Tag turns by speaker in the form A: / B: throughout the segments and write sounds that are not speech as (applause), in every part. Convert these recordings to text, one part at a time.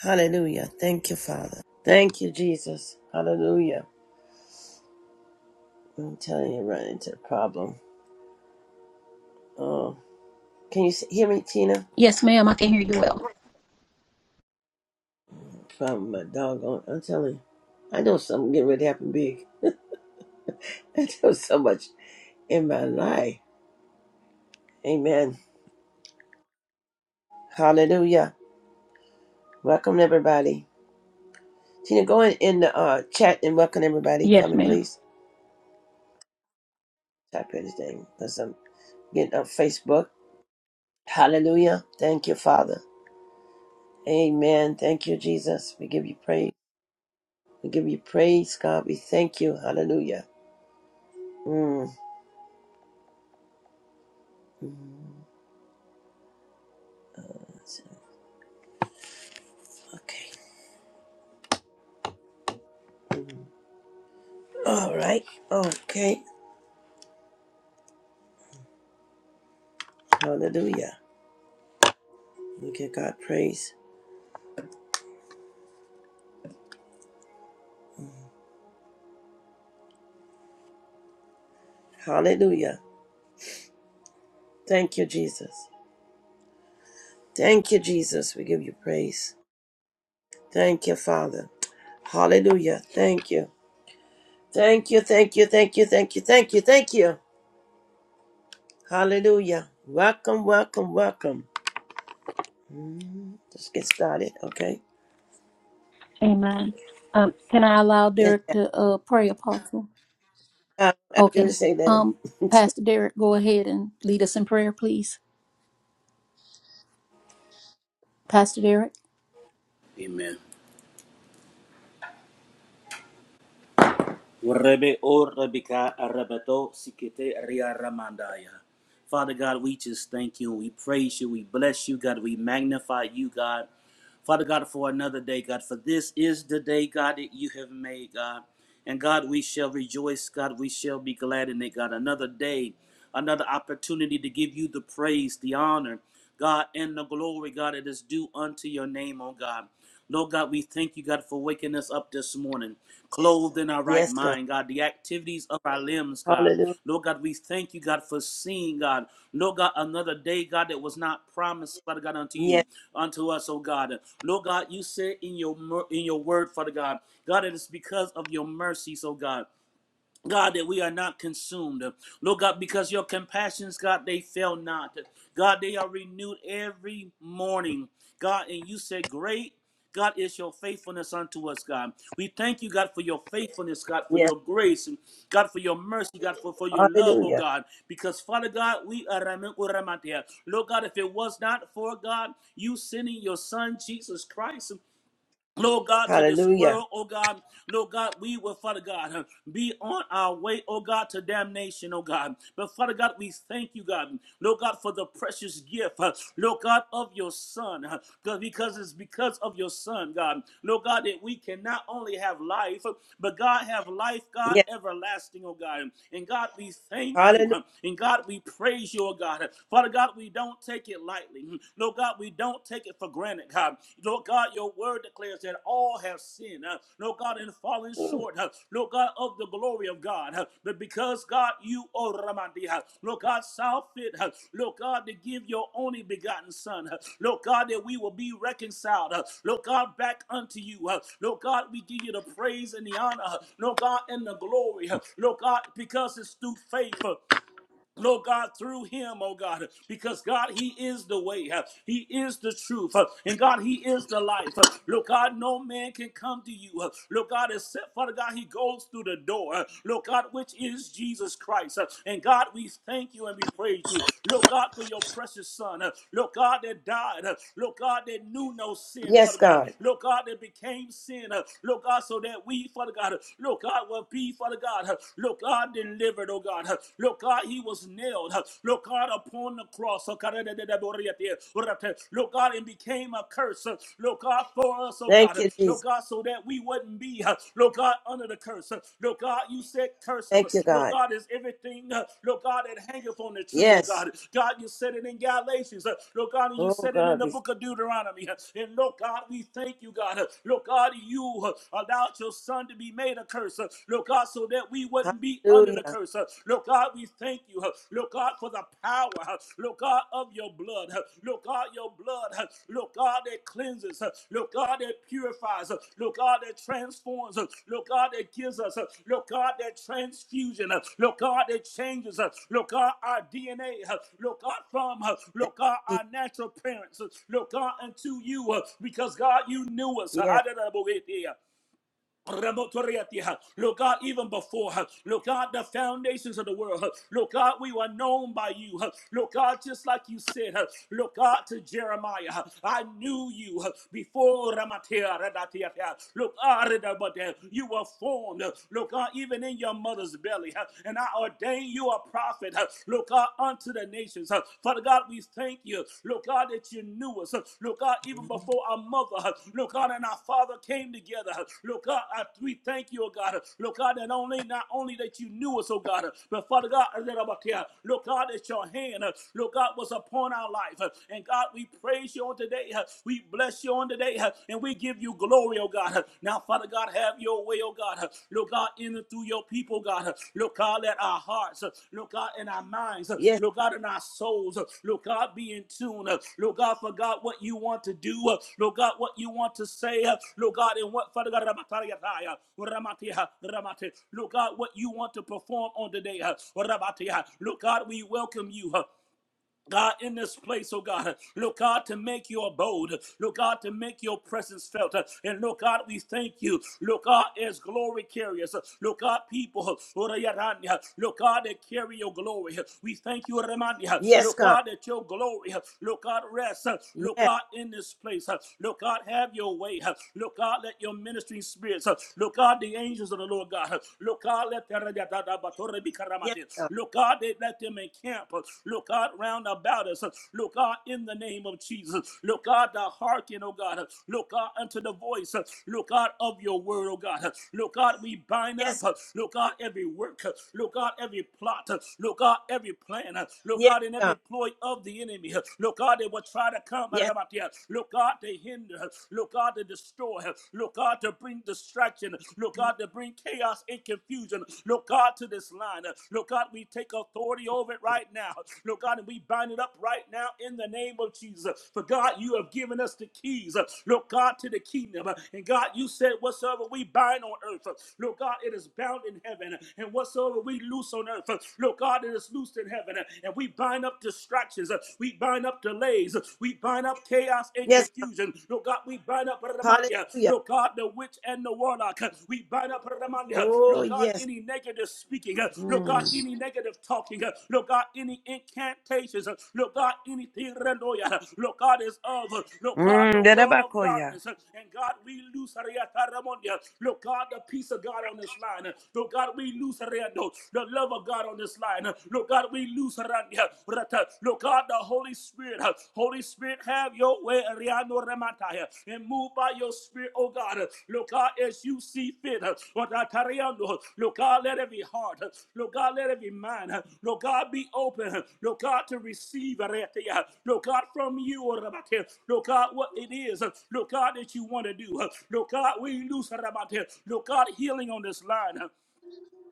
A: Hallelujah. Thank you, Father. Thank you, Jesus. Hallelujah. I'm telling you, run into a problem. Oh, can you s- hear me, Tina?
B: Yes, ma'am. I can hear you well.
A: Problem, my doggone. I'm telling you, I know something getting ready to happen big. (laughs) I know so much in my life. Amen. Hallelujah. Welcome everybody. Tina, go in, in the uh, chat and welcome everybody
B: Yes,
A: for me,
B: ma'am.
A: please. Type in his name because I'm getting on Facebook. Hallelujah. Thank you, Father. Amen. Thank you, Jesus. We give you praise. We give you praise, God. We thank you. Hallelujah. Mm. Okay. All right. Okay. Hallelujah. We give God praise. Hallelujah. Thank you, Jesus. Thank you, Jesus. We give you praise. Thank you, Father. Hallelujah. Thank you. Thank you. Thank you. Thank you. Thank you. Thank you. Thank you. Hallelujah. Welcome, welcome, welcome. Let's get started, okay?
B: Amen. Um, can I allow
A: Yes,
B: Derek to uh, pray, Apostle?
A: God. I'm going
B: Okay.
A: to say that.
B: Um,
A: (laughs)
B: Pastor Derek, go ahead and lead us in prayer, please. Pastor Derek.
C: Amen. Rebbe O Rebika Arabato Sikete Ria Ramandaya. Father God, we just thank you. We praise you. We bless you, God. We magnify you, God. Father God, for another day, God. For this is the day, God, that you have made, God. And God, we shall rejoice, God. We shall be glad in it, God. Another day, another opportunity to give you the praise, the honor, God, and the glory, God, that is due unto your name, oh God. Lord God, we thank you, God, for waking us up this morning, clothed in our right
A: yes, God.
C: mind, God, the activities of our limbs, God.
A: Hallelujah.
C: Lord God, we thank you, God, for seeing, God. Lord God, another day, God, that was not promised, Father God, unto
A: Yes.
C: you, unto us, oh God. Lord God, you said in your in your word, Father God, God, it is because of your mercies, oh God. God, that we are not consumed. Lord God, because your compassions, God, they fail not. God, they are renewed every morning. God, and you say, Great. God is your faithfulness unto us, God. We thank you, God, for your faithfulness, God, for
A: Yes.
C: your grace, and God, for your mercy, God, for, for your love, oh
A: Hallelujah.
C: God. Because, Father God, we are Lord God, if it was not for God, you sending your Son, Jesus Christ. Lord God, to this
A: Hallelujah.
C: world, oh God, Lord God, we will, Father God, uh, be on our way, oh God, to damnation, oh God. But Father God, we thank you, God, Lord God, for the precious gift, uh, Lord God, of your Son, uh, because it's because of your Son, God, Lord God, that we can not only have life, uh, but God, have life, God,
A: Yes.
C: everlasting, oh God. And God, we thank you,
A: Hallelujah.
C: uh, and God, we praise you, oh God. Father God, we don't take it lightly lightly. Lord God, we don't take it for granted, God. Lord God, your word declares that all have sinned, uh, Lord God, and fallen short, uh, Lord God, of the glory of God. uh, But because, God, you, oh, Ramandi, uh, Lord God, saw fit, uh, Lord God, to give your only begotten Son, uh, Lord God, that we will be reconciled, uh, Lord God, back unto you. uh, Lord God, we give you the praise and the honor, uh, Lord God, and the glory, uh, Lord God, because it's through faith. uh, Lord God, through him, oh God, because God, he is the way, uh, he is the truth, uh, and God, he is the life. uh, Lord God, no man can come to you. uh, Lord God, except Father God, he goes through the door. uh, Lord God, which is Jesus Christ. uh, And God, we thank you and we praise you. Lord God, for your precious son. uh, Lord God, that died. uh, Lord God, that knew no sin,
A: Yes,
C: Father God.
A: God.
C: Lord God, that became sin. uh, Lord God, so that we, Father God, uh, Lord God, will be, Father God. uh, Lord God, God, delivered, oh God. Lord God, he was nailed. Lord God, upon the cross. Lord God, and became a curse. Lord God, for us, oh
A: Thank
C: God.
A: you,
C: Lord
A: Jesus.
C: God, so that we wouldn't be, Lord God, under the curse. Lord God, you said cursive.
A: Thank you,
C: Lord
A: God.
C: God, is everything, Lord God, that hangeth on the tree, oh
A: Yes.
C: God. God, you said it in Galatians. Lord God, and you
A: Oh,
C: said it in
A: God.
C: the
A: we-
C: book of Deuteronomy. And Lord God, we thank you, God. Lord God, you allowed your son to be made a curse curse. uh, Lord God, so that we
A: thank-
C: wouldn't be under the
A: Hallelujah.
C: curse. uh, Lord God, we thank you. uh, Lord God, for the power. uh, Lord God, of your blood. uh, Lord God, your blood. uh, Lord God, that cleanses. uh, Lord God, that purifies. uh, Lord God, that transforms. uh, Lord God, that gives us. uh, Lord God, that transfusion. uh, Lord God, that changes. uh, Lord God, our DNA. uh, Lord God, from uh,
A: Thank
C: Lord God,
A: you,
C: our
A: Jesus.
C: natural parents. uh, Lord God, unto you. uh, Because God, you knew us.
A: Yes.
C: How did I go here? Rabotoriatia. Lord God, even before her, Lord God, the foundations of the world, huh. Lord God, we were known by you, huh. Lord God, just like you said, huh. Lord God, to Jeremiah, huh. I knew you huh, before Ramatea, Lord God, you were formed, huh. Lord God, even in your mother's belly, huh. and I ordained you a prophet, huh. Lord God, unto the nations. huh. Father God, we thank you, Lord God, that you knew us. Lord God, even before our mother, Lord God, and our father came together. Lord God, I, we thank you, oh God. Lord God, that only not only that you knew us, oh God, but Father God, that about here, Lord God, that your hand, Lord God, was upon our life. And God, we praise you on today. We bless you on today, and we give you glory, oh God. Now, Father. Father God, have your way, oh God. Lord God, in and through your people, God. Lord God, let our hearts, Lord God, in our minds,
A: Yes.
C: Lord God, in our souls, Lord God, be in tune. Lord God, for God, what you want to do, Lord God, what you want to say, Lord God, and what, Father God, Ramatariataya, Lord God, what you want to perform on today. Rabatiha. Lord God, we welcome you. God, in this place, oh God, Lord God, to make Your abode, Lord God, to make your presence felt. And Lord God, we thank you, Lord God, as glory carriers, Lord God, people, Lord God, that carry your glory. We thank you,
A: Yes,
C: Lord
A: God.
C: God, that your glory, Lord God, rests, Lord
A: Yes.
C: God, in this place. Lord God, have your way. Lord God, let your ministering spirits, Lord God, the angels of the Lord God, Lord God, let Rabatore
A: Yes, God.
C: Look, God, they let them encamp. Look, God, round about us. Look, God, in the name of Jesus. Look, God, thou hearken, oh God. Look, God, unto the voice. Look, God, of your word, oh God. Look, God, we bind up.
A: Yes. God.
C: Look, God, every work. Look, God, every plot. Look, God, every plan. Look,
A: Yes,
C: God, in every
A: God.
C: ploy of the enemy. Look, God, they will try to come.
A: Yes.
C: Look, God, they hinder. Look, God, they destroy. Look, God, to bring bring distraction, Lord God, to bring chaos and confusion, Lord God, to this line. Lord God, we take authority over it right now, Lord God, and we bind it up right now in the name of Jesus. For God, you have given us the keys, Lord God, to the kingdom. And God, you said, whatsoever we bind on earth, Lord God, it is bound in heaven, and whatsoever we loose on earth, Lord God, it is loosed in heaven, and we bind up distractions, we bind up delays, we bind up Lord, chaos and
A: Yes, God.
C: confusion. Lord God, we bind up, Ramandia.
A: Hallelujah.
C: Lord God, the witch and the warlock. We bind up, Ramandia.
A: Oh,
C: Lord God,
A: yes.
C: any negative speaking. Lord God,
A: Mm.
C: any negative talking. Lord God, any incantations. Lord God, anything, Randoya. Lord God, is of. Lord God, the
A: Mm,
C: world of
A: darabakoya.
C: darkness. And God, we loose, Ariata Ramondia. Lord God, the peace of God on this line. Lord God, we loose, Ariando. The love of God on this line. Lord God, we loose. Lord God, the Holy Spirit, uh, Holy Spirit, have your way, Ariano Remataya, and move by your spirit, oh God, huh. Lord God, as you see fit, uh, Ratatariando, uh, Loka, let every heart, huh. Lord God, let every mind, huh. Lord God, be open, huh. Lord God, to receive, Lord God, from you, oh, Rabatia, Loka, what it is, huh. Lord God, that you want to do, huh. Lord God, we loose, Lord God, healing on this line, huh.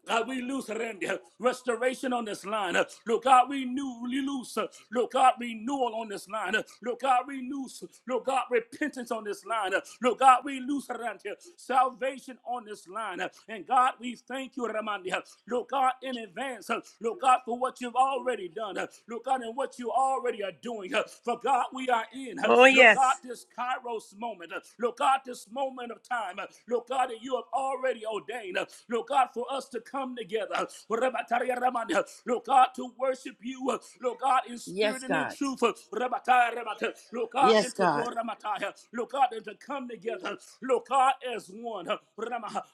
C: God, we loose Randy, uh, restoration on this line. uh, Look, God, we knew we loose. uh, Look, God, renewal on this line. uh, Look, God, we loose. Look, God, repentance on this line. uh, Look, God, we loose Randy, uh, salvation on this line. uh, And God, we thank you, Ramandi. uh, Look, God, in advance. uh, Look, God, for what you've already done. uh, Look, God, and what you already are doing. uh, For God, we are in. uh,
A: Oh,
C: Look, God,
A: yes.
C: this Kairos moment. uh, Look, God, this moment of time. uh, Look, God. God, that you have already ordained, uh, Lord God, for us to come together, uh, uh, Lord God, to worship you, uh, Lord God, in
A: Yes,
C: spirit and in
A: God.
C: truth, uh, uh, Lord God,
A: Yes,
C: and to
A: God.
C: pour uh, Lord God, and to come together, uh, Lord God, as one, uh,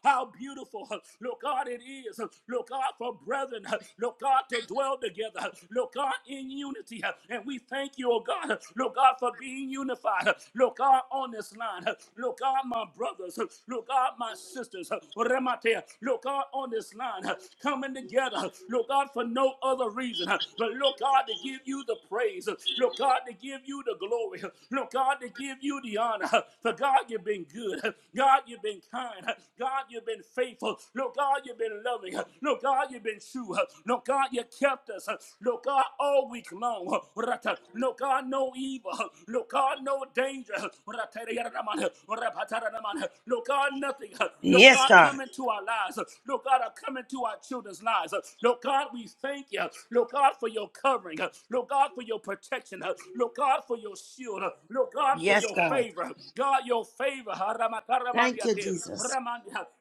C: how beautiful, uh, Lord God, it is, uh, Lord God, for brethren, uh, Lord God, to dwell together, uh, Lord God, in unity, uh, and we thank you, oh God, uh, Lord God, for being unified, uh, Lord God, on on this line. Look God, my brothers. Look God, my sisters. Remate. Look out on this line. Coming together. Look God, for no other reason. But look God, to give you the praise. Look God, to give you the glory. Look God, to give you the honor. For God, you've been good. God, you've been kind. God, you've been faithful. Look, God, you've been loving. Look, God, you've been true. Look, God, you kept us. Look, God, all week long. Look, God, no no evil. Look, God, no danger. Look, God, nothing. Look,
A: Yes,
C: God,
A: God.
C: come into our lives. Look, God, come into our children's lives. Look, God, we thank you. Look, God, for your covering. Look, God, for your protection. Look, God, for your shield. Look, God, for
A: Yes,
C: your
A: God.
C: favor. God, your favor.
A: Thank you, Jesus.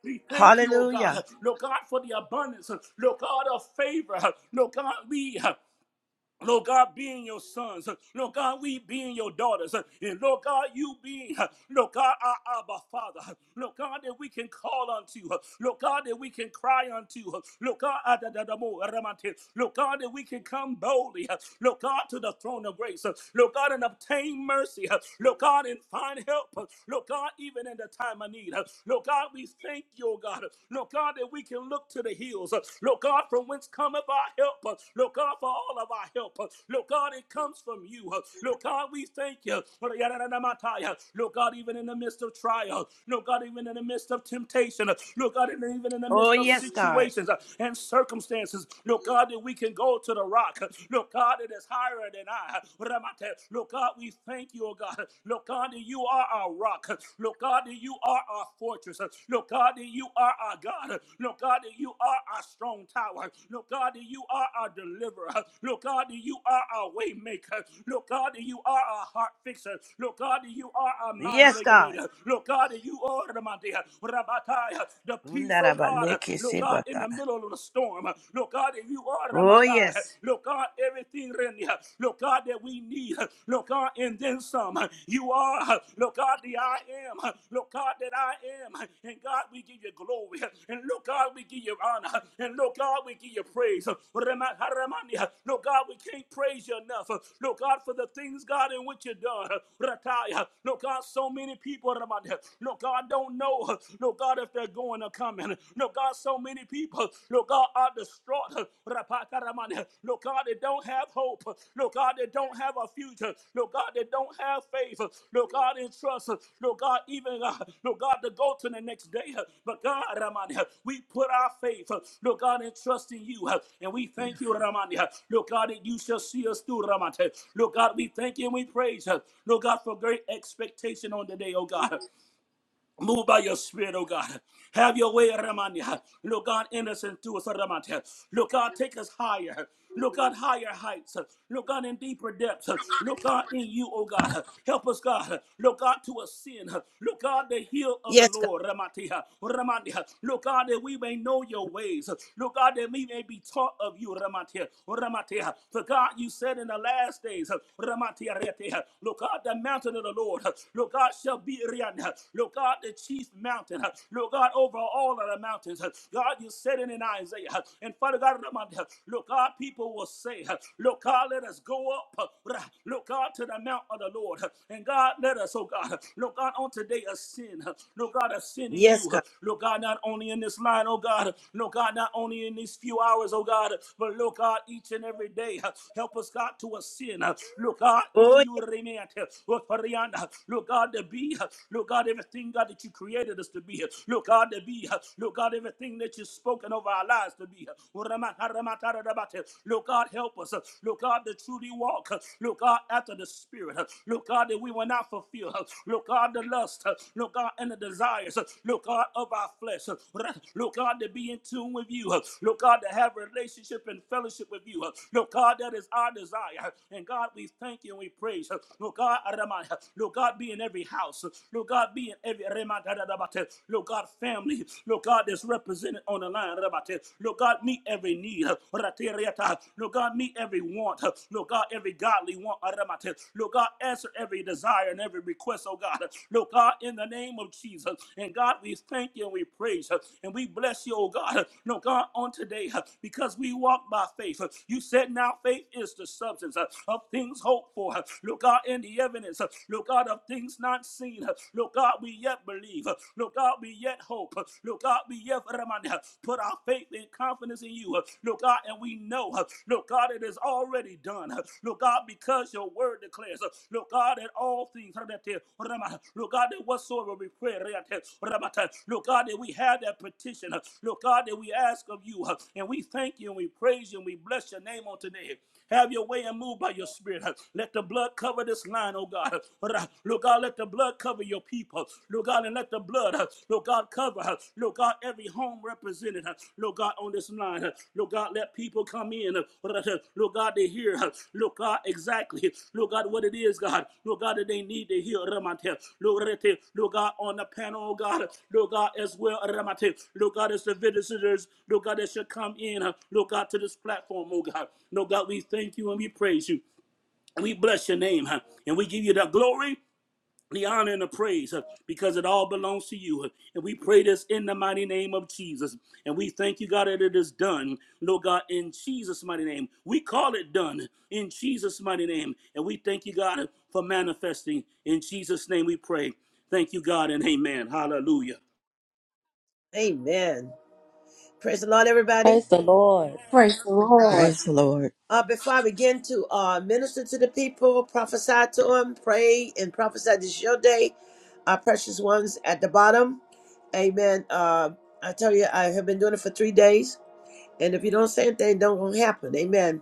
C: We thank you, oh
A: Hallelujah.
C: God. Look, God, for the abundance. Look, God, of favor. Look, God, we Lord God, being your sons. Lord God, we being your daughters. And Lord God, you being, Lord God, our Abba Father. Lord God, that we can call unto. you. Lord God, that we can cry unto. you, Lord God, adadadamo, aramante. Lord God, that we can come boldly. Lord God, to the throne of grace. Lord God, and obtain mercy. Lord God, and find help. Lord God, even in the time of need. Lord God, we thank you, oh God. Lord God, that we can can look to the hills. Uh, Lord God, from whence cometh our help? Uh, Lord God, for all of our help. Uh, Lord God, it comes from you. Uh, Lord God, we thank you. Yadadadamataya. Lord God, even in the midst of trial. Lord God, even in the midst of temptation. Uh, Lord God, even in the
A: Oh,
C: midst of
A: yes, God.
C: situations uh, and circumstances. Lord God, that we can go to the rock. Uh, Lord God, that is higher than I. Ramate. Lord God, we thank you, oh God. Lord God, that you are our rock rock. Lord God, that you are our fortress. Lord God, that you are our God. Lord God, that you are our strong tower. Lord God, that you are our deliverer. Lord God, that you are our way maker. Lord God, that you are our heart fixer. Lord God, that you are our mind
A: Yes, God.
C: regulator. Lord God, that you are the mighty, Rabbakaya, the peace, oh God. Lord God, in
A: Undarabandekesebaka.
C: the middle of the storm. Lord God, that you are the
A: Oh,
C: mighty.
A: yes.
C: Lord God, everything. Renya. Lord God, that we need. Lord God, and then some. You are, Lord God, the I am. Lord God, that I am. And God, we give you glory. And Lord God, we give you honor. And Lord God, we give you praise. Rema- Haramania. Lord God, we can't praise you enough. Lord God, for the things, God, in which you've done. Rataya. Lord God, so many people, Ramania. Lord God, don't know, Lord God, if they're going or coming. Lord God, so many people people, Lord God, are distraught. Rapakaramane. Lord God, they don't have hope. Lord God, they don't have a future. Lord God, they don't have faith. Lord God, in trust. Lord God, even, uh, Lord God, to go to the next day. But God, Ramani, we put our faith, Lord God, in trust in you. And we thank you, Ramani. Lord God, that you shall see us through, Ramani. Lord God, we thank you and we praise. Lord God, for great expectation on the day, oh God. Move by your spirit, oh God. Have your way, Ramania. Look, God, innocent to us, Ramania. Look, God, take us higher. Look, God, higher heights. Look, God, in deeper depths. Look, God, in you, oh God. Help us, God. Look, God, to ascend. Look, God, the heel of the
A: Yes, God.
C: Lord, Ramatia. Ramania. Look, God, that we may know your ways. Look, God, that we may be taught of you, Ramatia. Ramatia. For God, you said in the last days, Ramatia, Ramatia. Look, God, the mountain of the Lord. Look, God, shall be Rianna done. (laughs) Lord God, the chief mountain. (laughs) Lord God, over all of the mountains. (laughs) God, you said it in Isaiah. (laughs) And Father God, (laughs) Lord God, people will say, (laughs) Lord God, let us go up. (laughs) Lord God, to the mount of the Lord. (laughs) And God, let us, oh God, (laughs) Lord God, on today a sin. (laughs) Lord God, a sin in
A: Yes,
C: you. (laughs)
A: God.
C: Lord God, not only in this line, oh God. (laughs) Lord God, not only in these few hours, oh God, (laughs) but Lord God, each and every day. (laughs) Help us, God, to ascend. (laughs) Lord God, in
A: Oh, yeah.
C: you, (laughs) Lord God, God, to be, uh, Lord God, everything, God, that you created us to be, uh, Lord God, to be, uh, Lord God, everything that you've spoken over our lives to be. Lord God, help us, uh, Lord God, to truly walk, uh, Lord God, after the Spirit, uh, Lord God, that we will not fulfill, uh, Lord God, the lust, uh, Lord God, and the desires, uh, Lord God, of our flesh, Lord God, to be in tune with you, uh, Lord God, to have a relationship and fellowship with you, uh, Lord God, that is our desire, and God, we thank you and we praise, Lord God, Lord God, be in every house. Lord God, be in every Rematadabate. Lord God, family. Lord God, that's represented on the line. Lord God, meet every need. Lord God, meet every want. Lord God, every godly want. Lord God, answer every desire and every request, oh God. Lord God, in the name of Jesus. And God, we thank you and we praise you and we bless you, oh God. Lord God, on today, because we walk by faith. You said now faith is the substance of things hoped for. Lord God, in in the evidence, uh, Lord God, of things not seen. uh, Lord God, we yet believe. uh, Lord God, we yet hope. uh, Lord God, we yet Ramani, uh, put our faith and confidence in you. uh, Lord God, and we know, uh, Lord God, it is already done. uh, Lord God, because your word declares, uh, Lord God, that all things, Ramate, Lord God, that whatsoever we pray, Ramate, Lord God, that we have that petition. uh, Lord God, that we ask of you. uh, And we thank you and we praise you and we bless your name on today. Have your way and move by your spirit. Let the blood cover this line, oh God. Lord God, let the blood cover your people. Lord God, and let the blood, Lord God, cover, Lord God, every home represented, Lord God, on this line. Lord God, let people come in. Lord God, to hear. Look, God, exactly. Look, God, what it is, God. Look, God, that they need to hear, Ramate. Look, Rete. Look, God, on the panel, oh, God. Look, God, as well, Ramate. Look, God, as the visitors, look, God, that should come in. uh, Look, God, to this platform, oh, God. No, God, we thank you and we praise you. And we bless your name, huh? And we give you the glory the honor and the praise uh, because it all belongs to you. uh, And we pray this in the mighty name of Jesus. And we thank you, God, that it is done. Lord God, in Jesus' mighty name. We call it done in Jesus' mighty name. And we thank you, God, uh, for manifesting. In Jesus' name we pray. Thank you, God, and amen. Hallelujah.
A: amen. Praise the Lord, everybody.
D: Praise the Lord.
B: Praise the Lord.
E: Praise the Lord.
A: Uh, before I begin to uh, minister to the people, prophesy to them, pray and prophesy this is your day. Our precious ones at the bottom. Amen. Uh, I tell you, I have been doing it for three days. And if you don't say anything, don't happen. Amen.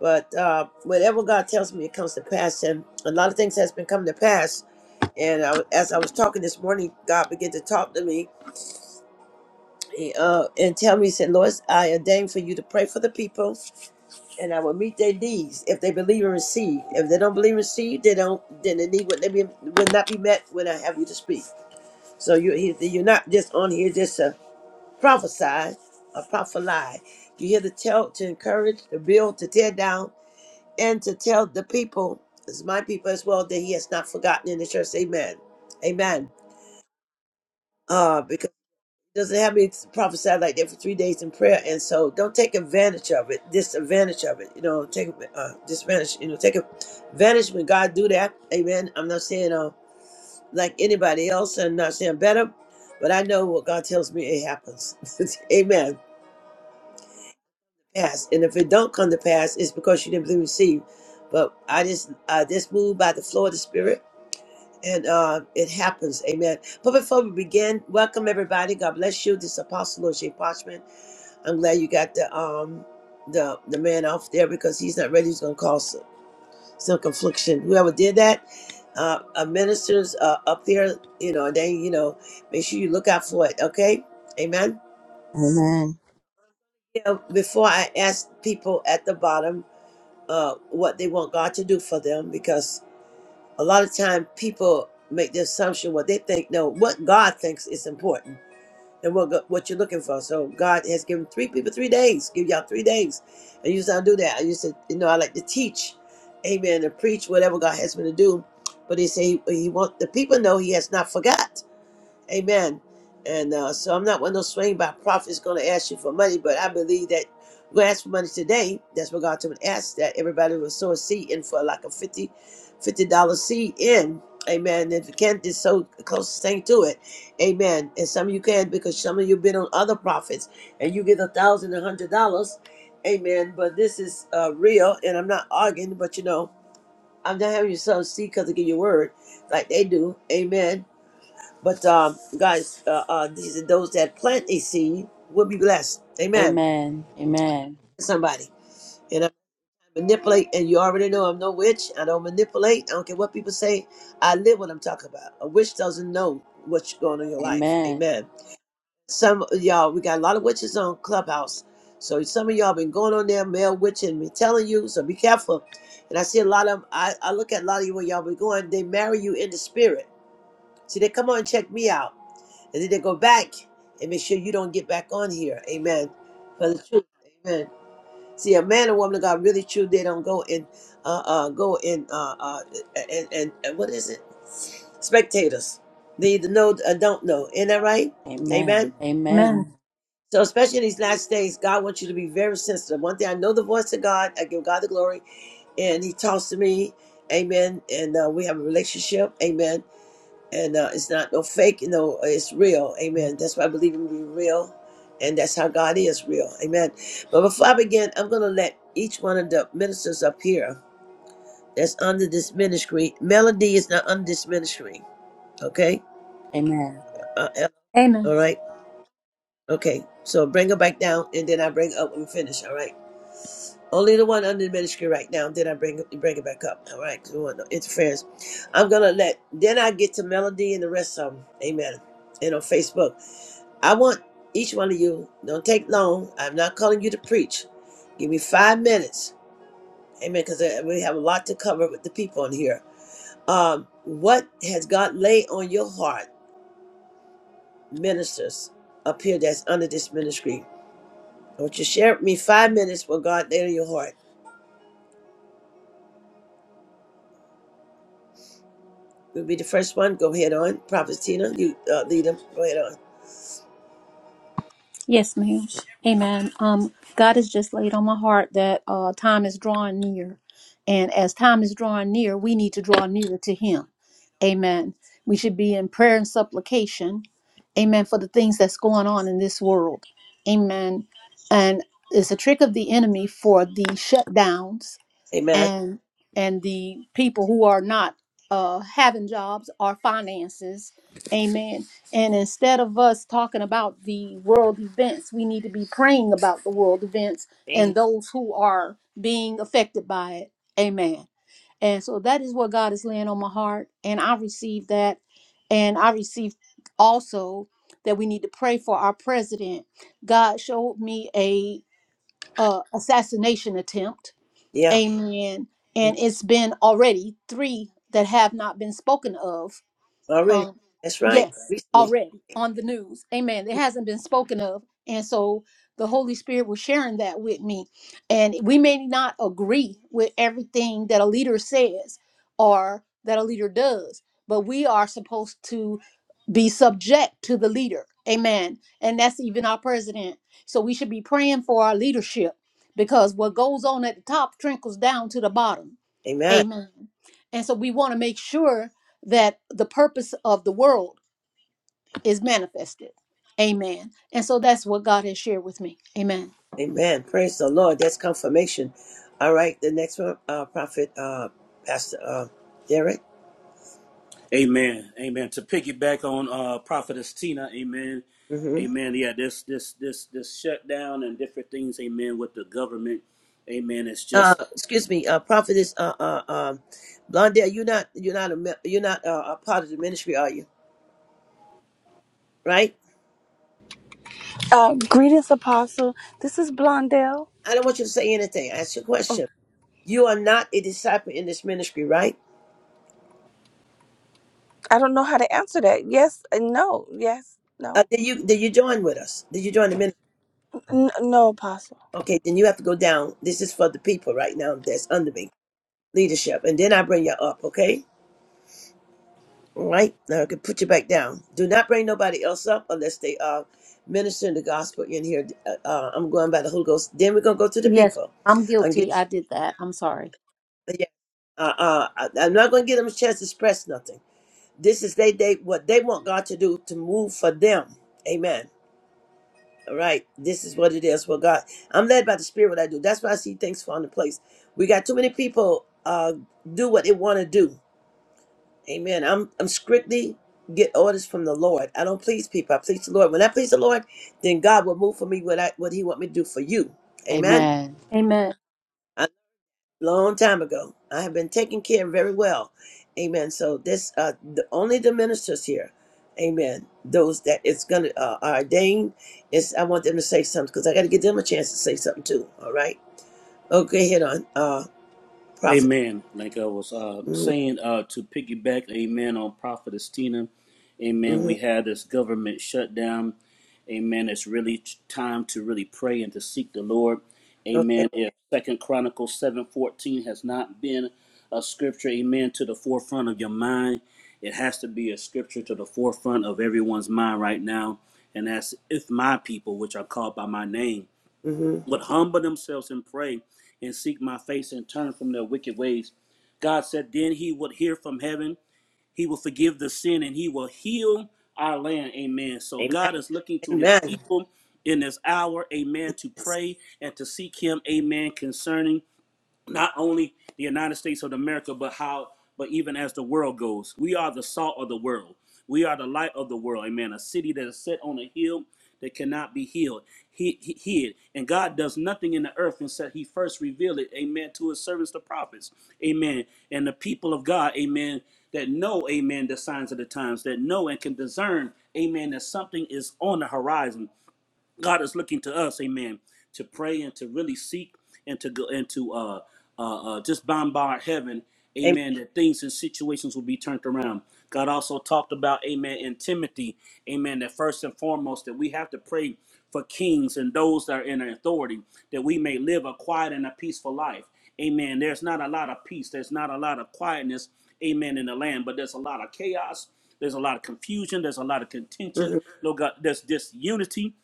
A: But uh, whatever God tells me, it comes to pass. And a lot of things has been coming to pass. And I, as I was talking this morning, God began to talk to me he, uh, and tell me, he said, Lois, I ordained for you to pray for the people and I will meet their needs if they believe and receive. If they don't believe and receive, they don't, then the need would, they be, would not be met when I have you to speak. So you, he- you're not just on here just to prophesy or prophesy. You're here to tell, to encourage, to build, to tear down, and to tell the people, as my people as well, that he has not forgotten in the church. Amen. Amen. Uh, because it doesn't have me to prophesy like that for three days in prayer, and so don't take advantage of it, disadvantage of it. You know, take uh, disadvantage. You know, take advantage when God do that. Amen. I'm not saying uh, like anybody else, and not saying better, but I know what God tells me it happens. (laughs) Amen. Pass, and if it don't come to pass, it's because you didn't believe and receive. But I just I just moved by the flow of the Spirit and uh, it happens. Amen. But before we begin, welcome everybody. God bless you. This is Apostle Lord J. Parchman. I'm glad you got the um the the man off there because he's not ready. He's gonna cause some, some confliction. Whoever did that, uh, uh ministers uh, up there, you know, they you know make sure you look out for it. Okay, amen.
E: Amen.
A: You know, before I ask people at the bottom uh what they want God to do for them because a lot of time people make the assumption what they think no what God thinks is important and what what you're looking for. So God has given three people three days. Give y'all three days. I used to not do that. I used to, you know, I like to teach, Amen, and preach whatever God has me to do. But He say He, he wants the people to know He has not forgot. Amen. And uh, so I'm not one of those swing by prophets going to ask you for money, but I believe that we ask for money today. That's what God told me to ask that everybody will sow a seed in for like a 50 dollars $50 seed in. Amen. If you can't, just so close thing to it. Amen. And some of you can because some of you been on other prophets and you get a thousand, a hundred dollars. Amen. But this is uh, real and I'm not arguing, but you know, I'm not having you sow seed because they give you word like they do. Amen but um, guys, uh, uh, these are those that plant a seed will be blessed. Amen.
D: Amen. Amen.
A: Somebody. And I manipulate, and you already know I'm no witch. I don't manipulate. I don't care what people say. I live what I'm talking about. A witch doesn't know what's going on in your life.
D: Amen.
A: Amen. Some of y'all, we got a lot of witches on Clubhouse. So some of y'all been going on there, male witching, me telling you, so be careful. And I see a lot of, I, I look at a lot of you when y'all be going, they marry you in the spirit. See, they come on and check me out. and then they go back and make sure you don't get back on here. Amen. For the truth. Amen. See, a man and woman of God really true. They don't go in, uh, uh, go in, uh, uh, and, and, and what is it? Spectators. They either know or don't know. Isn't that right?
D: Amen.
A: Amen.
B: Amen.
D: Amen.
A: So, especially in these last days, God wants you to be very sensitive. One thing I know the voice of God. I give God the glory, and He talks to me. Amen. And uh, we have a relationship. Amen and uh, it's not no fake, you know, it's real. Amen. That's why I believe in being real, and that's how God is real. Amen. But before I begin, I'm going to let each one of the ministers up here that's under this ministry. Melody is not under this ministry. Okay.
D: Amen.
A: Uh, Ella,
B: Amen.
A: all right. Okay. So bring her back down, and then I bring her up and finish. All right. Only the one under the ministry right now. Then I bring bring it back up. All right. 'Cause we want no interference. I'm gonna let. Then I get to Melody and the rest of them. Amen. And on Facebook. I want each one of you, don't take long. I'm not calling you to preach. Give me five minutes. Amen. Because we have a lot to cover with the people in here. Um, what has God laid on your heart, ministers up here that's under this ministry? I want you to share with me five minutes what God laid on your heart. You'll be the first one. Go ahead on. Prophet Tina, you uh, lead them. Go ahead on.
B: Yes, ma'am. Amen. Um, God has just laid on my heart that uh, time is drawing near. And as time is drawing near, we need to draw nearer to Him. Amen. We should be in prayer and supplication. Amen. For the things that's going on in this world. Amen. And it's a trick of the enemy for the shutdowns
A: Amen.
B: and and the people who are not uh, having jobs or finances amen and instead of us talking about the world events we need to be praying about the world events
A: Amen.
B: and those who are being affected by it amen and so that is what god is laying on my heart and i received that and i received also that we need to pray for our president god showed me a uh, assassination attempt
A: Yeah.
B: Amen.
A: mm,
B: And it's been already three that have not been spoken of.
A: Already.
B: Um,
A: That's right.
B: yes,
A: Recently.
B: already on the news. Amen. It hasn't been spoken of. And so the Holy Spirit was sharing that with me. And we may not agree with everything that a leader says or that a leader does, but we are supposed to be subject to the leader. Amen. And that's even our president. So we should be praying for our leadership because what goes on at the top trickles down to the bottom.
A: Amen.
B: Amen. And so we want to make sure that the purpose of the world is manifested. Amen. And so that's what God has shared with me. Amen.
A: Amen. Praise the Lord. That's confirmation. All right. The next one, uh, Prophet, uh, Pastor, uh, Derek.
C: Amen. Amen. To piggyback on uh Prophetess Tina, amen.
A: hmm
C: Amen. Yeah, this this this this shutdown and different things, amen, with the government. Amen. It's
A: Uh,
C: just
A: excuse me, uh, Prophetess, uh, uh, um, Blondell, you're not, you're not a, me- you're not uh, a part of the ministry, are you? Right?
F: Uh, greetings, Apostle. This is Blondell.
A: I don't want you to say anything. I Ask your
F: Oh,
A: question. You are not a disciple in this ministry, right?
F: I don't know how to answer that. Yes, and no. Yes,
A: Uh,
F: no.
A: did you, did you join with us? Did you join the ministry?
F: N- no, Apostle.
A: Okay. Then you have to go down. This is for the people right now that's under me, leadership. And then I bring you up. Okay. Right now, I can put you back down. Do not bring nobody else up unless they are ministering the gospel in here. Uh, uh, I'm going by the Holy Ghost. Then we're gonna go to the
B: Yes,
A: people.
B: I'm
A: I'm getting,
B: guilty. I did that. I'm sorry.
A: yeah. Uh, uh, I- I'm not gonna give them a chance to express nothing. This is they they what they want God to do to move for them. Amen. All right. This is what it is for God. I'm led by the Spirit. What I do. That's why I see things fall into place. We got too many people uh do what they want to do Amen. I'm I'm strictly get orders from the Lord. I don't please people. I please the Lord. When I please the Lord, then God will move for me what I what He want me to do for you. Amen.
D: Amen.
B: Amen.
A: A long time ago, I have been taken care of very well. Amen. So this uh the only the ministers here. Amen. Those that it's gonna uh, are ordained is I want them to say something because I got to give them a chance to say something too. All right. Okay. Hit on uh prophet.
C: Amen. Like I was uh,
A: Mm-hmm,
C: saying, uh, to piggyback, amen, on Prophetess Tina, amen,
A: mm-hmm,
C: we had this government shutdown. Amen. It's really t- time to really pray and to seek the Lord.
A: Okay.
C: Amen. If Second Chronicles 7.14 has not been a scripture, amen, to the forefront of your mind, it has to be a scripture to the forefront of everyone's mind right now. And that's if my people, which are called by my name
A: hmm
C: would humble themselves and pray and seek my face and turn from their wicked ways. God said, then he would hear from heaven, he will forgive the sin, and he will heal our land. Amen. So
A: Amen.
C: God is looking to his
A: Amen.
C: people in this hour, amen, to pray and to seek him, amen, concerning not only the United States of America, but how, but even as the world goes, we are the salt of the world. We are the light of the world. Amen. A city that is set on a hill that cannot be healed, he, he, hid. And God does nothing in the earth until He first revealed it. Amen. To His servants, the prophets. Amen. And the people of God. Amen. That know. Amen. The signs of the times. That know and can discern. Amen. That something is on the horizon. God is looking to us, amen, to pray and to really seek and to go and to uh, uh, uh, just bombard heaven,
A: Amen.
C: amen, that things and situations will be turned around. God also talked about, amen, in Timothy, amen, that first and foremost that we have to pray for kings and those that are in authority, that we may live a quiet and a peaceful life. Amen. There's not a lot of peace. There's not a lot of quietness, amen, in the land, but there's a lot of chaos. There's a lot of confusion. There's a lot of
A: Mm-hmm.
C: contention. Lord God, there's disunity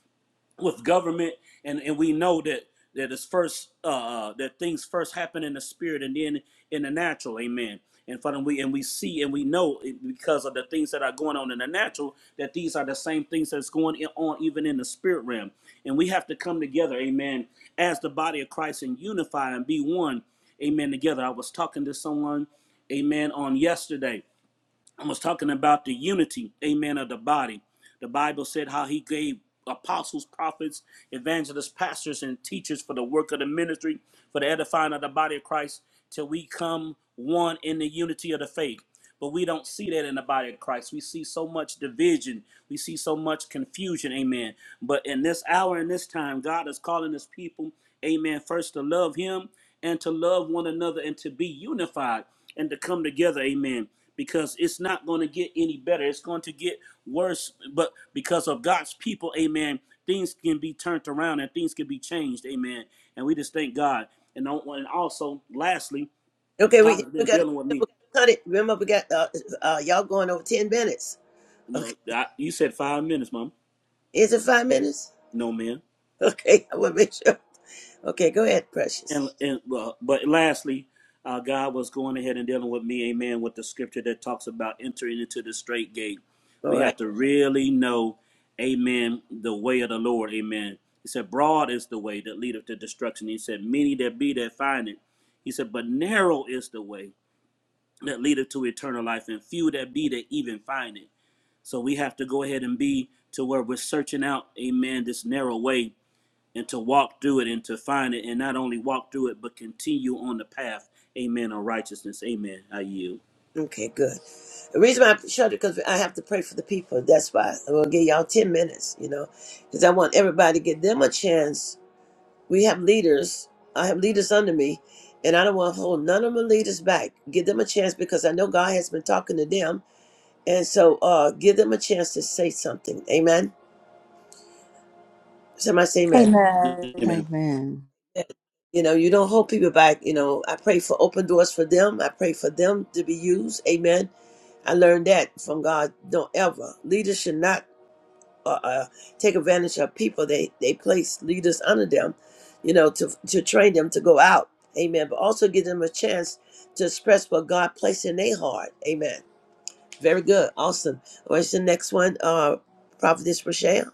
C: with government and and we know that that is first uh uh, that things first happen in the spirit and then in the natural amen and for them we and we see and we know because of the things that are going on in the natural that these are the same things that's going on even in the spirit realm and we have to come together amen as the body of christ and unify and be one amen together i was talking to someone amen on yesterday I was talking about the unity, amen, of the body. The Bible said how he gave apostles, prophets, evangelists, pastors, and teachers for the work of the ministry, for the edifying of the body of Christ, till we come one in the unity of the faith. But we don't see that in the body of Christ. We see so much division. We see so much confusion. Amen. But in this hour and this time, God is calling his people, amen, first to love him and to love one another and to be unified and to come together. Amen. Because it's not going to get any better. It's going to get worse. But because of God's people, amen, things can be turned around and things can be changed. Amen. And we just thank God. And al- and also, lastly,
A: Okay,
C: God
A: we
C: has
A: we
C: been
A: got
C: dealing with
A: we
C: me
A: got to cut it. Remember, we got uh, uh, y'all going over ten minutes. Okay,
C: No, I, you said five minutes, Mom.
A: is it five minutes? (laughs)
C: No, ma'am.
A: Okay, I want to make sure. Okay, go ahead, precious.
C: And and uh, but lastly, uh, God was going ahead and dealing with me, Amen, with the scripture that talks about entering into the straight gate.
A: All
C: We
A: right.
C: have to really know, Amen, the way of the Lord, Amen. He said, "Broad is the way that leadeth to destruction." He said, "Many that be that find it." He said, "But narrow is the way that leadeth to eternal life, and few that be that even find it." So we have to go ahead and be to where we're searching out, Amen, this narrow way and to walk through it and to find it and not only walk through it but continue on the path amen on righteousness amen i yield
A: Okay, good. The reason why I shut it because I have to pray for the people. That's why I'm gonna give y'all ten minutes. You know, because I want everybody to give them a chance. We have leaders. I have leaders under me, and I don't want to hold none of my leaders back. Give them a chance because I know God has been talking to them, and so uh, give them a chance to say something. Amen. Somebody say amen.
B: Amen.
C: amen
E: Amen.
A: You know, you don't hold people back. You know, I pray for open doors for them. I pray for them to be used. Amen. I learned that from God. Don't ever. Leaders should not uh, uh, take advantage of people. They they place leaders under them, you know, to to train them to go out. Amen. But also give them a chance to express what God placed in their heart. Amen. Very good. Awesome. What's the next one? Uh, Prophetess Rochelle.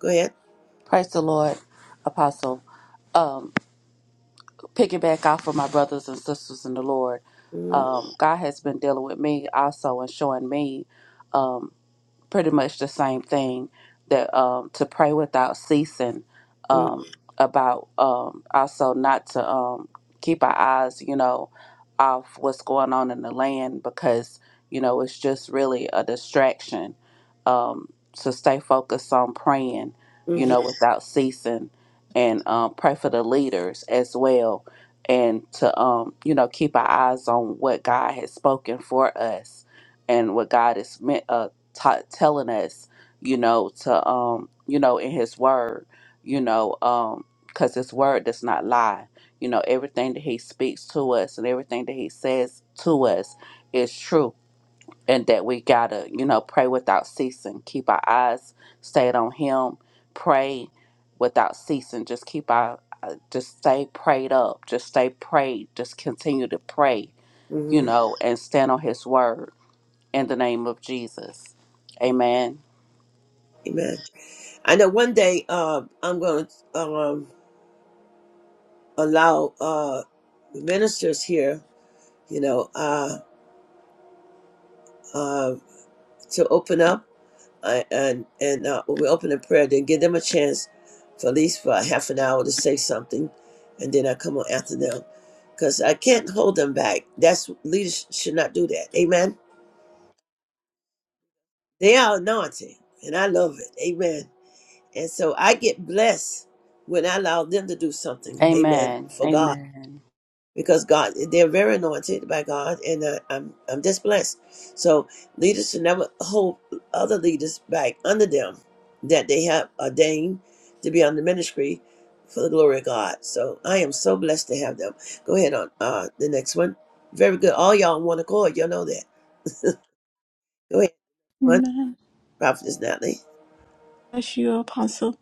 A: Go ahead.
D: Praise the Lord, Apostle. Um, piggyback off of my brothers and sisters in the Lord.
A: mm
D: Um, God has been dealing with me also and showing me. um, pretty much the same thing that um, to pray without ceasing um, about um, also not to um, keep our eyes you know off what's going on in the land because you know it's just really a distraction um, to stay focused on praying you
A: mm-hmm,
D: know without ceasing and um, pray for the leaders as well and to um, you know keep our eyes on what god has spoken for us and what god is meant uh, ta telling us, you know, to um, you know, in His Word, you know, um, because His Word does not lie. You know, everything that He speaks to us and everything that He says to us is true, and that we gotta, you know, pray without ceasing, keep our eyes stayed on Him, pray without ceasing, just keep our uh, just stay prayed up, just stay prayed, just continue to pray, you
A: hmm
D: know, and stand on His Word in the name of Jesus. Amen.
A: Amen. I know one day uh, I'm going to um, allow uh, ministers here, you know, uh, uh, to open up uh, and and uh, we open in prayer, then give them a chance for at least for a half an hour to say something, and then I come on after them because I can't hold them back. That's leaders should not do that. Amen. They are anointed, and I love it. Amen. And so I get blessed when I allow them to do something. Amen.
D: Amen.
A: For God.
D: Amen.
A: because God, they're very anointed by God, and uh, I'm I'm just blessed. So leaders should never hold other leaders back under them that they have ordained to be on the ministry for the glory of God. So I am so blessed to have them. Go ahead on uh, the next one. Very good. All y'all on one accord. Y'all know that. Go ahead. One
G: Amen.
A: prophetess Natalie.
G: Bless you, Apostle.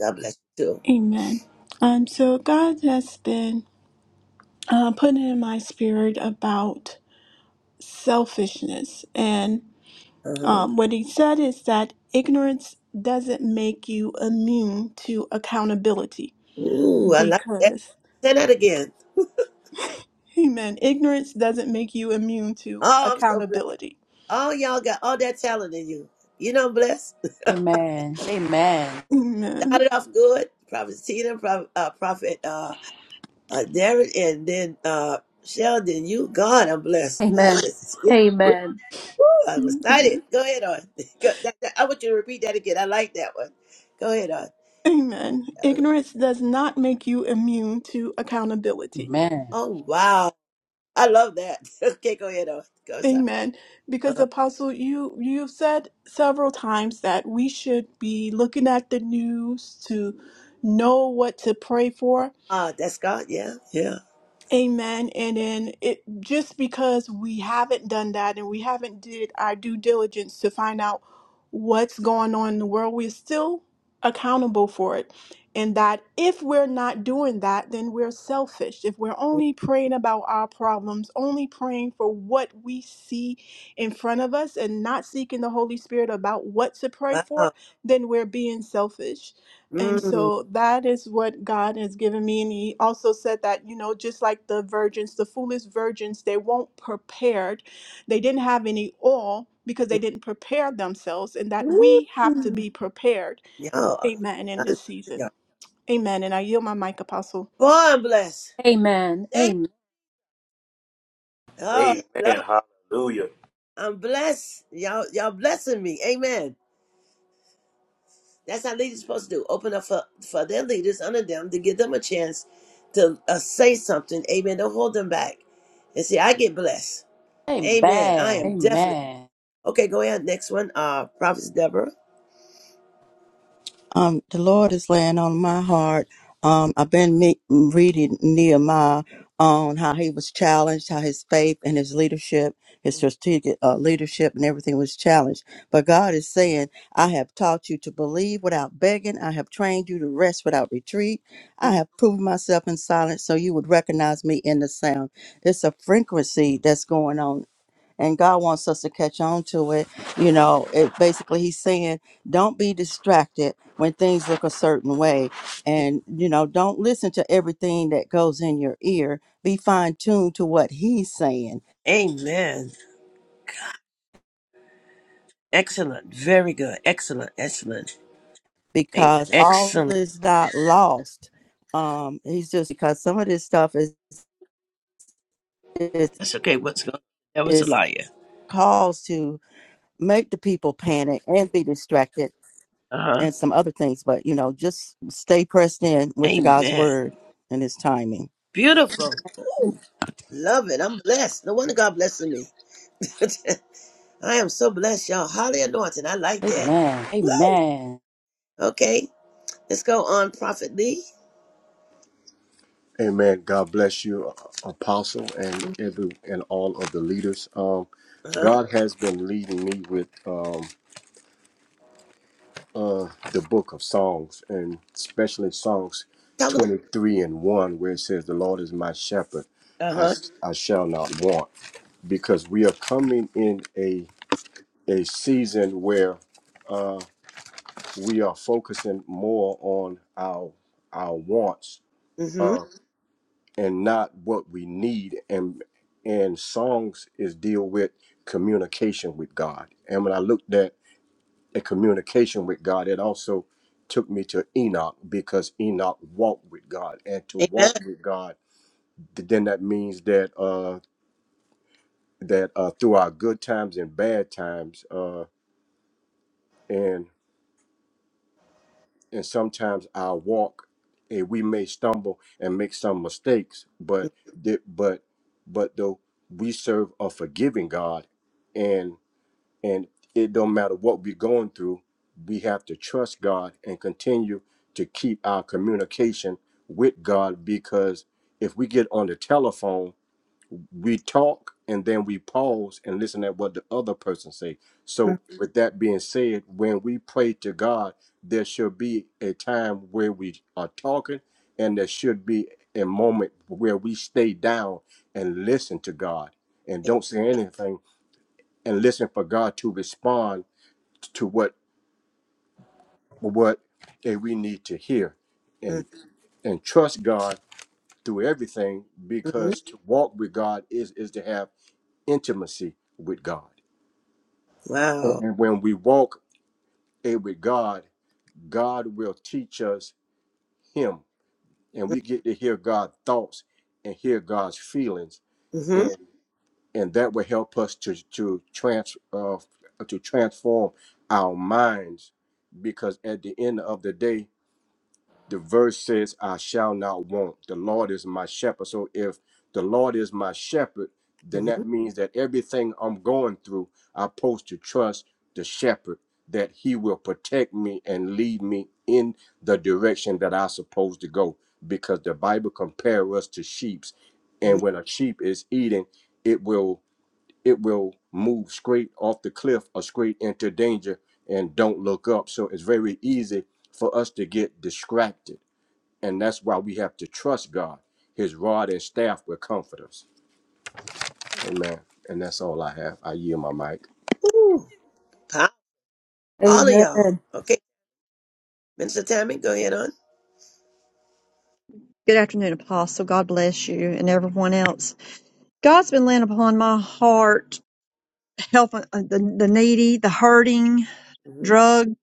A: God bless you too.
G: Amen. Um, so God has been uh, putting in my spirit about selfishness, and
A: Uh-huh.
G: um, what He said is that ignorance doesn't make you immune to accountability
A: Ooh, I like that.
G: because
A: Say that again.
G: amen ignorance doesn't make you immune to
A: Oh, I'm so blessed.
G: accountability
A: All y'all got all that talent in you. You know, I'm blessed.
D: Amen. Amen.
G: amen
A: started off good. Prophet Tina, Prophet, uh, Prophet uh, uh, Darren, and then uh, Sheldon. You, God, I'm blessed. God,
B: Amen.
A: this is,
B: Amen.
A: woo, I'm excited.
G: amen
A: Go ahead on. (laughs) Go, that, that- I want you to repeat that again. I like that one. Go ahead on.
G: Amen. ignorance does not make you immune to accountability
D: Amen.
A: Oh wow, I love that. (laughs) okay, go ahead on. Go sorry.
G: Amen. Because
A: Uh,
G: Apostle, you you've said several times that we should be looking at the news to know what to pray for.
A: ah, that's God. Yeah, yeah.
G: Amen. And then it just because we haven't done that and we haven't did our due diligence to find out what's going on in the world, we're still accountable for it. And that if we're not doing that, then we're selfish. If we're only praying about our problems, only praying for what we see in front of us and not seeking the Holy Spirit about what to pray for,
A: Wow.
G: then we're being selfish. And
A: Mm.
G: so that is what God has given me. And He also said that, you know, just like the virgins, the foolish virgins, they weren't prepared. They didn't have any oil because they didn't prepare themselves, and that
A: Woo.
G: we have to be prepared.
A: Y'all,
G: Amen. In this season.
A: y'all.
G: Amen. And I yield my mic, Apostle.
A: boy, I'm blessed.
B: Amen.
A: Thank.
B: Amen.
A: you. Oh,
C: Amen.
A: I love. It.
C: Hallelujah.
A: I'm blessed. Y'all, y'all blessing me. Amen. That's how leaders are supposed to do. Open up for, for their leaders under them to give them a chance to uh, say something. Amen. Don't hold them back. And see, I get blessed. Amen. I am definitely
D: Amen.
A: okay. Go ahead. Next one. Uh, Prophet Deborah.
E: Um, the Lord is laying on my heart. Um, I've been me- reading Nehemiah on how he was challenged, how his faith and his leadership, his strategic uh, leadership and everything was challenged. But God is saying, I have taught you to believe without begging. I have trained you to rest without retreat. I
A: Mhm.
E: have proven myself in silence so you would recognize me in the sound. There's a frequency that's going on and God wants us to catch on to it. You know, it basically he's saying, don't be distracted when things look a certain way. And, you know, don't listen to everything that goes in your ear. Be fine tuned to what he's saying
A: Amen. Excellent. Very good. Excellent. Excellent. Amen.
E: because all
A: Excellent.
E: is not lost. Um, he's just because some of this stuff is is
A: That's okay. What's going? on? That was a
E: is
A: liar.
E: caused to make the people panic and be distracted
A: Uh huh.
E: and some other things. But you know, just stay pressed in with God's
A: Amen.
E: word and his timing.
A: Beautiful. Ooh, love it. I'm blessed. No wonder God blessing me. (laughs) I am so blessed, y'all. Highly anointed. I
D: Amen.
A: like that.
D: Amen.
A: Woo!
D: Amen.
A: Okay, let's go on, Prophet Lee.
H: Amen. God bless you, uh, Apostle, and
A: Uh
H: every and all of the leaders. Um,
A: huh.
H: God has been leading me with um, uh, the book of Psalms, and especially Psalms
A: Talk about.
H: 23 and 1, where it says, The Lord is my shepherd,
A: Uh
H: I,
A: huh.
H: I shall not want. Because we are coming in a, a season where we are focusing more on our, our wants.
A: Mm hmm.
H: uh, and not what we need and and songs is deal with communication with god and when i looked at the communication with god it also took me to enoch because enoch walked with god and to
A: Amen.
H: walk with god th- then that means that uh that uh through our good times and bad times uh and. and sometimes our walk and we may stumble and make some mistakes but the- but but though we serve a forgiving god and and it don't matter what we're going through we have to trust god and continue to keep our communication with god because if we get on the telephone we talk and then we pause and listen at what the other person say so with that being said when we pray to god there should be a time where we are talking and there should be a moment where we stay down and listen to god and don't say anything and listen for god to respond to what what eh, we need to hear
A: Mm
H: and and trust god through everything
A: hmm.
H: because to walk with god is is to have intimacy with god And
A: Wow.
H: and when we walk it with God, God will teach us Him, and we get to hear God's thoughts and hear God's feelings,
A: Mm hmm.
H: and and that will help us to to trans uh, to transform our minds, because at the end of the day. the verse says, I shall not want. The Lord is my shepherd. So if the Lord is my shepherd, then
A: Mm
H: that means that everything I'm going through, I'm supposed to trust the shepherd that he will protect me and lead me in the direction that I'm supposed to go. Because the Bible compares us to sheep.
A: hmm.
H: And when a sheep is eating, it will it will move straight off the cliff or straight into danger and don't look up. So it's very easy for us to get distracted and that's why we have to trust God. His rod and staff will comfort us. Amen. And that's all I have. I yield my mic.
A: Ooh. Pow. All of y'all.
B: Amen.
A: Okay, Minister Tammy, go ahead on.
I: Good afternoon, Apostle. God bless you and everyone else. God's been laying upon my heart, helping uh, the, the needy, the hurting,
A: Mm hmm.
I: drug,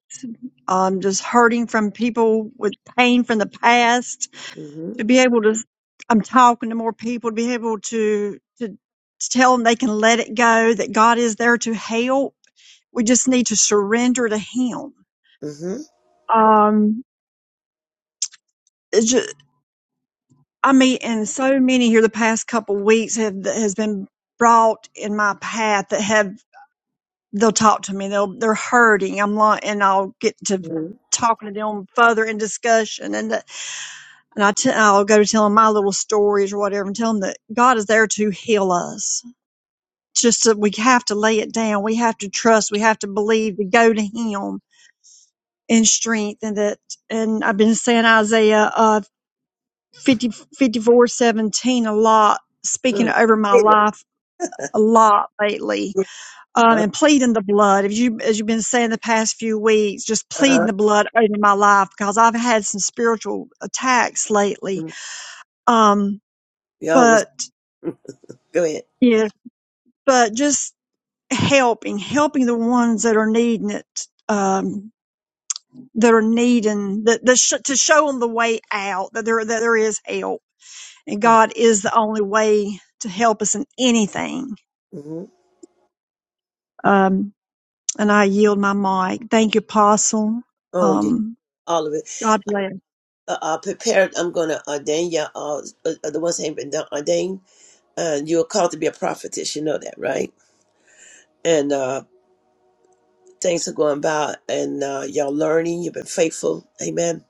I: um, just hurting from people with pain from the past.
A: Mm
I: To be able to, I'm talking to more people to be able to to tell them they can let it go. That God is there to help. We just need to surrender to Him.
A: hmm.
I: Um, I mean, and so many here the past couple weeks have has been brought in my path that have they'll talk to me. They'll they're hurting. I'm like, and I'll get to
A: Mm hmm.
I: talking to them further in discussion, and that- and I t- I'll go to tell them my little stories or whatever, and tell them that God is there to heal us. Just that we have to lay it down. We have to trust. We have to believe. To go to Him in strength, and that. And I've been saying Isaiah uh, Fifty, fifty four, seventeen. a lot, speaking
A: Mm-hmm.
I: over my
A: Amen.
I: life a lot lately, um,
A: Uh
I: and pleading the blood. If you, as you've been saying the past few weeks, just pleading
A: huh.
I: the blood over my life because I've had some spiritual attacks lately. Um,
A: We always
I: but
A: go ahead.
I: yeah, but just helping, helping the ones that are needing it. Um, that are needing that, that sh- to show them the way out that there that there is help and God is the only way to help us in anything
A: Mm-hmm.
I: Um, and I yield my mic. Thank you, Apostle.
A: Oh, you
I: Um,
A: all of it.
I: God bless.
A: uh, uh, prepared. I'm going to ordain you. all uh, uh, the ones that ain't been done, ordained. Uh, you are called to be a prophetess. You know that, right? And uh, things are going by, and uh, y'all learning. You've been faithful. Amen.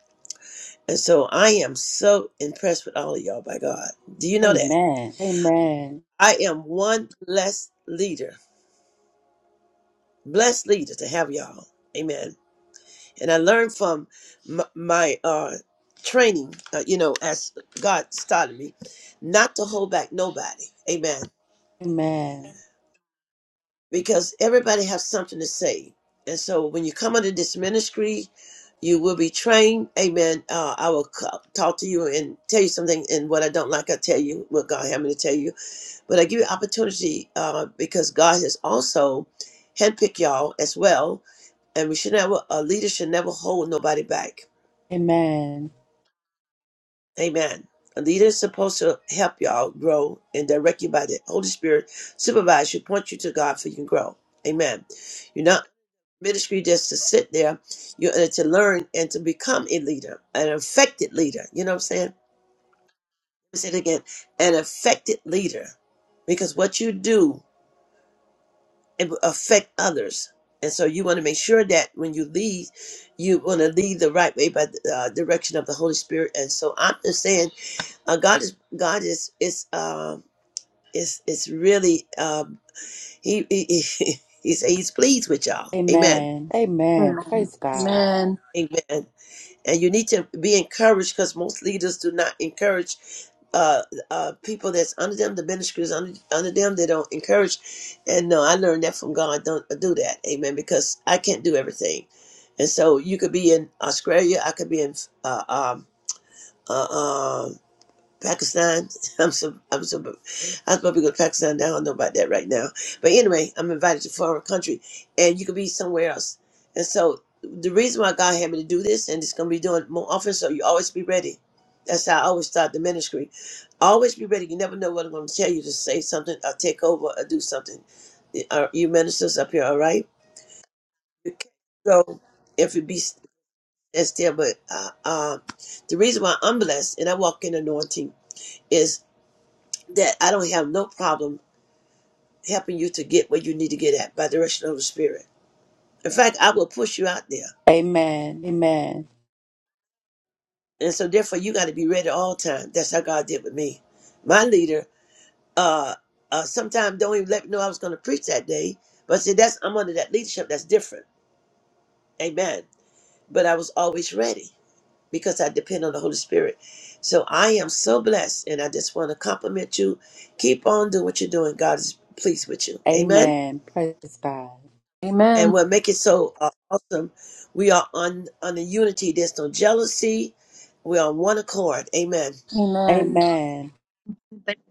A: And so I am so impressed with all of y'all. By God, do you know that
D: Amen. Amen.
A: I am one blessed leader, blessed leader to have y'all. Amen. And I learned from m- my uh, training. Uh, you know, as God started me, not to hold back nobody. Amen
D: Amen.
A: because everybody has something to say. And so when you come under this ministry, you will be trained. Amen. Uh, I will co- talk to you and tell you something, and what I don't like, i tell you what God had me to tell you. But I give you opportunity uh, because God has also handpicked y'all as well. And we should never, a leader should never hold nobody back.
D: Amen.
A: Amen. A leader is supposed to help y'all grow and direct you by the Holy Spirit, supervise you, point you to God so you can grow. Amen. ministry just to sit there, you uh, to learn and to become a leader, an affected leader. You know what I'm saying? Let me say it again, an affected leader, because what you do it will affect others, and so you want to make sure that when you lead, you want to lead the right way by the uh, direction of the Holy Spirit. And so I'm just saying, uh, God is God is is um is is really um he he, (laughs) he he's, he's pleased with y'all. Amen.
D: Amen. Amen.
B: Amen.
D: Praise God.
B: Amen.
A: Amen. and you need to be encouraged because most leaders do not encourage uh, uh, people that's under them, the ministries under, under them, they don't encourage. And no, I learned that from God. Don't do that. Amen. Because I can't do everything. And so you could be in Australia. I could be in uh, um, uh, um, Pakistan. (laughs) I'm so I'm so I'm supposed to go to Pakistan. I don't know about that right now. But anyway, I'm invited to a foreign country, and you could be somewhere else. And so the reason why God had me to do this, and it's going to be doing more often, so you always be ready. That's how I always start the ministry. Always be ready. You never know what I'm going to tell you to say something or take over or do something. Are you ministers up here all right? You can't go if you be stand still. But uh, uh, the reason why I'm blessed and I walk in anointing is that I don't have no problem helping you to get where you need to get at by the direction of the Spirit. In fact, I will push you out there.
D: Amen. Amen.
A: And so therefore you got to be ready all the time. That's how God did with me. My leader, uh, uh sometimes don't even let me know I was gonna preach that day. But see that's I'm under that leadership that's different. Amen. But I was always ready because I depend on the Holy Spirit. So I am so blessed and I just want to compliment you. Keep on doing what you're doing. God is pleased with you. Amen.
D: Amen. Praise God.
A: And
B: Amen.
A: what make it so uh, awesome, we are on on the unity. There's no jealousy. We're on one accord. Amen.
B: Amen.
D: Amen.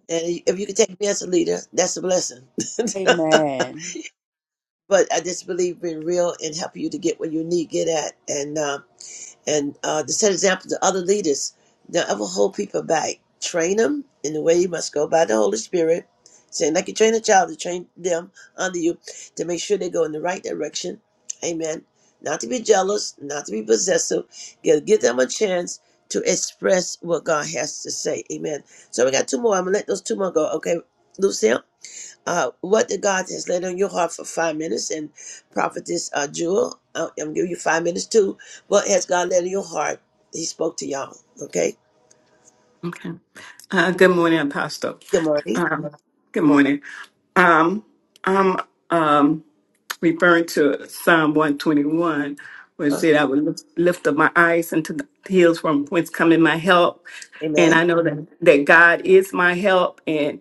A: And if you can take me as a leader, that's a blessing. (laughs) but
D: Amen.
A: I just believe being real and helping you to get what you need, get at, and um, and uh, to set example to other leaders. Don't ever hold people back. Train them in the way you must go by the Holy Spirit. Saying like you train a child to train them under you to make sure they go in the right direction. Amen. Not to be jealous, not to be possessive. Give, give them a chance to express what God has to say. Amen. So we got two more. I'm gonna let those two more go. Okay, Lucille uh, what did God has laid on your heart for five minutes. And prophetess uh, Jewel, uh, I'm giving you five minutes too. What has God laid on your heart? He spoke to y'all. Okay.
J: Okay. Uh, good morning, Apostle.
A: Good morning.
J: Um, good morning. Um, I'm um, referring to Psalm 121, where it
A: Uh,
J: said, I would lift lift up my eyes into the hills from whence coming my help. And
A: amen.
J: I know that, that God is my help. And,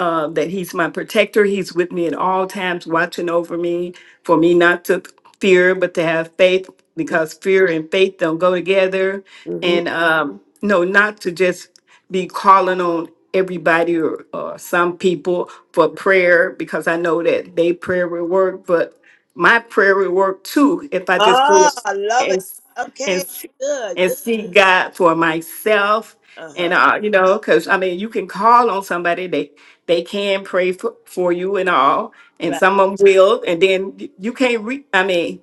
J: uh, that he's my protector. He's with me at all times, watching over me, for me not to fear, but to have faith, because fear and faith don't go together.
A: Mm-hmm.
J: And um, no, not to just be calling on everybody or, or some people for prayer, because I know that they prayer will work, but my prayer will work too if I just go
A: Ah, I love
J: and
A: it. Okay.
J: and
A: Good.
J: and
A: Good.
J: seek God for myself
A: Uh
J: and
A: huh.
J: uh, you know, because I mean, you can call on somebody; they they can pray for, for you and all, and
A: Right.
J: some of them will, and then y- you can't reach. I mean.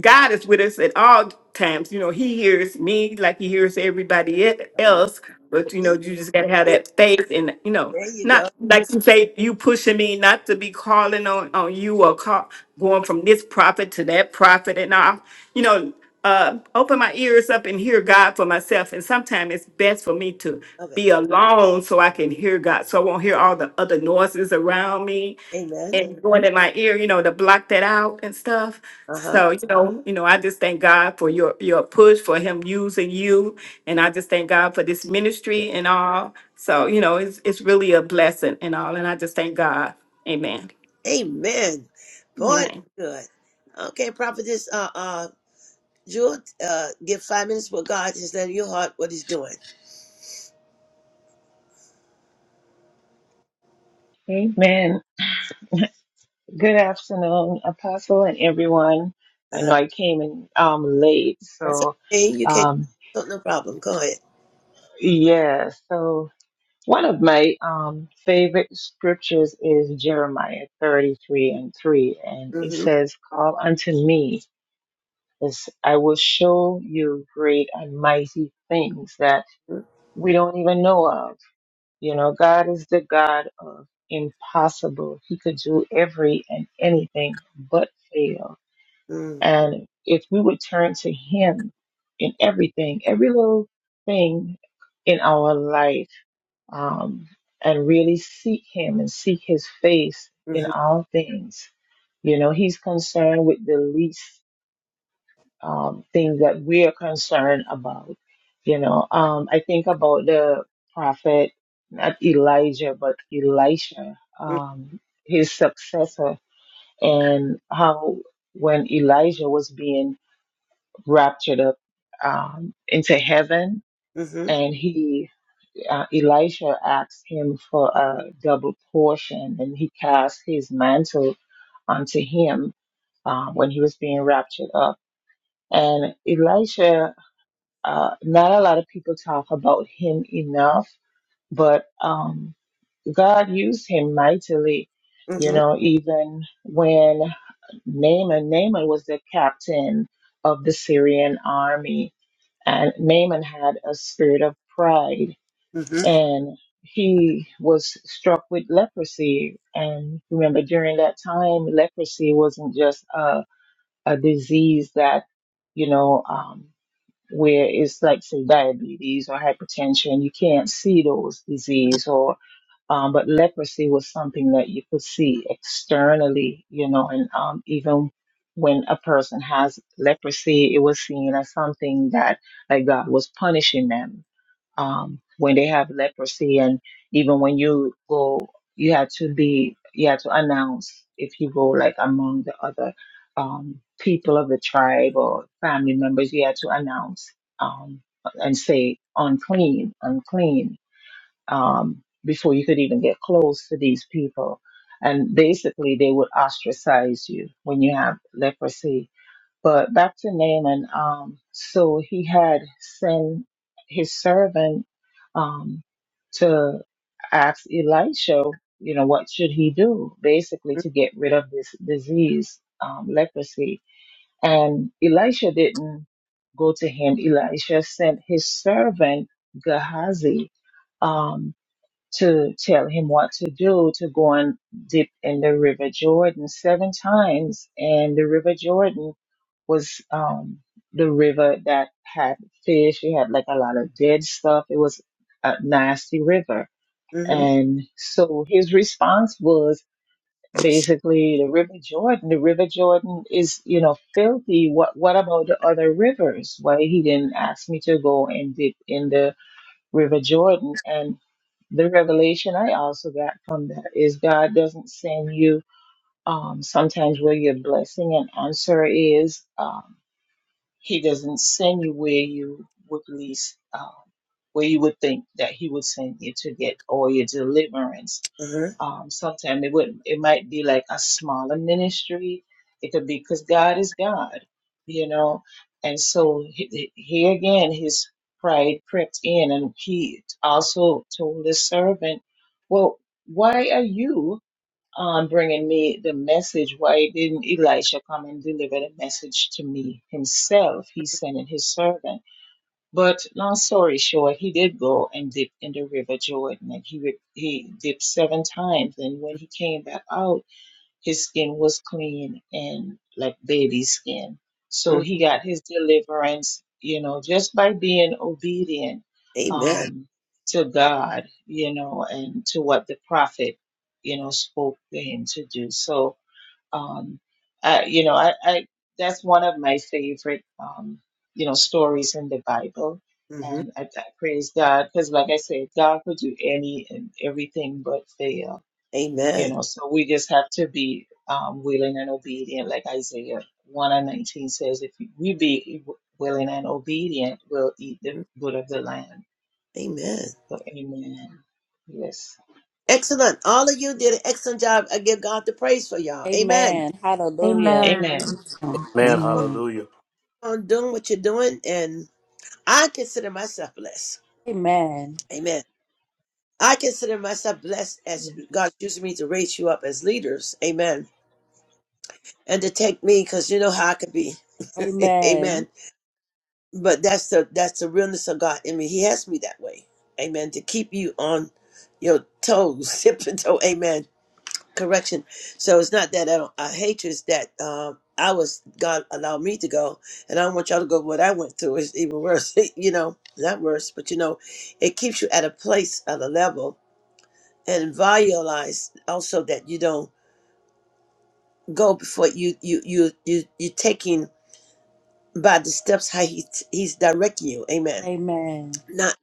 J: God is with us at all times. You know, He hears me like He hears everybody e-
A: All right.
J: else. But you know,
A: See?
J: you just gotta have
A: See?
J: that faith, and you know,
A: There you
J: not
A: go.
J: like you say, you pushing me not to be calling on on you or call, going from this prophet to that prophet, and all. You know, uh, open my ears up and hear God for myself. And sometimes it's best for me to
A: Love
J: be
A: it.
J: alone so I can hear God, so I won't hear all the other noises around me
A: Amen.
J: and going in my ear, you know, to block that out and stuff.
A: Uh huh.
J: So, you know, you know, I just thank God for your your push for him using you. And I just thank God for this ministry and all. So, you know, it's it's really a blessing and all. And I just thank God. Amen.
A: Amen. Boy, that's
J: Amen.
A: good. Okay, prophetess. Uh, uh, Jewel, uh, give five minutes what God has laid on your heart. What He's doing.
K: Amen. Good afternoon, Apostle and everyone. I
A: Uh-huh.
K: know I came in um, late,
A: That's
K: so
A: okay. You can.
K: um,
A: No, no problem. Go ahead.
K: yeah. So one of my um, favorite scriptures is Jeremiah 33 and 3, and it
A: Mhm.
K: says, "Call unto me, as I will show you great and mighty things that we don't even know of." You know, God is the God of impossible. He could do every and anything but fail.
A: Mhm.
K: And if we would turn to Him in everything, every little thing in our life, um, and really seek Him and seek His face in
A: Mhm.
K: all things, you know, He's concerned with the least um, thing that we are concerned about. You know, um, I think about the prophet, not Elijah, but Elisha, um, his successor, and how when Elijah was being raptured up um, into heaven,
A: Mhm.
K: and he uh, Elisha asked him for a double portion, and he cast his mantle onto him uh, when he was being raptured up. And Elisha, uh, not a lot of people talk about him enough, but um, God used him mightily. You
A: Mhm.
K: know, even when Naaman, Naaman was the captain of the Syrian army, and Naaman had a spirit of pride
A: Mhm.
K: and he was struck with leprosy. And remember, during that time, leprosy wasn't just a, a disease that, you know, um, where it's like, say, diabetes or hypertension. You can't see those disease or um, but leprosy was something that you could see externally, you know, and um, even when a person has leprosy, it was seen as something that like God was punishing them um, when they have leprosy. And even when you go, you had to be, you had to announce if you go like among the other um, people of the tribe or family members, you had to announce um, and say unclean, unclean um, before you could even get close to these people. And basically, they would ostracize you when you have leprosy. But back to Naaman, um, so he had sent his servant um, to ask Elisha, you know, what should he do basically
A: Mhm.
K: to get rid of this disease, um, leprosy. And Elisha didn't go to him. Elisha sent his servant Gehazi Um, to tell him what to do to go and dip in the river jordan seven times and the river jordan was um the river that had fish it had like a lot of dead stuff it was a nasty river
A: Mhm.
K: and so his response was basically the river jordan the river jordan is you know filthy what what about the other rivers why he didn't ask me to go and dip in the river jordan and the revelation I also got from that is God doesn't send you um, sometimes where your blessing and answer is. Um, he doesn't send you where you would least, um, where you would think that He would send you to get all your deliverance
A: Mhm.
K: um sometimes it would it might be like a smaller ministry it could be because god is god you know and so he, he- again his pride crept in and he also told his servant well why are you um bringing me the message why didn't elisha come and deliver the message to me himself he sent in his servant but long story short, he did go and dip in the River Jordan, and he re- he dipped seven times. And when he came back out, his skin was clean and like baby skin. So
A: Mhm.
K: he got his deliverance, you know, just by being obedient
A: Amen.
K: um, to God, you know, and to what the prophet, you know, spoke to him to do. So um, I, you know, I, I that's one of my favorite, um, you know, stories in the Bible,
A: Mhm.
K: and I, I praise God because, like I said, God could do any and everything but fail. You
A: Amen.
K: know, so we just have to be um, willing and obedient, like Isaiah one and nineteen says. If we be willing and obedient, we'll eat the
A: Mhm.
K: good of the land.
A: Amen.
K: So, Amen. Yes.
A: Excellent. All of you did an excellent job. I give God the praise for y'all. Amen.
D: Amen.
B: Amen.
D: Hallelujah.
B: Amen.
K: Amen.
A: Keep
C: Amen.
A: on
E: Amen.
C: Hallelujah.
A: on doing what you're doing, and I consider myself blessed.
D: Amen.
A: Amen. I consider myself blessed as God's using me to raise you up as leaders. Amen. And to take me, because you know how I could be. (laughs) Amen
D: Amen.
A: but that's the that's the realness of God in me. He has me that way. Amen. To keep you on your toes, (laughs) tip and toe. Amen. Correction. So it's not that I don't I hate you. It's that um, I was God allowed me to go, and I don't want y'all to go what I went through. It's even worse. (laughs) you know, not worse, but you know, it keeps you at a place, at a level, and realize also that you don't go before you you you you you taking by the steps how he he's directing you. Amen.
D: Amen.
A: Not.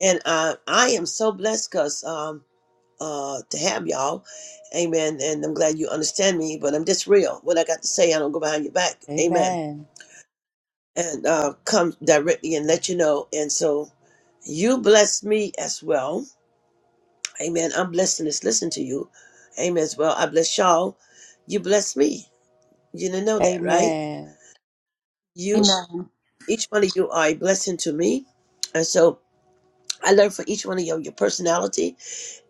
A: And uh, I am so blessed because um, uh, to have y'all. Amen. And I'm glad you understand me, but I'm just real. What I got to say, I don't go behind your back. Amen.
D: Amen.
A: And uh, come directly and let you know. And so you bless me as well. Amen. I'm blessed to just listen to you. Amen. As well, I bless y'all. You bless me. You didn't know that, right?
D: Amen.
A: You,
B: Amen.
A: each one of you are a blessing to me. And so I learn from each one of you your personality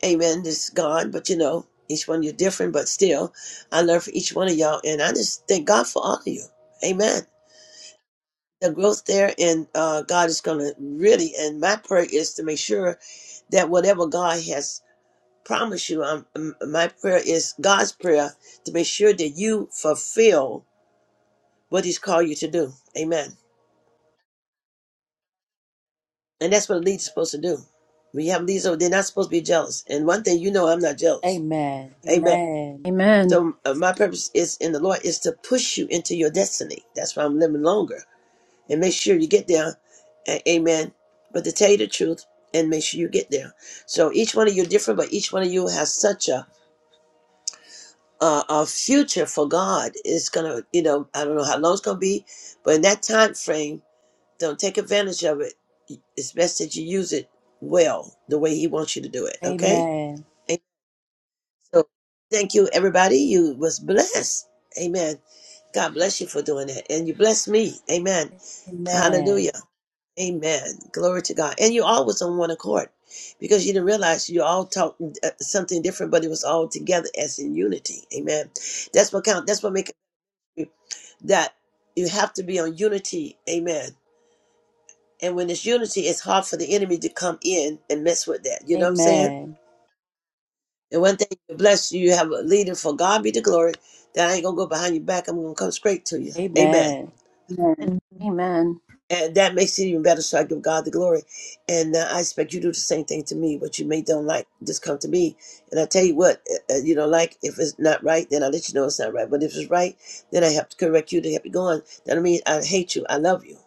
A: Amen. It's God, but you know, each one you're different, but still, I learned for each one of y'all, and I just thank God for all of you. Amen. The growth there, and uh, God is going to really, and my prayer is to make sure that whatever God has promised you, um, m- my prayer is God's prayer to make sure that you fulfill what He's called you to do. Amen. And that's what a leader's supposed to do. When you have leaders, they're not supposed to be jealous. And one thing you know, I'm not jealous.
D: Amen.
A: Amen.
D: Amen.
B: Amen.
A: So uh, my purpose is in the Lord is to push you into your destiny. That's why I'm living longer and make sure you get there. A- amen. But to tell you the truth and make sure you get there. So each one of you different, but each one of you has such a uh, a future for God. It's gonna, you know, I don't know how long it's gonna be, but in that time frame, don't take advantage of it. It's best that you use it well, the way He wants you to do it. Okay.
D: Amen.
A: So thank you, everybody. You was blessed. Amen. God bless you for doing that. And you bless me. Amen. Hallelujah.
D: Amen.
A: Amen. Glory to God. And you all was on one accord because you didn't realize you all talked uh, something different, but it was all together as in unity. Amen. That's what count. That's what makes that you have to be on unity. Amen. And when it's unity, it's hard for the enemy to come in and mess with that. You know what I'm saying?
D: Amen.
A: And one thing you bless you, you have a leader for God be the glory. That I ain't gonna go behind your back. I'm gonna come straight to you. Amen.
D: Amen.
B: Amen.
A: And that makes it even better. So I give God the glory. And uh, I expect you to do the same thing to me. What you may don't like, just come to me. And I tell you what, uh, uh, you don't like, if it's not right, then I let you know it's not right. But if it's right, then I have to correct you to help you go on. That don't mean I hate you. I love you.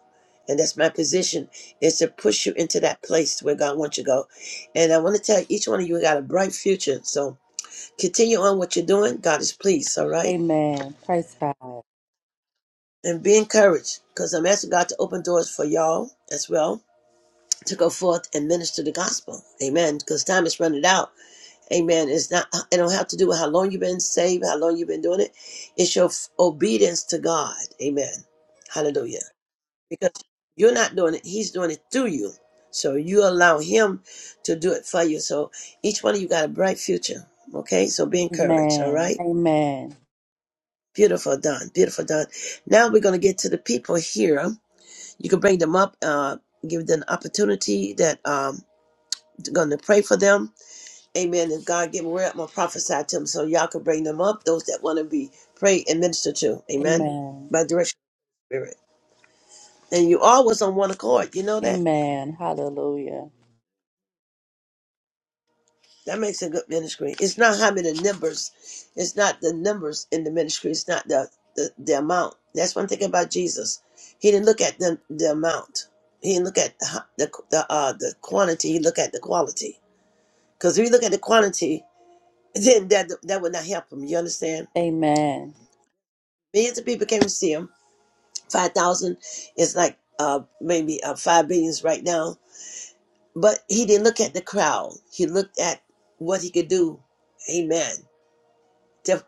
A: And that's my position is to push you into that place where God wants you to go. And I want to tell each one of you, we got a bright future. So Continue on what you're doing. God is pleased, all right?
D: Amen. Praise God.
A: And be encouraged because I'm asking God to open doors for y'all as well to go forth and minister the gospel. Amen. Because time is running out. Amen. It's not, uh, it don't have to do with how long you've been saved, how long you've been doing it. It's your f- obedience to God. Amen. Hallelujah. Because you're not doing it, He's doing it through you. So you allow Him to do it for you. So each one of you got a bright future. Okay. So be encouraged. All
D: Amen.
A: right.
D: Amen.
A: Beautiful done. Beautiful done. Now we're going to get to the people here. You can bring them up, uh, give them the opportunity that um going to pray for them. Amen. And God give them word, I'm going to prophesy to them so y'all can bring them up, those that want to be prayed and minister to. Amen.
D: Amen.
A: By direction of the spirit. And you always on one accord. You know that?
D: Amen. Hallelujah.
A: That makes a good ministry. It's not how many numbers. It's not the numbers in the ministry. It's not the, the, the amount. That's one thing about Jesus. He didn't look at the, the amount. He didn't look at the the the, uh, the quantity. He looked at the quality. Because if you look at the quantity, then that that would not help him. You understand?
D: Amen.
A: Millions of people came to see him. Five thousand is like uh, maybe uh, five billions right now. But he didn't look at the crowd. He looked at what he could do. Amen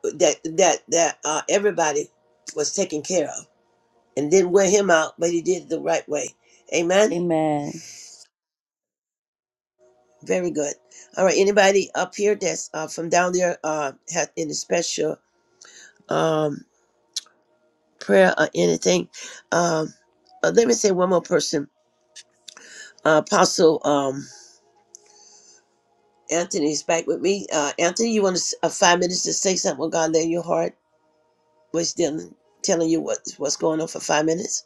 A: that that that uh, everybody was taken care of and didn't wear him out, but he did it the right way. Amen.
D: Amen.
A: Very good. All right. Anybody up here that's uh, from down there uh, had any special um, prayer or anything? Um, uh, let me say one more person. Uh, Apostle um, Anthony's back with me. Uh, Anthony, you want to, uh, five minutes to say something? What God lay in your heart was dealing, telling you what what's going on for five minutes?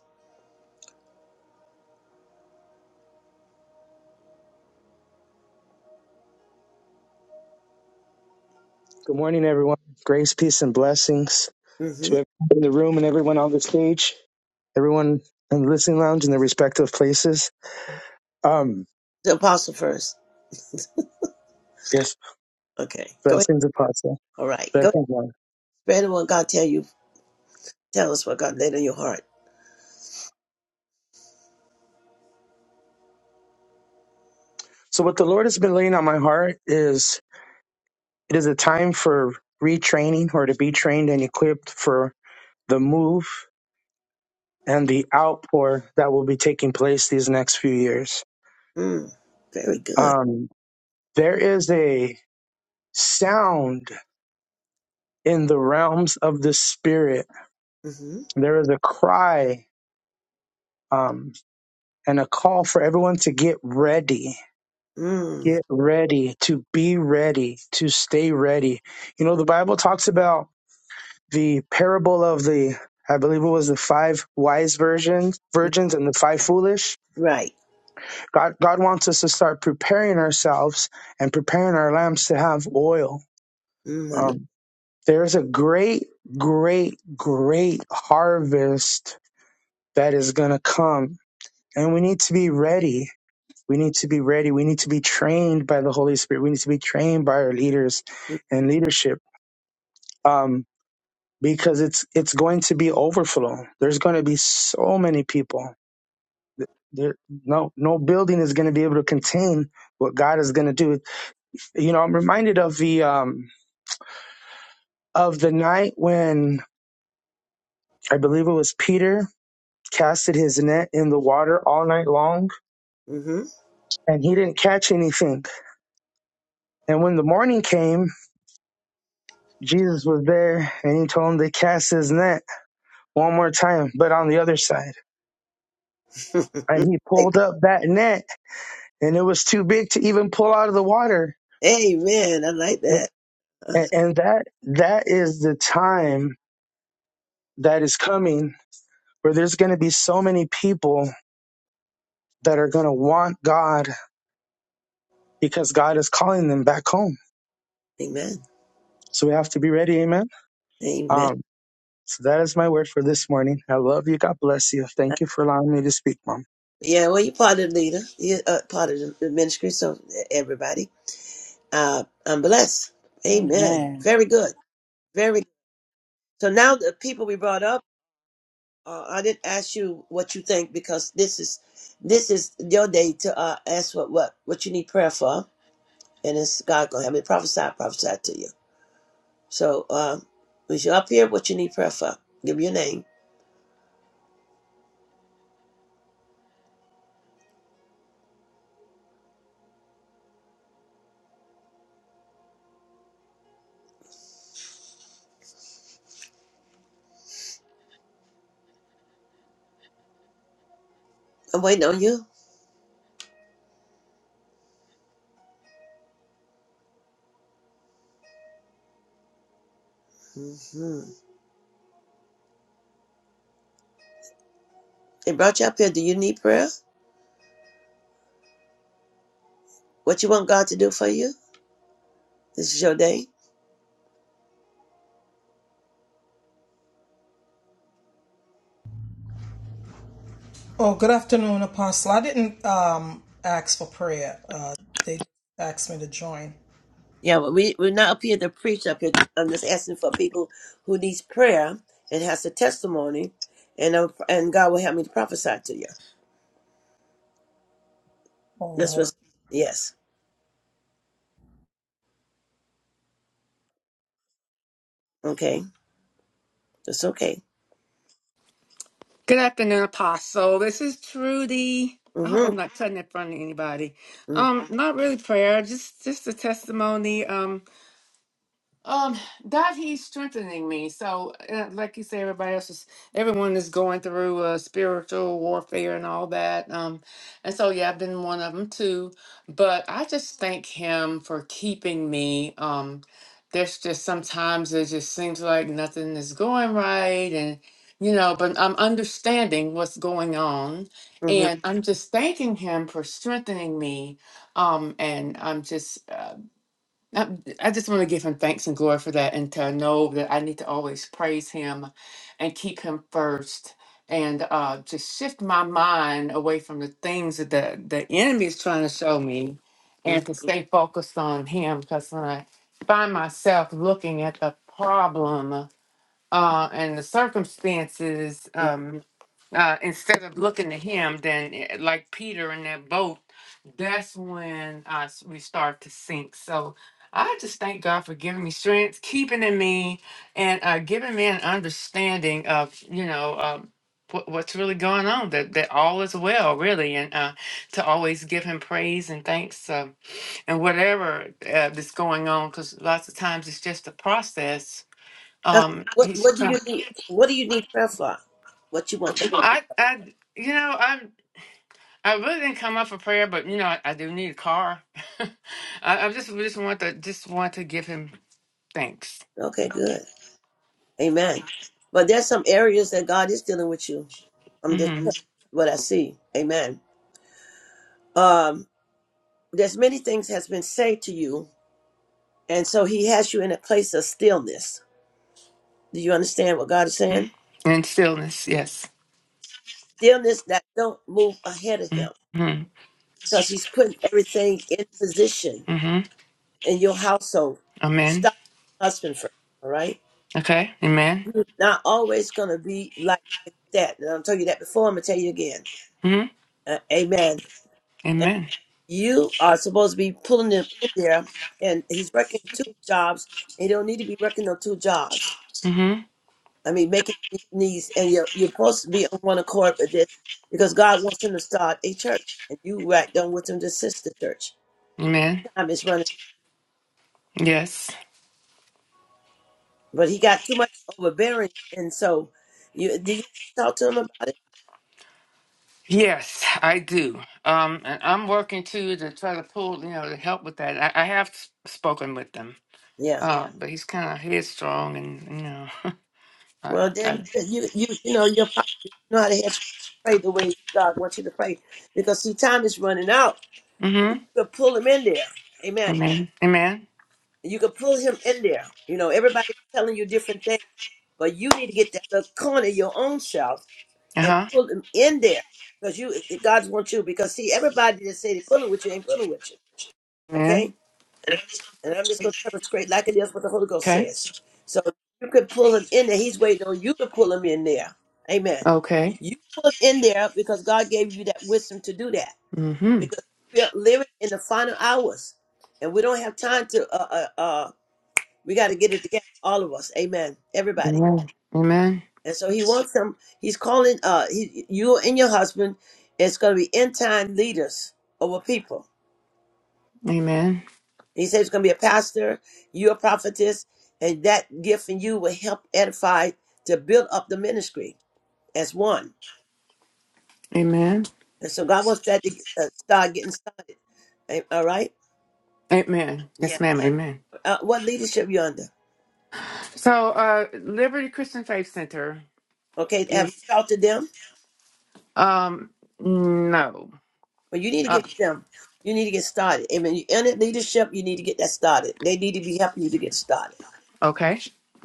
L: Good morning, everyone. Grace, peace, and blessings to
A: hmm
L: everyone in the room and everyone on the stage, everyone in the listening lounge in their respective places. Um,
A: The apostle first.
L: yes,
A: Okay, go ahead.
L: blessings, apostle.
A: All right, go ahead.
L: Blessings, Lord.
A: Spread what God tell you. Tell us what God laid on your heart.
L: So, what the Lord has been laying on my heart is it is a time for retraining or to be trained and equipped for the move and the outpour that will be taking place these next few years.
A: Mm, very good.
L: Um, there is a sound in the realms of the spirit
A: hmm
L: There is a cry um, and a call for everyone to get ready.
A: Mm,
L: Get ready, to be ready, to stay ready. You know, the Bible talks about the parable of the, I believe it was the five wise virgins, virgins and the five foolish.
A: right.
L: God, God wants us to start preparing ourselves and preparing our lamps to have oil.
A: Mm, I like,
L: Um, there's a great, great, great harvest that is going to come, and we need to be ready We need to be ready. We need to be trained by the Holy Spirit. We need to be trained by our leaders and leadership. Um, because it's it's going to be overflow. There's going to be so many people. Th- There, no no building is going to be able to contain what God is going to do. You know, I'm reminded of the um, of the night when I believe it was Peter casted his net in the water all night long
A: mm-hmm.
L: and he didn't catch anything. And when the morning came, Jesus was there and he told him to cast his net one more time, but on the other side. And he
A: (laughs) like,
L: pulled up that net, and it was too big to even pull out of the water.
A: amen. I like that. Uh,
L: And, and that that is the time that is coming where there's going to be so many people that are going to want God because God is calling them back home.
A: amen.
L: So we have to be ready. Amen.
A: Amen.
L: Um, so that is my word for this morning. I love you. God bless you.
A: Uh,
L: Thank you for allowing me to speak, Mom.
A: Yeah, well, you're part of the leader. You're uh, part of the the ministry, so e-, everybody. Uh, I'm blessed. Amen.
D: Amen.
A: Very good. Very. good. So now the people we brought up, uh, I didn't ask you what you think because this is this is your day to uh, ask what what what you need prayer for, and it's God gonna have me prophesy, prophesy to you. So uh, was you up here? What you need prayer for? Give me your name. I'm waiting on you. hmm They brought you up here. Do you need prayer? What you want God to do for you? This is your day.
M: Oh, good afternoon, Apostle. I didn't um, ask for prayer. Uh, they asked me to join.
A: Yeah, but we, we're not up here to preach up here. I'm just asking for people who needs prayer and has a testimony, and i and God will help me to prophesy to you. That's
M: Oh, uh,
A: what's, yes. Okay. That's okay.
N: Good afternoon, Apostle. This is Trudy. I hope
A: Mm-hmm.
N: I'm not cutting in front of anybody.
A: Mm-hmm.
N: Um, not really prayer, just just a testimony. Um. Um, that he's strengthening me. So, uh, like you say, everybody else is, everyone is going through uh, spiritual warfare and all that. Um, and so, yeah, I've been one of them too. But I just thank him for keeping me. Um, there's just sometimes it just seems like nothing is going right, and you know, but I'm understanding what's going on,
A: mm-hmm.
N: and I'm just thanking him for strengthening me. Um, and I'm just. uh, I I just want to give him thanks and glory for that and to know that I need to always praise him and keep him first and uh, just shift my mind away from the things that the, the enemy is trying to show me and
A: Mm-hmm.
N: to stay focused on him because when I find myself looking at the problem uh, and the circumstances, um, uh, instead of looking to him, then eh, like Peter in that boat, that's when uh, s- we start to sink. So I just thank God for giving me strength, keeping in me, and uh, giving me an understanding of you know um, what, what's really going on. That that all is well, really, and uh, to always give Him praise and thanks, uh, and whatever uh, that's going on, because lots of times it's just a process
A: Okay.
N: um,
A: What,
N: he's.
A: what do you need? What do you need prayer for? What you want,
N: I I you know I'm I really didn't come up for prayer, but you know I, I do need a car. (laughs) I, I just just want to just want to give him thanks.
A: God? Okay, good. Amen. But there's some areas that God is dealing with you. I'm just
N: hmm
A: telling you what I see. Amen. Um, there's many things has been said to you And so he has you in a place of stillness. Do you understand what God is saying?
N: And stillness, yes.
A: Stillness that don't move ahead of him
N: hmm
A: because he's putting everything in position
N: hmm
A: in your household.
N: Amen.
A: Stop your husband first, all right?
N: Okay. Amen.
A: You're not always going to be like that. And I'll tell you that before, I'm going to tell you again.
N: hmm
A: Uh, amen. And
N: Amen.
A: you are supposed to be pulling them in there, and he's working two jobs. And he don't need to be working no two jobs.
N: hmm
A: I mean, making knees, and you're you're supposed to be on one accord with this because God wants him to start a church, and you right done with him to assist the church.
N: Amen.
A: Time is running,
N: Yes.
A: but he got too much overbearing, and so you did you talk to him about it?
N: Yes, I do. Um, and I'm working too to try to pull, you know, to help with that. I, I have s- spoken with them
A: Yeah.
N: Uh, but he's kind of headstrong, and you know, (laughs) I,
A: Well, then
N: I,
A: you you you know you're probably you know how to have pray the way God wants you to pray because see, time is running out.
N: mm-hmm.
A: You could pull him in there, Amen.
N: Amen. Amen.
A: You could pull him in there. You know, everybody's telling you different things, but you need to get that little corner of your own self
N: Uh
A: and
N: huh.
A: pull him in there because you it- God wants you because see everybody that say they pulling with you ain't pulling with you okay
N: Amen.
A: and I'm just gonna tell it straight like it is what the Holy Ghost
N: Okay.
A: says so you could pull him in there he's waiting on you to pull him in there amen
N: Okay.
A: you pull him in there because God gave you that wisdom to do that
N: Mm-hmm.
A: because we're living in the final hours and we don't have time to uh uh, uh we got to get it together all of us amen everybody
N: Amen. Amen.
A: And so he wants them, he's calling uh he, you and your husband, it's gonna be end time leaders over people.
N: Amen.
A: He says it's gonna be a pastor, you're a prophetess, and that gift in you will help edify to build up the ministry as one.
N: Amen.
A: And so God wants that to uh, start getting started. Eh, All right?
N: Amen.
A: Yeah.
N: Yes, ma'am. Amen.
A: Uh, what leadership you under?
N: So, uh, Liberty Christian Faith Center
A: Okay, have you
N: is
A: talked to them?
N: um no.
A: But you need to
N: Uh,
A: get with them. You need to get started. And when you're in it leadership, you need to get that started. They need to be helping you to get started.
N: okay.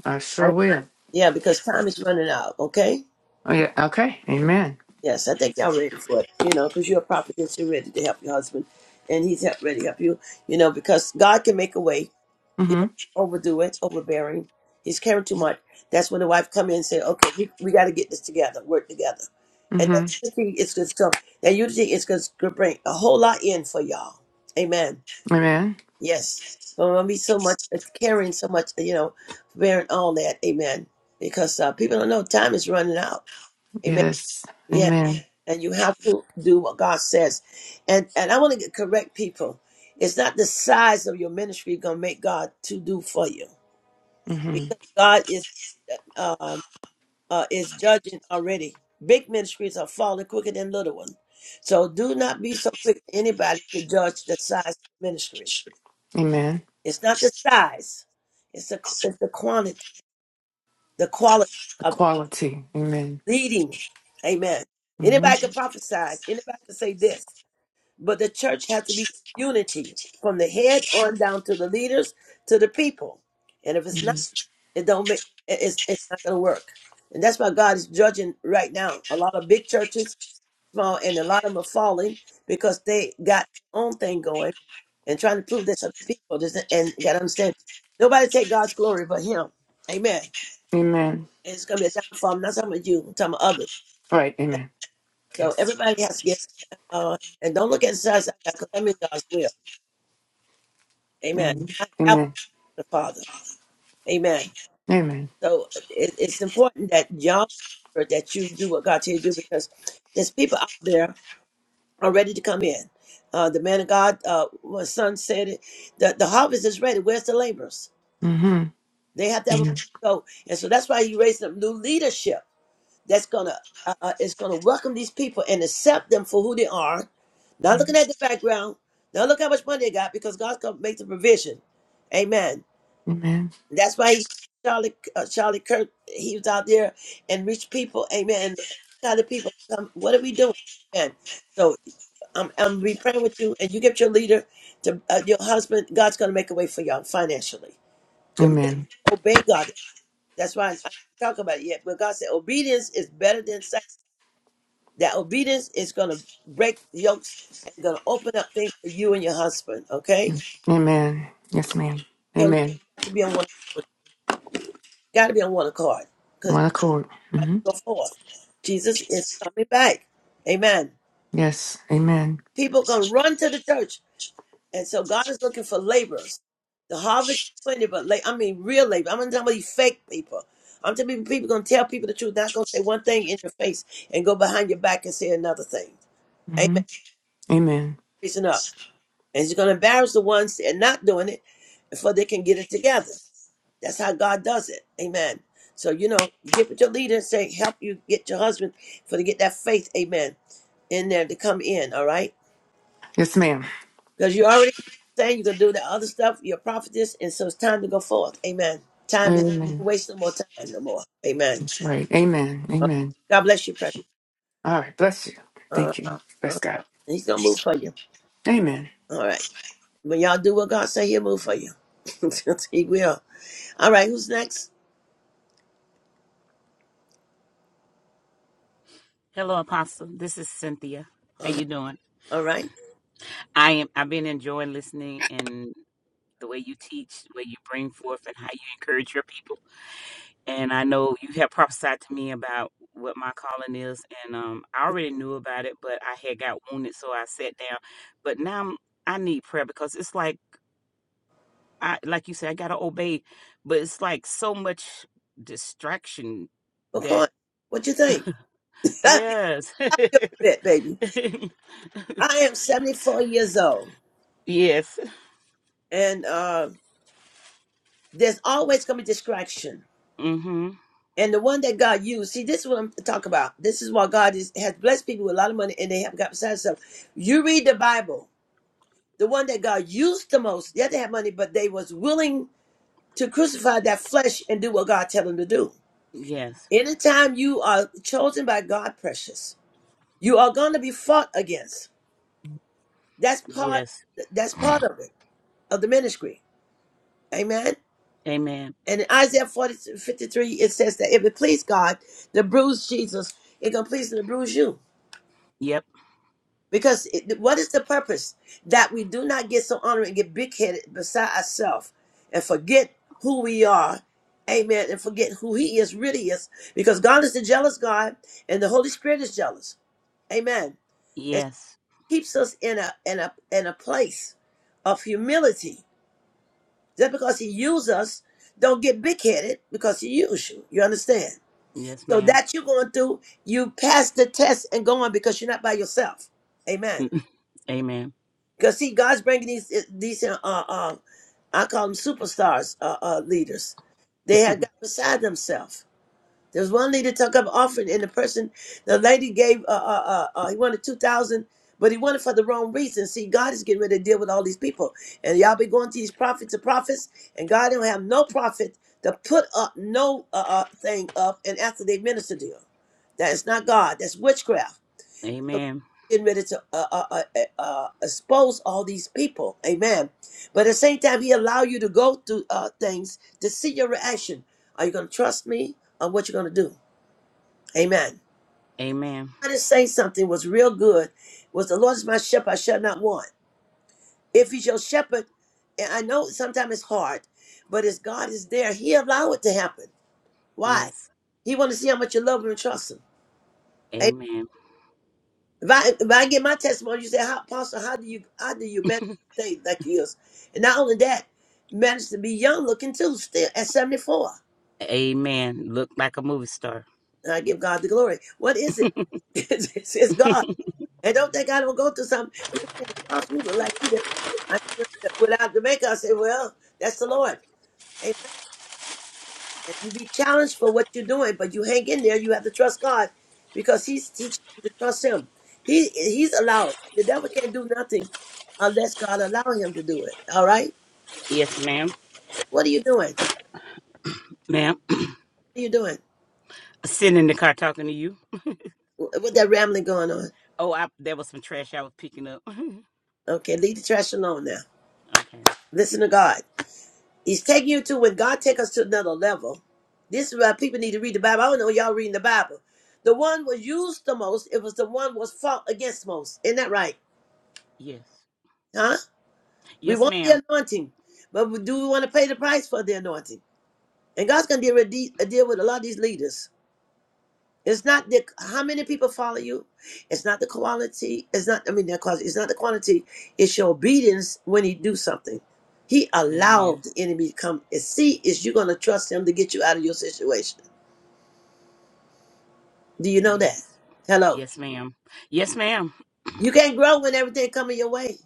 N: I
A: Right?
N: sure will.
A: Yeah, because time is running out, okay?
N: Oh, yeah. Okay. Amen.
A: Yes, I think y'all ready for it, you know, because you're a prophetess, you're ready to help your husband, and he's help, ready to help you, you know, because God can make a way. You
N: Mm-hmm.
A: don't overdo it, overbearing. He's caring too much. That's when the wife come in and say, okay, we, we got to get this together, work together. And that
N: Mm-hmm.
A: unity is going to come. That unity is going to bring a whole lot in for y'all. Amen.
N: Amen.
A: Yes. But when be so much uh, caring, so much, you know, bearing all that. Amen. Because uh, people don't know time is running out Amen.
N: Yes.
A: Yes.
N: Amen.
A: And you have to do what God says. And and I want to get correct people. It's not the size of your ministry gonna make God to do for you.
N: Mm-hmm.
A: Because God is um uh is judging already. Big ministries are falling quicker than little ones. So do not be so quick to anybody to judge the size of the ministry.
N: Amen.
A: It's not the size, it's the it's the quantity, the quality
N: the
A: of the
N: quality. Amen.
A: leading. Amen.
N: hmm
A: Anybody can prophesy. Anybody can say this. But the church has to be unity from the head on down to the leaders to the people. And if it's not, it don't make it- it's it's not gonna work. And that's why God is judging right now. A lot of big churches, small, and a lot of them are falling because they got their own thing going and trying to prove this to the people. This- And you gotta understand, nobody take God's glory but Him. Amen.
N: Amen.
A: And it's gonna be a downfall. I'm not talking about you. I'm talking about others.
N: All right. Amen.
A: So
N: Yes.
A: everybody has to get uh, and don't look at the size because I'm in God's will. Amen.
N: Amen.
A: I have
N: Amen.
A: the Father. Amen.
N: Amen.
A: So it, it's important that y'all make sure that you do what God tells you to do because there's people out there are ready to come in. Uh, the man of God, uh, my son said it, the, the harvest is ready. Where's the laborers?
N: Mm-hmm.
A: They have to have a
N: Amen.
A: go. And so that's why you raise up new leadership that's going to uh, uh, is going to welcome these people and accept them for who they are, not looking at the background, not look how much money they got because God's going to make the provision. Amen.
N: Amen.
A: That's why he, Charlie uh, Charlie Kirk he was out there and reached people. Amen. And look how people come. What are we doing? Amen. So I'm I'm be praying with you, and you get your leader to uh, your husband. God's going to make a way for y'all financially. The men
N: Amen.
A: obey God. That's why I didn't talk about it yet. But God said obedience is better than sacrifice. That obedience is going to break yokes and going to open up things for you and your husband. Okay,
N: Amen. Yes, ma'am.
A: your leader
N: Amen.
A: got to be on one. Got to be on one accord.
N: One accord. Mm-hmm.
A: go forth. Jesus is coming back. Amen.
N: Yes. Amen.
A: People gonna run to the church, and so God is looking for laborers. The harvest is plenty, but la- I mean real labor. I'm not talking about these fake people. I'm talking about people gonna tell people the truth, not gonna say one thing in your face and go behind your back and say another thing.
N: Mm-hmm.
A: Amen.
N: Amen.
A: Raising up, and He's gonna embarrass the ones that are not doing it, before they can get it together. That's how God does it. Amen. So you know, you get with your leader and say, "Help you get your husband for to get that faith." Amen in there to come in, all right?
N: Yes, ma'am.
A: Because you already saying you can do the other stuff, you're a prophetess, and so it's time to go forth. Amen. Time is
N: Amen.
A: waste no more time no more. Amen.
N: Right. Amen.
A: Uh,
N: Amen.
A: God bless you, precious.
N: All right. Bless you.
A: Uh,
N: Thank you.
A: uh,
N: Bless
A: and
N: God.
A: he's gonna move for you.
N: Amen.
A: All right. When y'all do what God say, he'll move for you. (laughs) he will. All right, who's next?
O: Hello, Apostle. This is Cynthia. How
A: Uh,
O: you doing?
A: all right.
O: I am. I've been enjoying listening and the way you teach, the way you bring forth, and how you encourage your people. And I know you have prophesied to me about what my calling is, and um, I already knew about it, but I had got wounded, so I sat down. But now I'm, I need prayer because it's like, I like you said, I gotta obey, but it's like so much distraction that
A: McCoy, what you think? (laughs) You're
O: yes,
A: a bit, baby.
O: (laughs)
A: I am 74 years old,
O: yes.
A: and uh, there's always gonna be distraction
O: Mhm.
A: And the one that God used, see, this is what I'm talking about. This is why God is, has blessed people with a lot of money and they haven't got besides stuff. You read the Bible, the one that God used the most, yeah, they had money, but they was willing to crucify that flesh and do what God tell them to do.
O: Yes.
A: Anytime you are chosen by God, precious, you are going to be fought against. That's part,
O: Yes.
A: that's part of it, of the ministry. Amen.
O: Amen.
A: And in Isaiah 40, fifty-three, it says that if it please God, to bruise Jesus, it going to please him to bruise you.
O: Yep.
A: Because it, what is the purpose? That we do not get so honored and get big headed beside ourselves and forget who we are. Amen. And forget who He is, really is. Because God is the jealous God and the Holy Spirit is jealous. Amen. It
O: Yes.
A: keeps us in a in a in a place of humility. Just because He uses us, don't get big headed because He used you. You understand?
O: Yes,
A: So
O: ma'am.
A: that you're going through, you pass the test and go on because you're not by yourself. Amen.
O: (laughs) Amen.
A: Because see, God's bringing these eh, these uh, uh, um I call them superstars uh, uh leaders. They had
O: (laughs)
A: got beside themselves. There was one leader took up offering, and the person, the lady gave uh uh, uh, uh he wanted two thousand, but he wanted for the wrong reason. See, God is getting ready to deal with all these people, and y'all be going to these prophets and prophets, and God don't have no prophet to put up no uh, uh thing up, and after they minister to you, that's not God. That's witchcraft. So God
O: Amen.
A: is getting ready to uh, uh, uh, uh, uh, expose all these people. Amen. But at the same time, he allow you to go through uh, things to see your reaction. Are you going to trust me or what you're going to do? Amen.
O: Amen.
A: I just say something was real good. Was the Lord is my shepherd, I shall not want. If he's your shepherd, and I know sometimes it's hard, but as God is there, he allow it to happen. Why?
O: Yes.
A: He want to see how much you love him and trust him.
O: Amen.
A: If I if I get my testimony, you say, how, Apostle, how do you how do you manage to stay like you is? And not only that, manage to be young looking too, still at seventy four.
O: Amen. Look like a movie star.
A: And I give God the glory. What is it? (laughs) It's, it's, it's God. And don't think I don't go through something. People say, Apostle, you look like you did. I, without Jamaica, I say, well, that's the Lord. And you be challenged for what you're doing, but you hang in there. You have to trust God because He's teaching you to trust Him. He He's allowing. The devil can't do nothing unless God allow him to do it. All right.
O: Yes, ma'am.
A: What are you doing?
O: Ma'am.
A: What are you doing?
O: Sitting in the car talking to you.
A: Wh- What that rambling going on?
O: Oh, I there was some trash I was picking up.
A: Okay, leave the trash alone now.
O: (laughs) okay.
A: Listen to God. He's taking you to when God take us to another level. This is why people need to read the Bible. I don't know y'all reading the Bible. The one was used the most. It was the one was fought against most. Isn't that right?
O: Yes.
A: Huh? We
O: Yes,
A: want
O: ma'am.
A: the anointing, but we- do we want to pay the price for the anointing? And God's going to deal with, de- deal with a lot of these leaders. It's not the how many people follow you. It's not the quality. It's not. I mean, the quality. It's not the quantity. It's your obedience when He do something. He
O: Amen.
A: allowed the enemy to come and see is you going to trust Him to get you out of your situation. Do you know that?
O: Yes.
A: Hello.
O: Yes, ma'am. Yes, ma'am.
A: You can't grow when everything coming your way.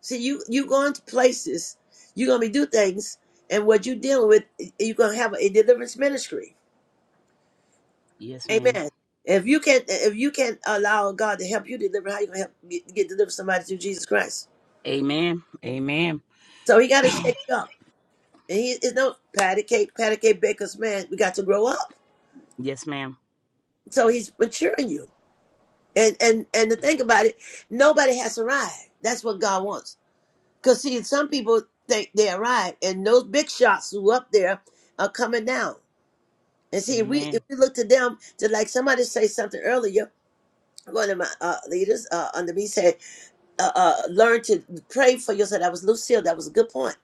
A: See, you you going to places, you're gonna be do things, and what you dealing with, you're gonna have a deliverance ministry.
O: Yes, ma'am.
A: Amen. If you can not if you can not allow God to help you deliver, how you gonna help get, get deliver somebody through Jesus Christ?
O: Amen. Amen.
A: So he got to shake you up. And he is no patty cake, patty cake baker's man. We got to grow up.
O: Yes, ma'am.
A: So he's maturing you. And and and to think about it, nobody has arrived. That's what God wants. Cause see, some people think they arrived, and those big shots who up there are coming down. And see, if we if
O: Amen.
A: we look to them to like somebody say something earlier, one of my uh, leaders uh, under me said, uh, uh, "Learn to pray for yourself." That was Lucille. That was a good point.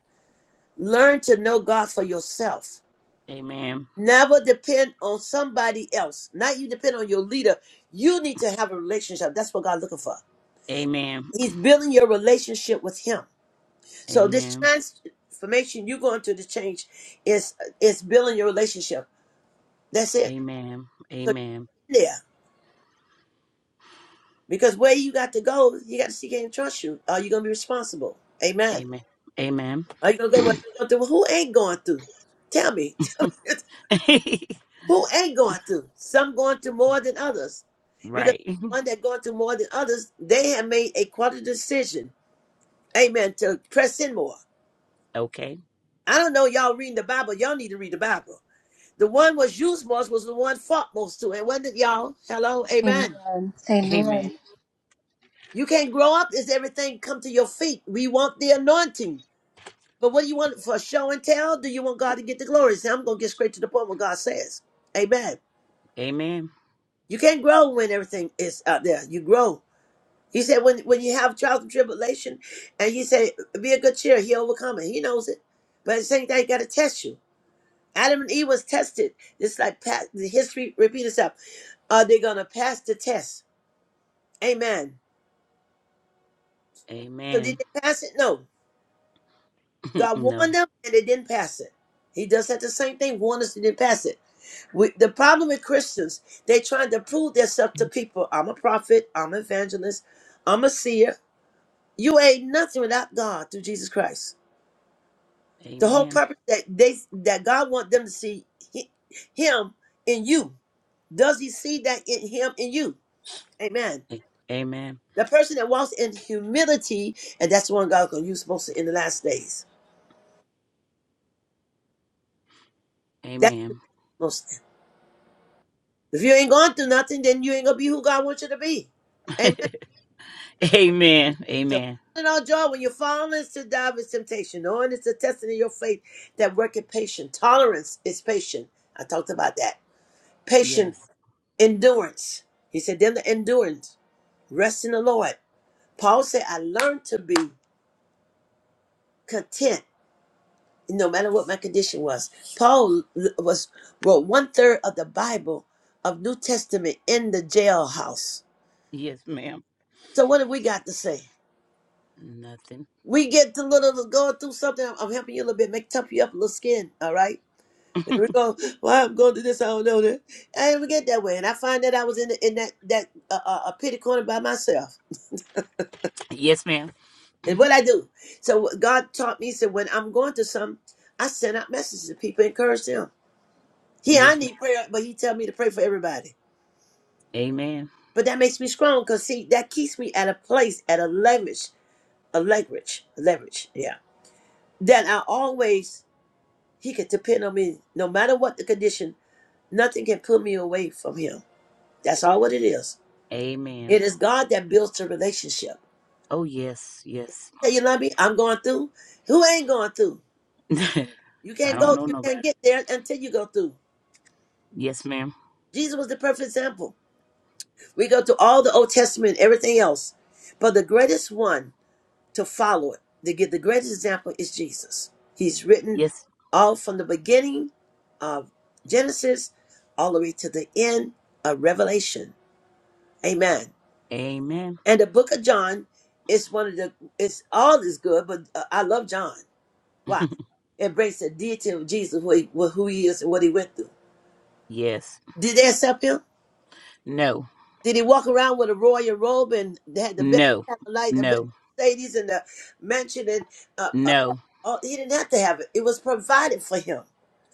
A: Learn to know God for yourself.
O: Amen.
A: Never depend on somebody else. Not you depend on your leader. You need to have a relationship. That's what God's looking for.
O: Amen.
A: He's building your relationship with Him. So this
O: Amen.
A: transformation you're going through the change is is building your relationship. That's it.
O: Amen.
A: So
O: Amen.
A: you're there. Because where you got to go, you got to see can trust you. Are you gonna be responsible? Amen.
O: Amen. Amen.
A: Are you gonna go with- going through? Who ain't going through? Tell me. (laughs) Tell me.
O: (laughs)
A: Who ain't going through? Some going through more than others. Because
O: right.
A: one that going through more than others, they have made a quarter decision. Amen. To press in more.
O: Okay.
A: I don't know y'all reading the Bible. Y'all need to read the Bible. The one was used most was the one fought most to. And when did y'all? Hello? Amen.
B: Amen. Amen.
O: Amen.
A: You can't grow up as everything come to your feet. We want the anointing. But what do you want for show and tell? Do you want God to get the glory? Say, I'm gonna get straight to the point what God says. Amen.
O: Amen.
A: You can't grow when everything is out there. You grow. He said when when you have trials and tribulation, and he said, Be a good cheer, he overcome it. He knows it. But at the same time, he gotta test you. Adam and Eve was tested. It's like pa- the history repeat itself. Are they gonna pass the test? Amen. So did
O: Amen.
A: they pass it? No.
O: (laughs)
A: God warned
O: no.
A: them and they didn't pass it. He does that the same thing, warned us and didn't pass it. We, the problem with Christians, they trying to prove themselves to people. I'm a prophet. I'm an evangelist. I'm a seer. You ain't nothing without God through Jesus Christ. The whole
O: Amen.
A: purpose that they that God want them to see hi- Him in you. Does He see that in Him in you? Amen.
O: A- Amen.
A: The person that walks in humility, and that's the one God gonna use most in the last days. That's
O: Amen.
A: most. If you ain't going through nothing, then you ain't gonna be who God wants you to be.
O: (laughs)
A: Amen.
O: Amen.
A: So
O: Amen.
A: count it all joy when you fall into divers temptation, knowing it's a testing of your faith that worketh patient. Tolerance is patient. I talked about that. Patient
O: Yes.
A: endurance. He said, them the endurance, rest in the Lord. Paul said, I learned to be content no matter what my condition was. Paul l- was wrote one third of the Bible of New Testament in the jailhouse.
O: Yes, ma'am.
A: So what have we got to say?
O: Nothing.
A: We get to little going through something. I'm I'm helping you a little bit, make tough you up a little skin, all right?
O: (laughs)
A: There we go. Well, I'm going to this. I don't know that. I didn't even get that way, and I find that I was in the, in that that uh, uh, a pity corner by myself.
O: Yes, ma'am.
A: And what I do? So what God taught me. He Said when I'm going to some, I send out messages to people, encourage them. Here I
O: Yes, ma'am.
A: need prayer, but He tell me to pray for everybody.
O: Amen.
A: But that makes me strong, cause see that keeps me at a place, at a leverage, a leverage, a leverage. Yeah. That I always He could depend on me, no matter what the condition. Nothing can pull me away from Him. That's all what it is.
O: Amen.
A: It is God that builds the relationship.
O: Oh, yes. Yes.
A: Say, you
O: Most
A: love me? I'm going through. Who ain't going through?
O: definitely.
A: You
O: (laughs) I
A: can't
O: don't
A: go,
O: know
A: you
O: nobody.
A: can't get there until you go through.
O: Yes, ma'am.
A: Jesus was the perfect example. We go to all the Old Testament, everything else. But the greatest one to follow it, to give the greatest example is Jesus. He's written
O: Yes.
A: all from the beginning of Genesis all the way to the end of Revelation. Amen.
O: Amen.
A: And the book of John is one of the, it's all is good, but uh, I love John Why? Embrace the deity of Jesus, who he, who he is and what he went through.
O: (laughs) yes.
A: Did they accept him?
O: No.
A: Did he walk around with a royal robe and they had the best
O: No,
A: light, the best
O: no,
A: ladies in the mansion? And uh, uh,
O: no.
A: uh, he didn't have to have it. It was provided for him.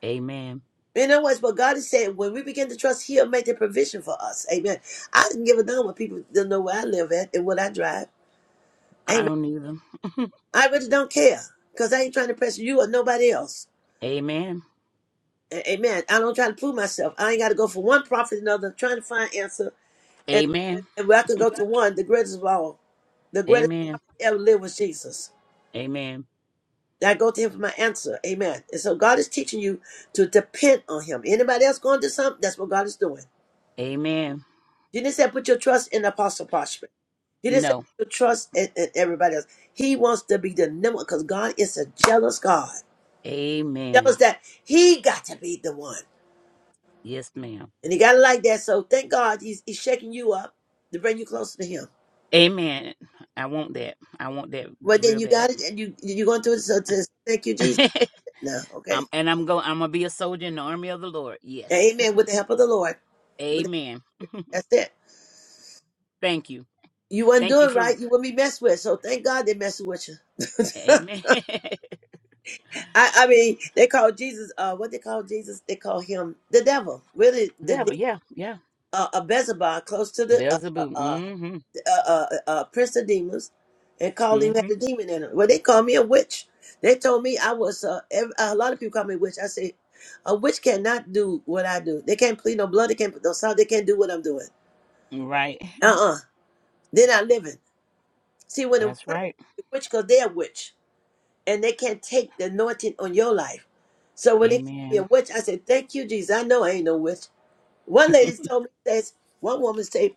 O: Amen.
A: In other words, what God is saying, when we begin to trust, He'll make the provision for us. Amen. I can give a damn what people don't know where I live at and what I drive.
O: I
A: Amen.
O: don't need them.
A: I really don't care because I ain't trying to pressure you or nobody else.
O: Amen.
A: A- Amen. I don't try to prove myself. I ain't got to go from one prophet to another, trying to find answer. And,
O: Amen.
A: and where I can go to one, the greatest of all, the greatest
O: Amen.
A: prophet ever lived was Jesus.
O: Amen.
A: And I go to him for my answer. Amen. And so God is teaching you to depend on him. Anybody else going to do something? That's what God is doing.
O: Amen.
A: He didn't say put your trust in the apostle parchment. He didn't say
O: No.
A: put your trust in, in everybody else. He wants to be the number because God is a jealous God.
O: Amen.
A: Jealous that he got to be the one.
O: Yes, ma'am.
A: And you gotta like that. So thank God he's, he's shaking you up to bring you closer to him.
O: Amen. I want that. I want that
A: But then
O: real
A: you
O: bad.
A: got it and you you're going through it so to thank you, Jesus.
O: (laughs)
A: Now, okay.
O: um, and I'm going. I'm gonna be a soldier in the army of the Lord.
A: And
O: Yes.
A: amen. With the help of the Lord. With the,
O: Amen.
A: that's it.
O: Thank you.
A: You wasn't
O: Thank you
A: doing
O: for.
A: right, you wouldn't be messed with. So thank God they messing with you.
O: Amen. (laughs)
A: I, I mean, they call Jesus uh what they call Jesus, they call him the devil. Really the
O: Devil.
A: de-
O: Yeah. Yeah.
A: uh, a Beelzebub, close to the uh, uh,
O: Beelzebub.
A: uh,
O: Mm-hmm.
A: uh, uh, uh, uh, Prince of Demons and called him had a
O: Mm-hmm.
A: demon in him. Well, they called me a witch. They told me I was uh, ev uh, a lot of people call me a witch. I say a witch cannot do what I do. They can't plead no blood. They can't put no salt. They can't do what I'm doing.
O: Right.
A: Uh uh-uh. uh. they are not living. See,
O: (laughs)
A: when a
O: That's
A: person
O: right.
A: is a witch, because they're a witch and they can't take the anointing on your life. So when they call me a
O: Amen.
A: witch, I said, Thank you, Jesus. I know I ain't no witch. One lady told me, says, one woman said.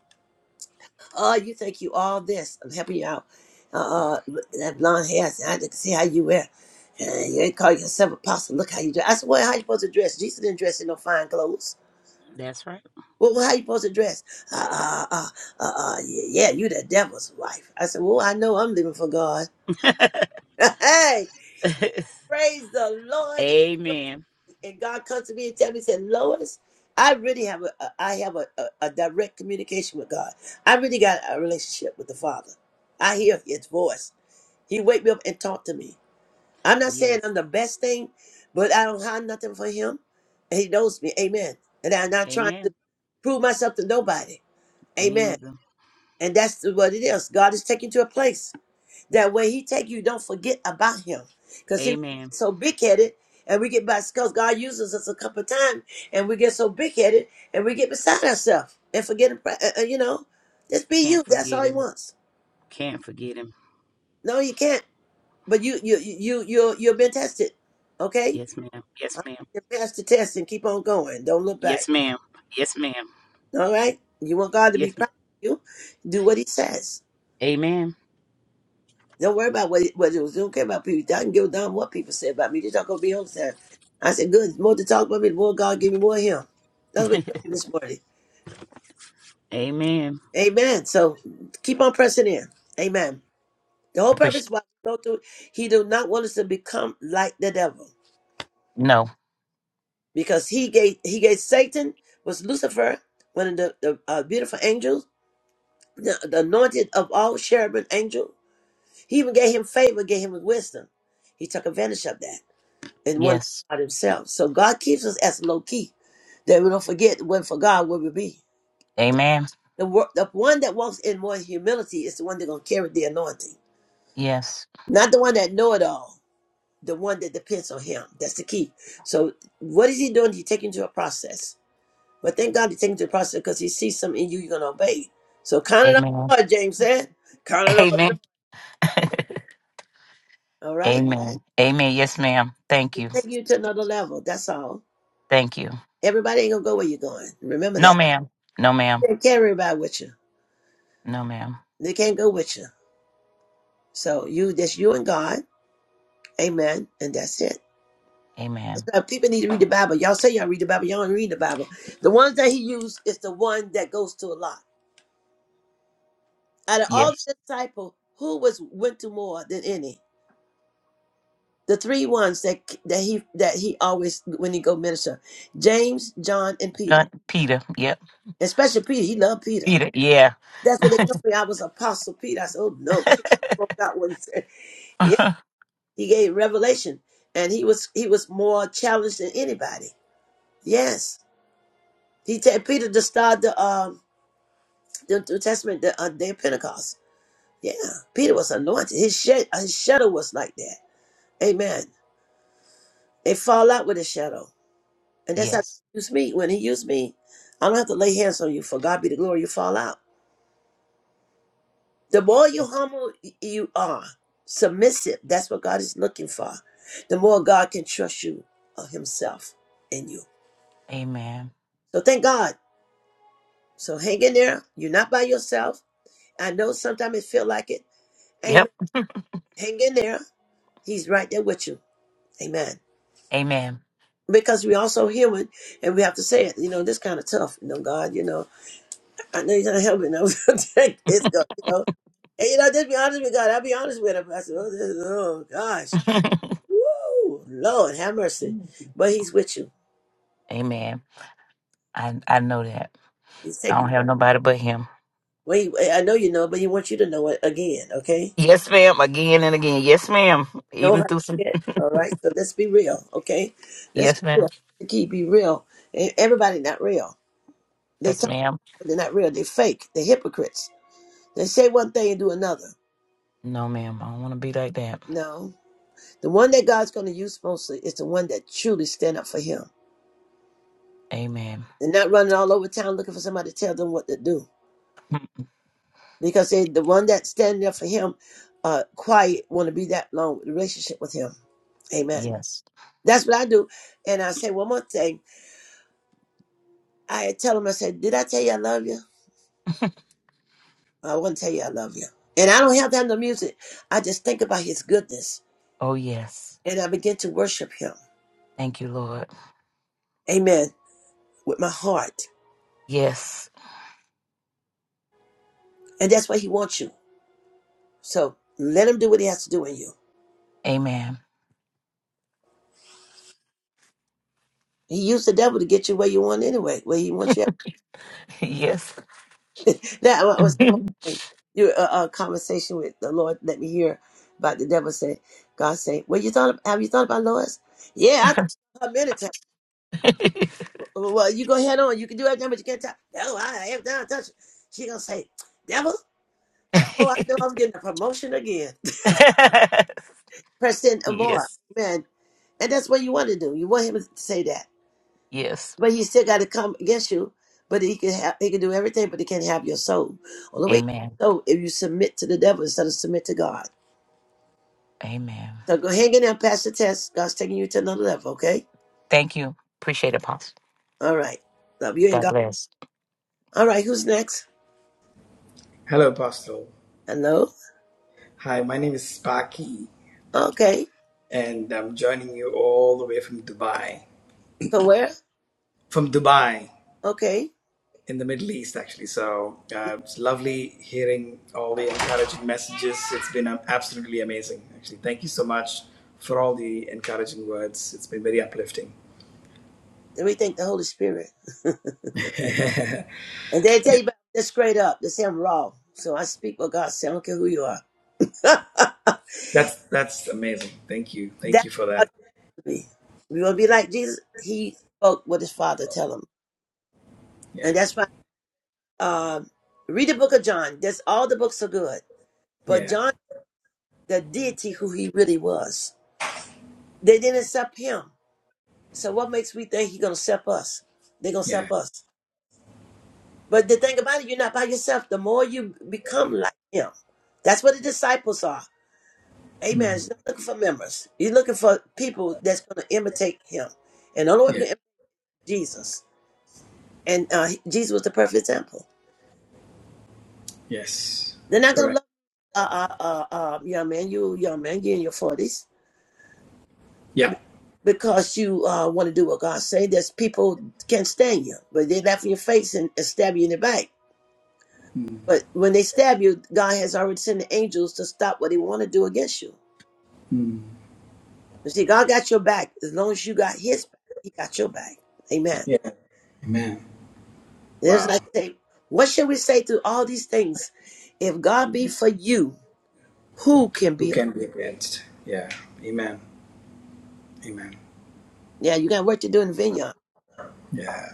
A: oh, you think you all this. I'm helping you out. Uh, uh that blonde hair, I can see how you wear. Uh, you ain't call yourself apostle. Look how you dress. I said, well, how you supposed to dress? Jesus didn't dress in no fine clothes.
O: (laughs) That's right.
A: Well, well, how you supposed to dress? Uh, uh, uh, uh, uh, yeah, yeah, you the devil's wife. I said, well, I know I'm living for God.
O: (laughs)
A: (laughs) hey,
O: (laughs)
A: praise the Lord.
O: Amen.
A: And God comes to me and tells me, he said, Lois, I really have a, a I have a, a, a direct communication with God. I really got a relationship with the Father. I hear His voice. He wake me up and talk to me. I'm not saying
O: Yes.
A: I'm the best thing, but I don't hide nothing for him. And he knows me. Amen. And I'm not trying to
O: Amen.
A: prove myself to nobody.
O: Me
A: Amen.
O: either.
A: And that's what it is. God is taking you to a place that when he take you, don't forget about him. Because he
O: Amen.
A: so big headed and we get by because God uses us a couple of times and we get so big headed and we get beside ourselves and forget, uh, uh, you know, just be
O: Can't
A: you. That's
O: forget
A: all he
O: him.
A: wants.
O: Can't forget him.
A: No, you can't. But you you you you you've been tested. Okay?
O: Yes, ma'am. Yes,
A: Uh,
O: ma'am.
A: You pass the test and keep on going. Don't look
O: Yes,
A: back.
O: ma'am. Yes, ma'am.
A: All right? You want God to be
O: Yes,
A: proud
O: ma'am.
A: of you, do what he says.
O: Amen.
A: Don't worry about what, it, what it was. Don't care about people. I can give a damn what people say about me. They're not gonna be on time. I said, good, the more to talk about me, the more God give me more of him. That's what
O: (laughs)
A: he told me this morning.
O: Amen.
A: Amen. So keep on pressing in. Amen. The whole purpose
O: Appreciate.
A: why we go through, he do not want us to become like the devil.
O: No.
A: because he gave he gave Satan was Lucifer, one of the, the uh, beautiful angels, the, the anointed of all cherubim angel. He even gave him favor, gave him wisdom. He took advantage of that and won
O: Yes.
A: God himself. So God keeps us as low key that we don't forget when for God where we be.
O: Amen.
A: The, wor- the one that walks in more humility is the one that's gonna carry the anointing,
O: Yes.
A: not the one that know it all. The one that depends on Him. That's the key. So what is He doing? He's taking you to a process But thank God he's taking to the process because he sees something in you you're gonna obey. So count it
O: Amen.
A: all joy, James said. Count it all
O: Amen. (laughs)
A: joy. All right?
O: Amen. Amen. Yes, ma'am. Thank you.
A: Take you to another level. That's all.
O: Thank you.
A: Everybody ain't gonna go where you're going. Remember
O: No,
A: that.
O: ma'am. No, ma'am.
A: They can't everybody with you.
O: No, ma'am.
A: They can't go with you. So you that's you and God. Amen. And that's it. That's
O: Amen.
A: why people need to read the Bible. Y'all say y'all read the Bible, y'all don't read the Bible. The ones that he used is the one that goes to a lot. Out of all
O: Yes.
A: the disciples, who was went to more than any? the three ones that that he that he always when he go minister james john and peter
O: Done. Peter. Yep.
A: especially peter he loved peter
O: Peter. Yeah.
A: that's what they
O: (laughs)
A: told me i was apostle peter i said oh no peter
O: (laughs)
A: forgot what he said (laughs) yeah he gave revelation and he was he was more challenged than anybody yes he said peter to start the um the New Testament, the uh, day of Pentecost. Yeah, Peter was anointed. His, shed, his shadow was like that. Amen. They fall out with his shadow. And that's how God
O: yes.
A: used me when He used me. I don't have to lay hands on you for God be the glory. You fall out. The more you
O: Yes.
A: humble you are, submissive. That's what God is looking for. The more God can trust you of Himself in you.
O: Amen.
A: So thank God. So hang in there. You're not by yourself. I know sometimes it feel like it. Amen.
O: Yep.
A: Hang in there. He's right there with you. Amen.
O: Amen.
A: Because we also human, and we have to say it. You know, this kind of tough. You know, God. You know, I know you're not helping. (laughs) I'm going You know, And you know, just be honest with God. I'll be honest with him. I said, oh, this, oh gosh,
O: (laughs)
A: woo, Lord, have mercy. But He's with you.
O: Amen. I I know that.
A: He's
O: I
A: taking.
O: don't
A: you.
O: have nobody but him.
A: Well, he, I know you know, but He wants you to know it again. Okay,
O: Yes, ma'am. Again and again. Yes, ma'am.
A: know
O: Even
A: how to
O: through some.
A: get. All right, so let's be real. Okay, let's be
O: Yes, ma'am.
A: real. The key be real. And everybody not real. They
O: Yes,
A: talk,
O: ma'am.
A: but they're not real. They fake. They hypocrites. They say one thing and do another.
O: No, ma'am. I don't want to be like that.
A: No, the one that God's going to use mostly is the one that truly stand up for Him.
O: Amen.
A: They're not running all over town looking for somebody to tell them what to do.
O: (laughs)
A: because they, the one that stand there for him, uh, quiet, want to be that long relationship with him. Amen.
O: Yes.
A: That's what I do. And I say one more thing. I tell him, I said, did I tell you I love you? I wouldn't tell you I love you. And I don't have time to music. I just think about his goodness
O: Oh, yes.
A: and I begin to worship him.
O: Thank you, Lord.
A: Amen. With my heart.
O: Yes.
A: And that's what he wants you. So let him do what he has to do in you.
O: Amen. (laughs)
A: He used the devil to get you where you want anyway, where he wants you
O: Yes.
A: (laughs) that wa- was
O: (laughs)
A: saying. Your uh, uh, conversation with the Lord let me hear about the devil say, God say, well, you thought, have you thought about Lois? Yeah, I thought about her many times. Well, well, you go ahead on. You can do everything, but you can't touch. No, I have done touch. her." She gonna say, devil, oh, I know I'm getting a promotion again. (laughs) President Amore,
O: yes.
A: man. And that's what you want to do. You want him to say that.
O: Yes.
A: But he still got to come against you. But he can have, he can do everything, but he can't have your soul. Only way
O: Amen.
A: so if you submit to the devil instead of submit to God.
O: Amen.
A: So go hang in there, pass the test. God's taking you to another level, okay?
O: Thank you. Appreciate it, Pastor.
A: All right. Love you and
O: God
A: God.
O: bless.
A: All right, who's next?
P: Hello, Apostle.
A: Hello?
P: Hi, my name is Spaki,
A: Okay.
P: and I'm joining you all the way from Dubai.
A: From where?
P: From Dubai,
A: Okay.
P: in the Middle East, actually. So uh, it's lovely hearing all the encouraging messages. It's been um, absolutely amazing, actually. Thank you so much for all the encouraging words. It's been very uplifting.
A: Then we thank the Holy Spirit. (laughs)
P: (laughs)
A: And they tell you
P: yeah,
A: about this straight up. They say I'm raw. So I speak what God said. I don't care who you are. (laughs)
P: that's that's amazing. Thank you, thank
A: that's
P: you for
A: how
P: that.
A: you be. You want to be like Jesus? He spoke what his father tell him.
P: Yeah,
A: And that's why um, read the book of John. That's all the books are good. But
P: yeah,
A: John, the deity who he really was, they didn't accept him. So what makes we think he's gonna step us? They're gonna
P: yeah,
A: step us. But the thing about it, you're not by yourself. The more you become like him, that's what the disciples are.
P: mm.
A: Amen. He's not looking for members. He's looking for people that's gonna imitate him. And the only way we can
P: yeah,
A: imitate Jesus. And uh, Jesus was the perfect example.
P: yes,
A: They're not gonna
P: correct.
A: love uh, uh, uh, uh, young man, you young man, you in your forties.
P: Yeah,
A: Because you uh, want to do what God say, there's people can't stand you, but they laugh in your face and, and stab you in the back
P: mm.
A: But when they stab you, God has already sent the angels to stop what they want to do against you.
P: Mm.
A: You see, God got your back. As long as you got his back, he got your back. Amen.
P: yeah. Amen.
A: There's
P: Wow.
A: like say, what should we say through all these things? If God be for you, who can
P: who
A: be?
P: can be against? Yeah. Amen. Amen.
A: Yeah, you got work to do in the vineyard.
P: Yeah.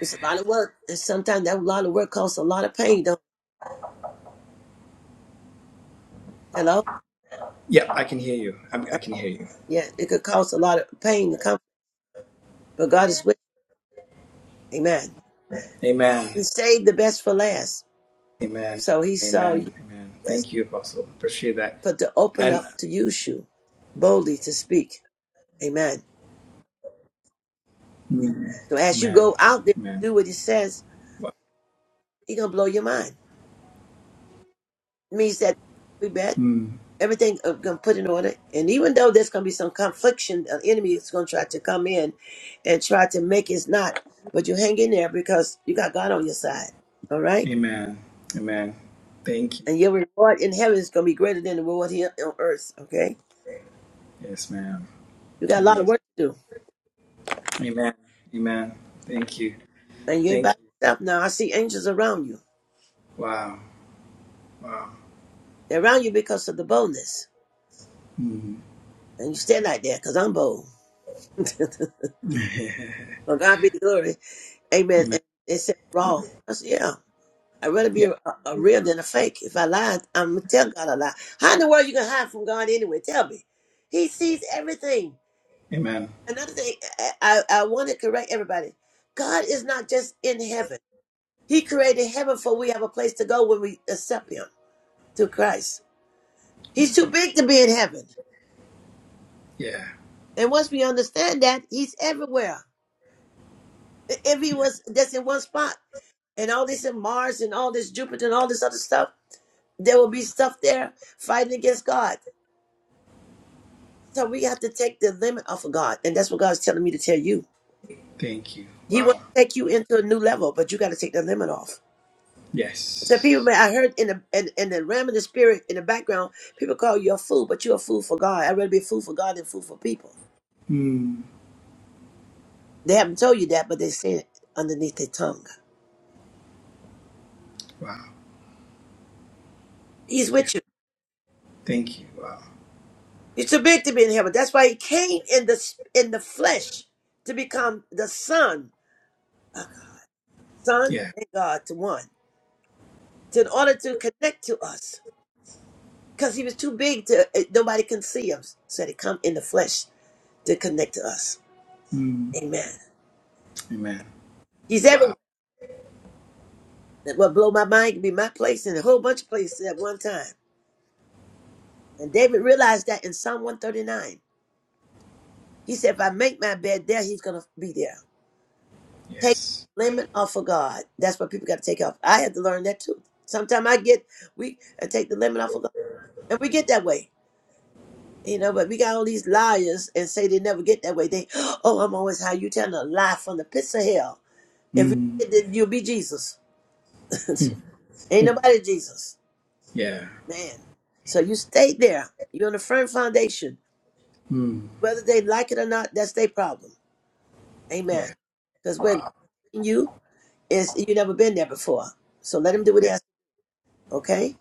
A: It's a lot of work. And sometimes that lot of work costs a lot of pain, don't it? Hello?
P: Yeah, I can hear you. I'm,
A: Uh,
P: I can hear you.
A: Yeah, it could cause a lot of pain and comfort. But God is with you. Amen.
P: Amen.
A: He saved the best for last.
P: Amen.
A: So he saw you
P: Amen. Amen.
A: best.
P: Thank you, Apostle. Appreciate that.
A: but to open
P: And
A: up to use you boldly to speak. Amen.
P: mm,
A: So as you
P: Amen.
A: go out there,
P: Amen.
A: do what he says,
P: Wow.
A: He's gonna blow your mind. It means that we bet
P: Mm,
A: everything uh, gonna put in order. And even though there's gonna be some confliction, an enemy is gonna try to come in and try to make it not. But you hang in there because you got God on your side. All right?
P: amen. Amen. Thank you.
A: And your reward in heaven is gonna be greater than the reward here on earth. Okay?
P: Yes, ma'am.
A: You got a lot of
P: Amazing.
A: work to do.
P: Amen. Amen. Thank you.
A: And you ain't
P: Thank
A: by
P: you.
A: yourself now. I see angels around you.
P: Wow. Wow.
A: They're around you because of the boldness.
P: Mm.
A: And you stay like that, because I'm bold. (laughs)
P: (laughs)
A: Well, God be the glory. Amen.
P: amen.
A: And they said raw. I said, yeah. I'd rather be
P: Yeah.
A: a, a real than a fake. If I lie, I'm gonna tell God a lie. How in the world you gonna hide from God anyway? Tell me. He sees everything.
P: Amen.
A: Another thing, I, I, I want to correct everybody. God is not just in heaven. He created heaven for we have a place to go when we accept Him through Christ. He's
P: Mm,
A: too big to be in heaven.
P: Yeah.
A: And once we understand that, He's everywhere. If He
P: Yeah.
A: was just in one spot, and all this in Mars and all this Jupiter and all this other stuff, there will be stuff there fighting against God. So we have to take the limit off of God. And that's what God's telling me to tell you.
P: Thank you.
A: He
P: Wow.
A: wants to take you into a new level, but you got to take the limit off. So people,
P: Yes.
A: may- I heard in the in, in the realm of the spirit in the background, people call you a fool, but you're a fool for God. I'd rather be a fool for God than a fool for people.
P: Mm.
A: They haven't told you that, but they say it underneath their tongue.
P: Wow.
A: He's
P: Yeah.
A: with you.
P: Thank you. Wow.
A: He's too big to be in heaven. That's why he came in the in the flesh to become the son son
P: Yeah.
A: and God to one, to in order to connect to us, because he was too big to eh, nobody can see him. So he come in the flesh to connect to us.
P: Mm.
A: Amen.
P: Amen.
A: He's
P: Wow.
A: everywhere. That what blow my mind can be my place and a whole bunch of places at one time. And David realized that in Psalm 139. He said, "If I make my bed there, he's gonna be there. Take
P: Yes.
A: the limit off of God. That's what people got to take off. I had to learn that too. Sometimes I get we I take the limit off of God, and we get that way. You know, but we got all these liars and say they never get that way. They, (gasps) oh, I'm always high. You telling a lie from the pits of hell. If you
P: Mm.
A: did, then you'll be Jesus.
P: (laughs)
A: (laughs)
P: Hmm.
A: Ain't nobody Jesus,
P: Yeah.
A: man. So you stay there. You're on a firm foundation.
P: Mm.
A: Whether they like it or not, that's their problem. Amen.
P: Yeah.
A: Because where God's
P: Wow.
A: taking you is you never been there before. So let him do what he
P: Yeah.
A: has. to do, Okay.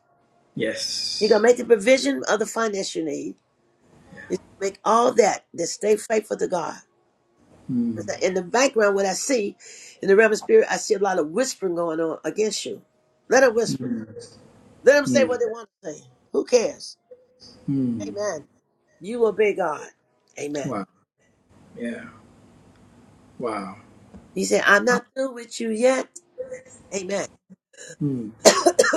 A: He gonna
P: Yes.
A: make the provision of the finance you need. He's gonna make all that. Just stay faithful to God.
P: Mm.
A: In the background, what I see in the realm of spirit, I see a lot of whispering going on against you. Let them whisper.
P: Mm.
A: Let them say
P: Mm.
A: what they want to say. Who cares?
P: Mm.
A: Amen. You obey God. Amen.
P: Wow. Yeah. Wow.
A: He said, I'm
P: Wow.
A: not through with you yet. Amen.
P: Mm.
A: (coughs)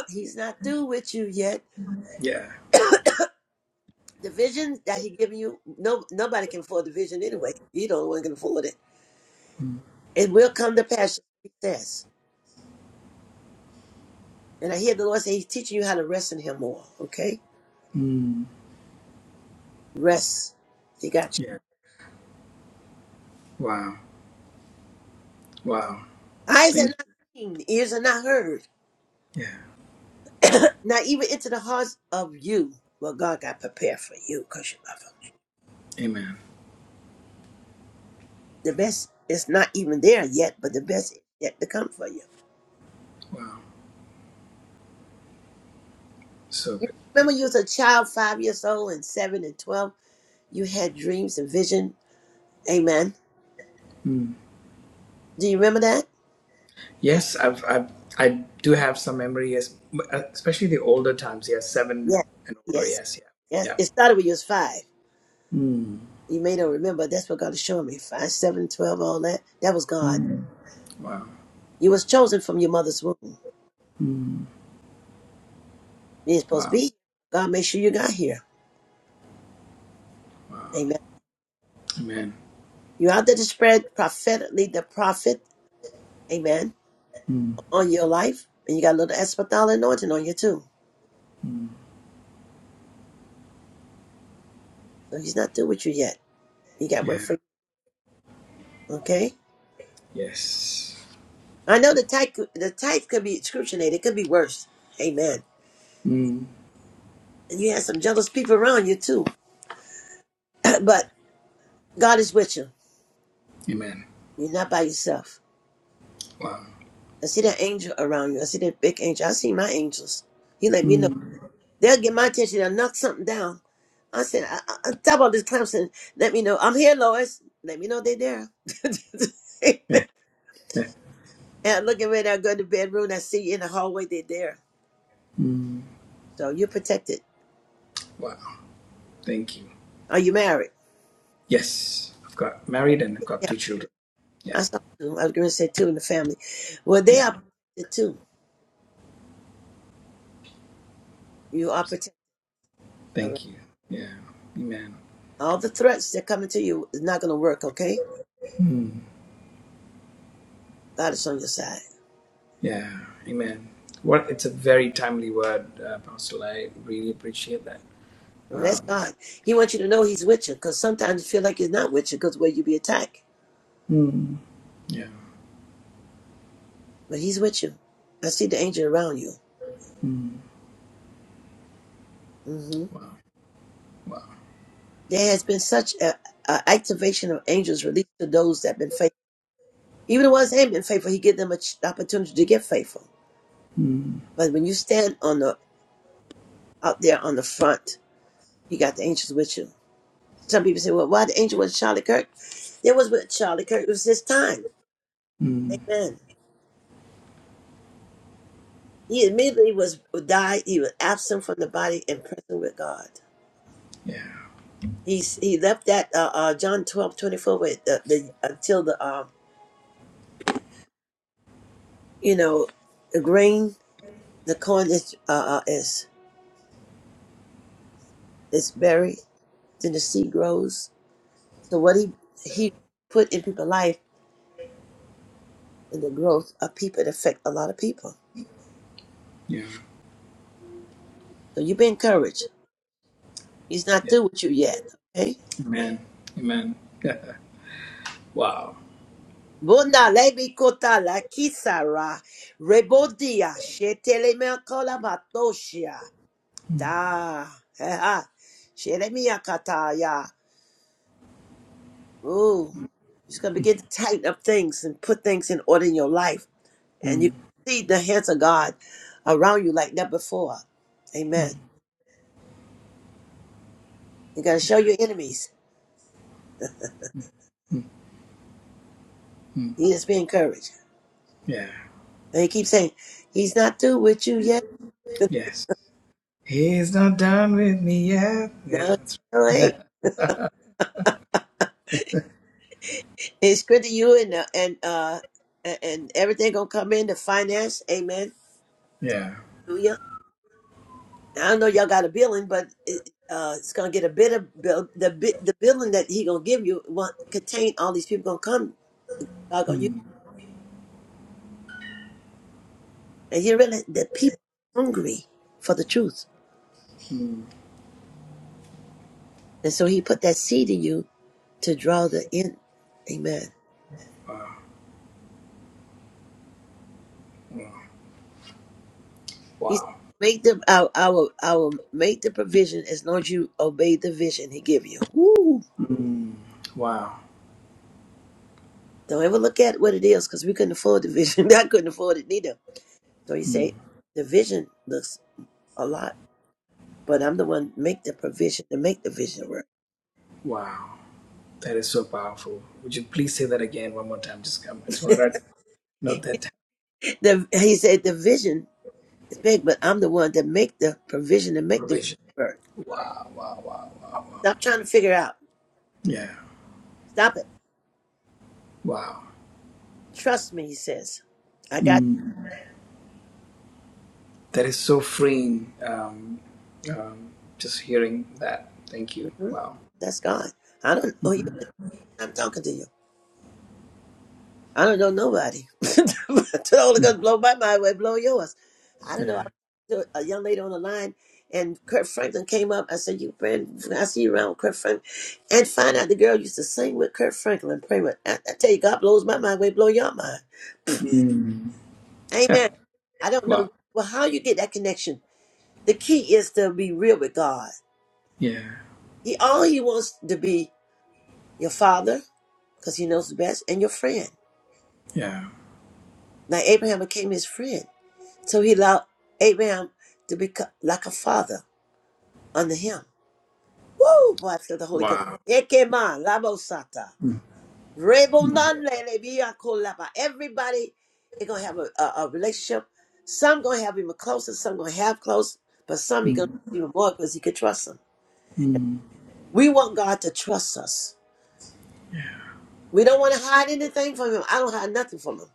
A: He's not through with you yet.
P: Yeah.
A: (coughs) the vision that he giving you, no nobody can afford the vision anyway. You don't one can afford it.
P: Mm.
A: It will come to pass, he says. And I hear the Lord say he's teaching you how to rest in him more. Okay?
P: Mm.
A: Rest. He got you.
P: Yeah. Wow. Wow.
A: Eyes have
P: Thank
A: not seen, ears have not heard,
P: you. Yeah.
A: not even into the hearts of you what God got prepared for you because you love Him.
P: Amen.
A: The best is not even there yet, but the best is yet to come for you.
P: Wow. So
A: You
P: good.
A: remember
P: Thank
A: you was a child, five years old, and seven and twelve. You had dreams and vision. Amen.
P: you. Mm.
A: Do you remember that?
P: Yes, I've, I've I do have some memory. Yes, uh, especially the older times. Yes, seven
A: Yes,
P: and older.
A: yes,
P: Yes,
A: yes.
P: yeah,
A: It started when you was five.
P: yeah. Mm.
A: You may not remember. That's what God is showing me. Five, seven, twelve, all that. That was God.
P: Mm. Wow.
A: You was chosen from your mother's womb. You
P: Mm.
A: ain't supposed to
P: Wow.
A: be. here. God made sure you got here. Amen.
P: Amen.
A: You out there to spread prophetically the prophet, amen,
P: Mm.
A: on your life. And you got a little espadal anointing on you too.
P: Mm.
A: So he's not through with you yet. He got work
P: Yeah.
A: for you. Okay?
P: Yes.
A: I know the type the type could be excruciating, it could be worse. Amen.
P: Mm.
A: And you have some jealous people around you too. (clears throat) but God is with you.
P: Amen.
A: You're not by yourself.
P: Wow.
A: I see that angel around you. I see that big angel. I see my angels. He let me know.
P: Mm.
A: They'll get my attention. They'll knock something down. I said, I, I, I- stop all this Clemson. Let me know. I'm here, Lois. Let me know they're there. (laughs)
P: Eh,
A: and
P: eh.
A: I look at ready. I go to the bedroom. I see you in the hallway. They're there.
P: Mm. (laughs)
A: So you're protected.
P: Wow. Thank you.
A: Are you married?
P: Yes, I've got married and I've got
A: Yeah.
P: two children.
A: I
P: Yeah.
A: saw two. I was going to say two in the family. Well, they
P: Yeah.
A: are protected too. You are protected. All right.
P: Thank you. Yeah. Amen.
A: All the threats that coming to you is not going to work, okay?
P: Mm.
A: God is on your side.
P: Yeah, amen. What it's a very timely word, uh, Pastor. I really appreciate that.
A: Well, that's
P: Um,
A: God. He wants you to know He's with you because sometimes you feel like He's not with you because where you be attacked.
P: mm, yeah.
A: but he's with you. I see the angel around you.
P: Mm,
A: hmm
P: wow. Wow.
A: There has been such a, a activation of angels released to those that have been faithful. Even the ones that ain't been faithful, he give them an opportunity to get faithful.
P: Mm,
A: But when you stand on the out there on the front, you got the angels with you. Some people say, "Well, why the angel was Charlie Kirk?" It was with Charlie Kirk. It was his time.
P: mm,
A: Amen. He immediately was died. He was absent from the body and present with God.
P: yeah.
A: He's he left that uh, uh, John twelve twenty four with the, the until the um you know, the grain, the corn is uh, uh, is is buried, then the seed grows. So what he he put in people's life and the growth of people it affect a lot of people.
P: Yeah.
A: So you be encouraged. He's not
P: Yeah.
A: through with you yet. Okay.
P: Amen. Amen. (laughs) wow.
A: Bunda levi kota la kisara rebodia shetele me batoshia
P: Mm,
A: da ha shelemia kataya. Ooh, he's gonna begin to tighten up things and put things in order in your life and you
P: mm,
A: see the hands of God around you like never before.
P: mm,
A: Amen. You gotta show
P: yeah.
A: your enemies.
P: Mm,
A: You just be encouraged.
P: yeah.
A: And he keeps saying, He's not through with you yet.
P: Yes. He's not done with me yet. Yeah.
A: No,
P: That's
A: no, ain't. It's good to you and uh, and uh and, and everything gonna come in the finance. Amen.
P: right. Yeah.
A: Hallelujah. I don't know y'all got a billing, but it, uh, it's gonna get a bit of bill. The bit the billing that he gonna give you will contain all these people gonna come. God gonna you
P: Mm,
A: and you realize that people hungry for the truth.
P: mm,
A: And so he put that seed in you to draw the in. Amen. He said,
P: wow.
A: make them I, will- I will I will make the provision as long as you obey the vision he give you. Woo.
P: Mm, wow.
A: Don't ever look at what it is because we couldn't afford the vision. (laughs) I couldn't afford it neither. So he
P: Mm,
A: say the vision looks a lot, but I'm the one make the provision to make the vision work.
P: wow. That is so powerful. Would you please say that again one more time? Just come. I just want to write Not that
A: The, he said the vision is big, but I'm the one that make the provision to make the
P: provision.
A: vision work.
P: Wow, wow, wow, wow, wow.
A: Stop trying to figure out.
P: Yeah,
A: Stop it.
P: wow.
A: Trust me, he says. I got
P: Mm. That is so freeing. Um, um, just hearing that. Thank you.
A: Hmm?
P: Wow.
A: That's God. I don't know who you. think I'm talking to you. I don't know nobody. (laughs) the Holy
P: Mm.
A: Ghost blow my mind, way blow yours. I don't know. I was
P: Yeah.
A: to a young lady on the line, and Kurt Franklin came up. I said, "You friend, I see you around Kurt Franklin," and find out the girl used to sing with Kurt Franklin. Pray with. I, I tell you, God blows my mind, way blow your mind.
P: Mm. (laughs) Yeah.
A: Amen. I don't know.
P: Wow.
A: Well, how you get that connection? The key is to be real with God.
P: Yeah.
A: He all He wants to be your father, because He knows the best, and your friend.
P: Yeah.
A: Now Abraham became his friend. So he allowed Abraham to become like a father under him. Woo! Boy, I feel the Holy Ghost.
P: Wow.
A: Ekema, labosata,
P: Mm. Mm.
A: rebonanlele, biakolaba. Everybody is going to have a, a, a relationship. Some going to have him closer, some going to have close, but some you going to
P: Mm.
A: even more because he could trust them.
P: Mm.
A: We want God to trust us. We don't want to hide anything from him. I don't hide nothing from him.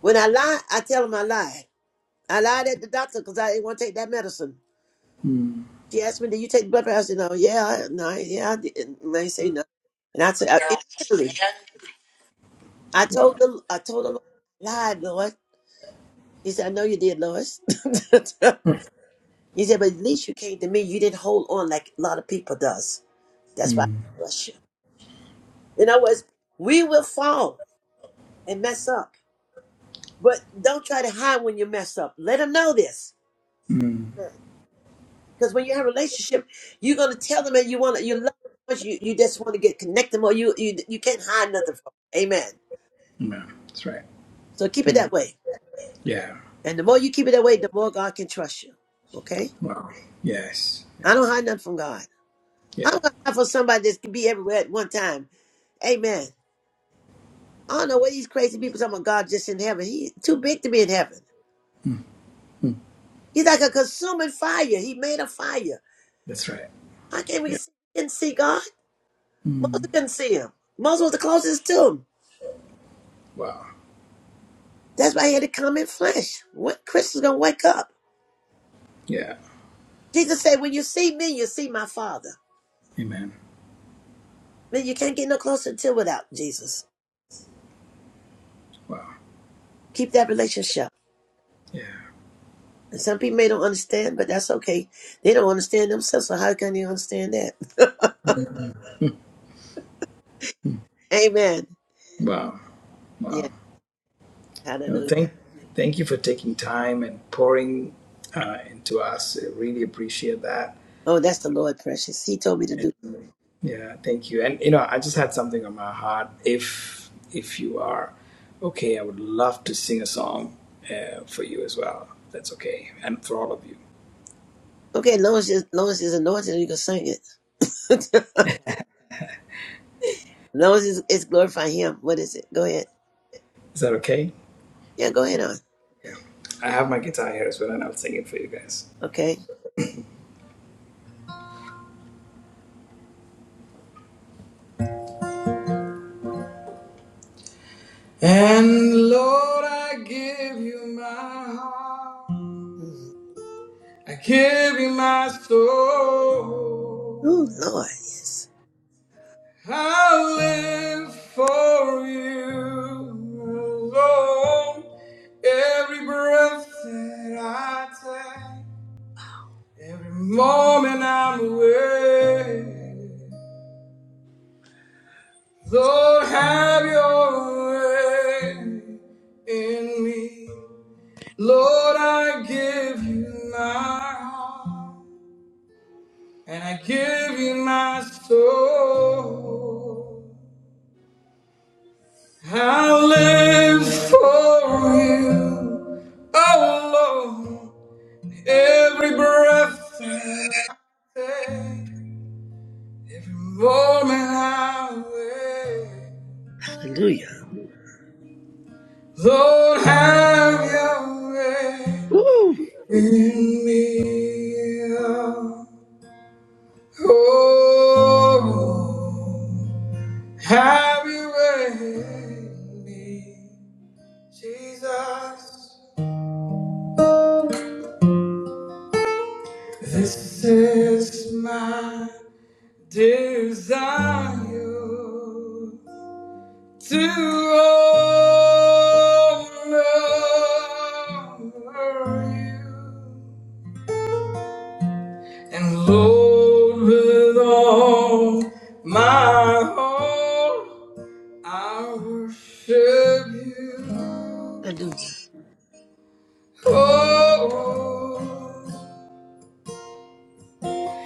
A: When I lie, I tell him I lied. I lied at the doctor because I didn't want to take that medicine.
P: Mm.
A: She asked me, "Did you take the blood pressure?" I said, "No, yeah, I- no, I- yeah, I didn't." And I say no, and I said, I, "Immediately, I told
P: Wow.
A: the, I told the Lord, lied, Lord." He said, "I know you did, Lois." (laughs) he said, "But
P: Mm.
A: at least you came to me. You didn't hold on like a lot of people does. That's why I
P: Mm.
A: bless you." In other words, we will fall and mess up, but don't try to hide when you mess up. Let them know this.
P: Mm.
A: Because when you have a relationship, you're gonna tell them that you want to you love them so much you, you just want to get connected more. You you you can't hide nothing from. Them. Amen.
P: Yeah. That's right.
A: So keep it
P: Mm.
A: that way,
P: Yeah.
A: and the more you keep it that way, the more God can trust you. Okay,
P: Wow. Yes.
A: I
P: Yeah.
A: don't hide nothing from God.
P: Yeah.
A: I'm gonna hide for somebody that can be everywhere at one time. Amen. I don't know what these crazy people talking about. God just in heaven. He's too big to be in heaven.
P: Mm. Mm.
A: He's like a consuming fire. He made a fire.
P: That's right.
A: How can we
P: Yeah.
A: see, can see God? Moses
P: Mm.
A: couldn't see him. Moses was the closest to him.
P: Wow.
A: That's why he had to come in flesh. What Christians gonna wake up?
P: Yeah.
A: Jesus said, "When you see me, you see my Father."
P: Amen.
A: Man, you can't get no closer until without Jesus.
P: Wow.
A: Keep that relationship.
P: Yeah.
A: And some people may don't understand, but that's okay. They don't understand themselves, so how can you understand that? (laughs) Amen.
P: Wow,
A: Yeah,
P: wow. No,
A: hallelujah.
P: thank, thank you for taking time and pouring uh, into us. I really appreciate that.
A: Oh, that's the Lord, precious. He told me to do.
P: Yeah, thank you. And you know, I just had something on my heart. If if you are okay, I would love to sing a song uh, for you as well. That's okay, and for all of you.
A: Okay, as long as it's, as long as it's anointed, you can sing it. (laughs) as long as it's, it's glorifying Him. What is it? Go ahead.
P: Is that okay?
A: Yeah, go ahead on.
P: I have my guitar here as well, and I'll sing it for you guys.
A: Okay.
P: And Lord, I give you my heart.
A: Mhm.
P: I give you my
A: Oh
P: soul.
A: Lord, yes.
P: I live for you alone. Every breath that I take, every moment I'm away. Lord, have your way in me. Lord, I give you my heart and I give you my soul. I live for you, oh Lord. Every breath that I take, moment I wait,
A: Hallelujah.
P: Lord, have your way
A: Ooh.
P: in me. Oh, have your way in me, Jesus. This is mine. desire to honor you and Lord with all my heart I worship you
A: Hallelujah.
P: oh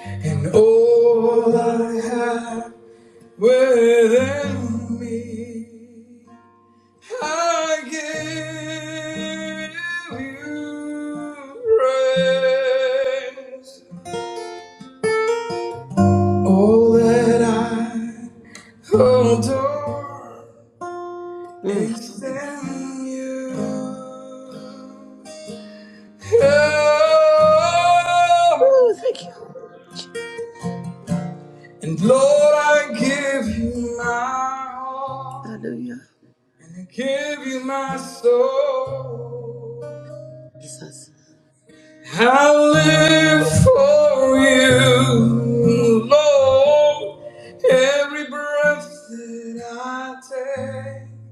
P: and all I have within me I give you praise. All that I adore
A: Mm.
P: is in you.
A: Ooh, thank you.
P: And Lord, I give you my heart,
A: Hallelujah.
P: I give you my soul.
A: Jesus.
P: I live for you, Lord. Every breath that I take,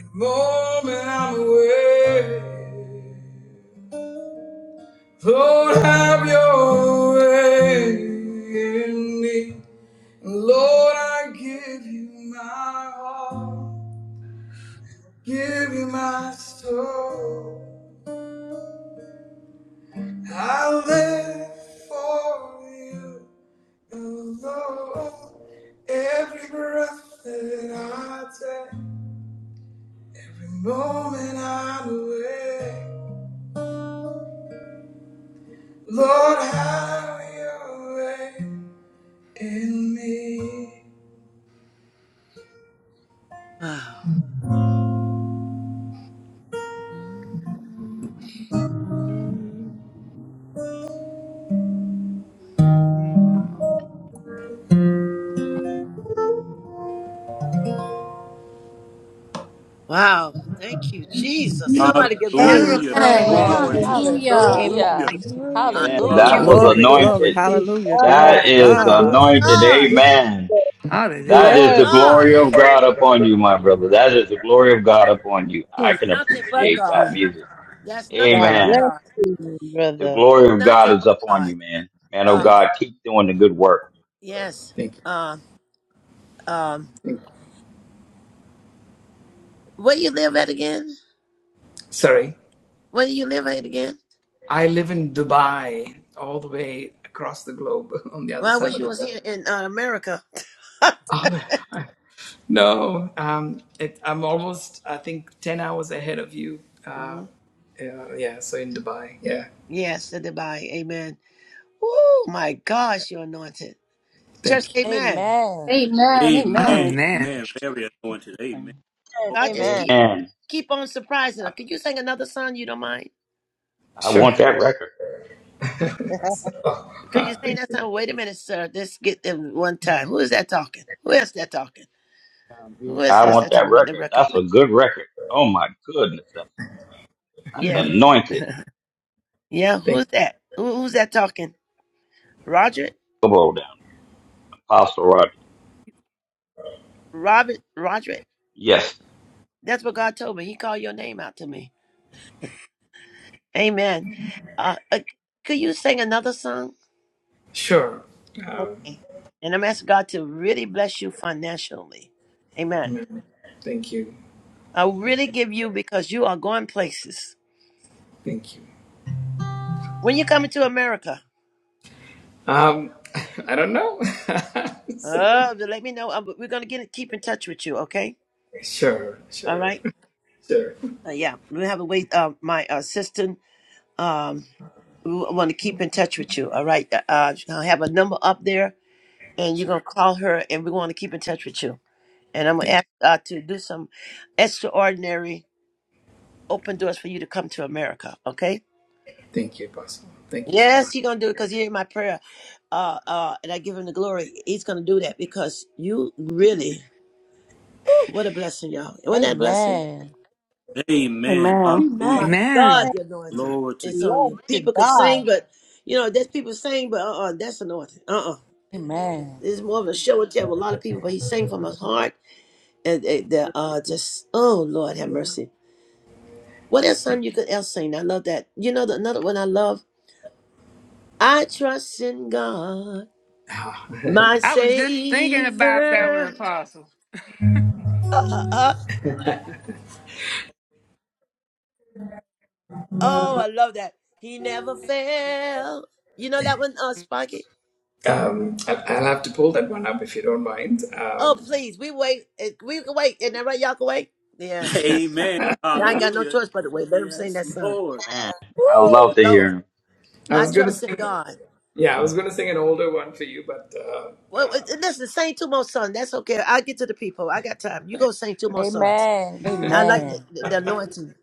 P: the moment I'm away. Lord, have your way in me. Lord, I give you my heart, give you my soul. I live for you. Although Every breath that I take, every moment I'm awake. Lord, have your way in me.
A: Wow. Wow. Thank you, Jesus. Somebody give God the
C: hallelujah
A: glory.
B: Amen.
D: Amen.
C: glory to god
B: Hallelujah.
Q: Amen.
R: Hallelujah.
C: hallelujah
D: Hallelujah.
G: Yeah,
S: Amen.
G: thank you,
S: That
D: Hallelujah.
S: was
A: Hallelujah.
G: Lord.
E: Glory,
Q: God,
C: hallelujah
E: glory,
S: anointed.
E: hallelujah, glory
S: That
E: to
S: is
A: My
C: glory
Q: we
E: God.
S: anointed.
A: gosh.
Q: give
S: Amen.
Q: you
S: That
A: My
N: Hallelujah.
S: is
Q: glory.
S: the
A: gosh.
S: glory of God upon you, my brother. That is the glory of God upon you. I
Q: Amen.
A: It's
S: can
A: nothing
Q: Thank
A: but
S: appreciate that
A: God.
Q: you.
S: music.
A: That's nothing
Q: God
A: but
S: Amen.
Q: bless
A: God.
Q: you,
S: The
Q: brother.
S: glory of God
A: Nothing
S: is
A: but
S: upon
A: God.
S: you, man. Man, oh
A: Uh
P: Thank you.
S: God, keep doing the good work.
A: yes.
P: Thank you.
A: Um um
P: Thank you.
A: where you live at again?
P: Sorry.
A: Where do you live at again?
P: I live in Dubai, all the way across the globe, (laughs) on the other
A: Well, I
P: side
A: wish
P: of
A: you
P: the
A: was
P: world.
A: here in uh, America.
P: Oh, I, no, um, it, I'm almost, I think, 10 hours ahead of you. Uh,
A: (laughs)
P: uh, yeah, so in Dubai. Yeah,
A: Yes, the divine. Amen. Oh my gosh, you're anointed. Church,
P: thank you.
A: amen.
D: Amen.
C: to God.
B: Amen. Amen.
C: amen
N: Amen.
C: amen very anointed amen
K: Amen.
A: God just
S: Amen.
Q: Amen.
A: keep keep on surprising
S: I,
A: us. Could you sing another song? You don't mind?
S: I want
P: Sure.
S: that record.
P: Oh,
A: Could
P: (laughs)
A: you sing that song? Wait a minute, sir. Let's get them one time. Who is that talking? Who is that talking? Who is
S: I
A: this
S: want
A: that
S: that
A: talking? What the
S: record.
A: record?
S: That's
A: Who-
S: a good record. Oh my goodness. That's, that's
A: Yeah. (laughs)
S: anointed.
A: yeah,
P: thank
A: who's that? Who, who's that talking? Roger?
S: Come on down, Apostle Roger.
A: Robert? Roger?
S: Yes.
A: That's what God told me. He called your name out to me. Amen. Uh, uh, could you sing another song?
P: sure. Um,
A: Okay. And I'm asking God to really bless you financially. Amen.
P: amen. Thank you.
A: I really give you because you are going places.
P: Thank you.
A: When you coming to America,
P: Um, (laughs) I don't know. (laughs)
A: oh, then let me know. Uh, We're going to get keep in touch with you, okay?
P: sure,
A: All
P: sure,
A: right?
P: sure,
A: Uh, yeah, we have a wait. Uh, my assistant, um, we want to keep in touch with you, all right? Uh, uh, i have a number up there, and you're going
P: sure.
A: to call her, and we want to keep in touch with you. And I'm going to
P: Thank,
A: ask uh to do some extraordinary open doors for you to come to America, okay?
P: thank you, Apostle. Thank you so
A: Yes,
P: much.
A: he's gonna do it because he heard my prayer. Uh uh, and I give him the glory. He's gonna do that because you really what a blessing, y'all. Wasn't that a blessing?
D: Amen.
C: amen
J: Amen.
G: Amen.
A: My
C: hallelujah
N: Amen.
A: God,
Q: God
A: the anointing
C: glory to
Q: Bless you,
A: it's
C: god
A: on
Q: Lord,
A: you.
Q: to
A: People
Q: God.
A: can sing, but you know, there's people sing, but uh uh that's anointing. Uh uh
D: Amen.
A: It's more of a show and tell with a lot of people, but he sang from his heart and they, they uh just oh Lord have mercy. What else son you could else sing? I love that. You know the another one I love? I trust in God, my
N: I was just thinking about that one,
A: savior.
N: Apostle.
A: Uh, uh, oh, I love that. He never failed. You know that one, uh, Sparky?
P: Um, I, I'll have to pull that one up if you don't mind.
A: Oh,
P: Um,
A: please, we wait. Eh, We can wait. Isn't that right? Y'all can wait?
C: (laughs)
A: Yes.
C: amen
A: Y'all ain't got no
C: hallelujah
A: choice but to wait. Let him sing
C: yes
A: that song.
C: lord
S: Man, I love
A: Woo,
S: to hear
A: Lord.
S: him.
P: I
A: I
P: was gonna
A: trust in
P: sing.
A: God.
P: Yeah, I was gonna sing an older one for you, but uh,
A: Well, eh,
P: uh,
A: eh, listen, sing two more songs. That's okay. I'll get to the people. I got time. You go sing two more songs.
D: Amen.
A: I like eh,
D: Amen.
A: the the anointing.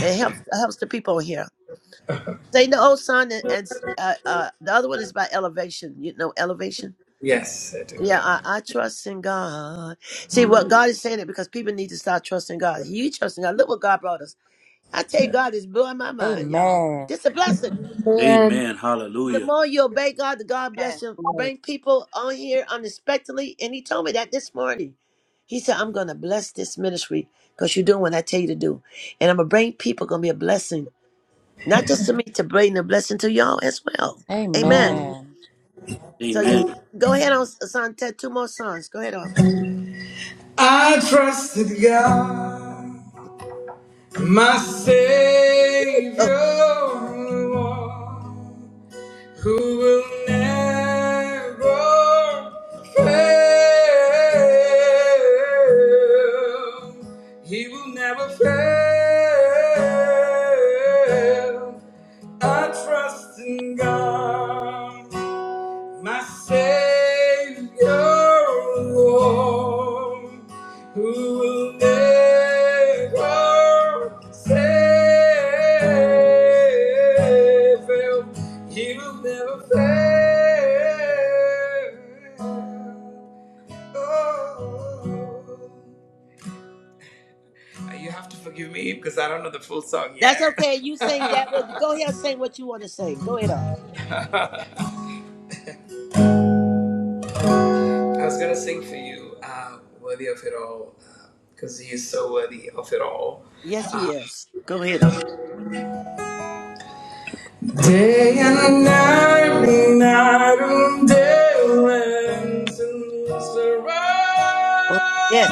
A: It helps helps the people here. Sing the old song and, and s- uh, uh, the other one is by elevation. You know, elevation.
P: yes, I do.
A: Yeah,
P: Yeah.
A: I, I trust in God. See what God is saying it because people need to start trusting God. You trusting God. Look what God brought us. I tell you, God is blowing my mind, y'all.
D: Amen.
A: This a blessing.
B: Amen.
C: amen
A: The
C: hallelujah
A: more you obey God, the God bless
Q: Amen.
A: you. Bring people on here unexpectedly. And he told me that this morning. He said, I'm gonna bless this ministry because you're doing what I tell you to do. And I'm gonna bring people gonna be a blessing. Not just to me, to bring a blessing to y'all as well. Amen.
D: Amen.
A: So you
C: amen
A: go ahead on son, Ted, two more songs. Go ahead on.
P: I trusted God. My Savior, Lord, who will never fail, He will never fail. I trust in God. My Savior, Lord, who will never fail. He will never fail. Oh. You have to forgive me because I don't know the full song
A: That's
P: yet.
A: okay. You
P: (laughs)
A: sing that one.
P: I
A: Go ahead and sing what you want to sing. Go ahead on.
P: was gonna sing for you, uh, worthy of it all, because uh, he is so worthy of it all.
A: Yes, he is. Go ahead on.
P: Day and night, me night and day, rents and resurrects.
A: Oh, yes.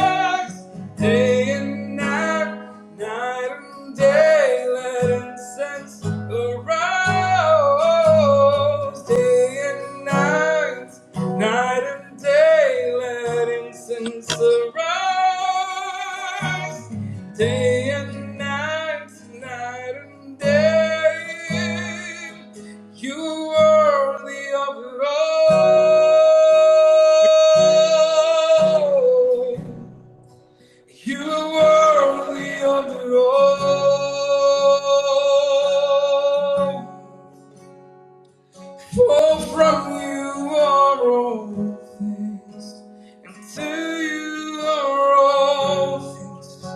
P: Day and night, night and day, let incense arise. Day and night. Night and day, let incense arise. Day and night, night and day, you are worthy of it
A: yes.
P: all. You are worthy of it all. For from you are all things, and to you are all things.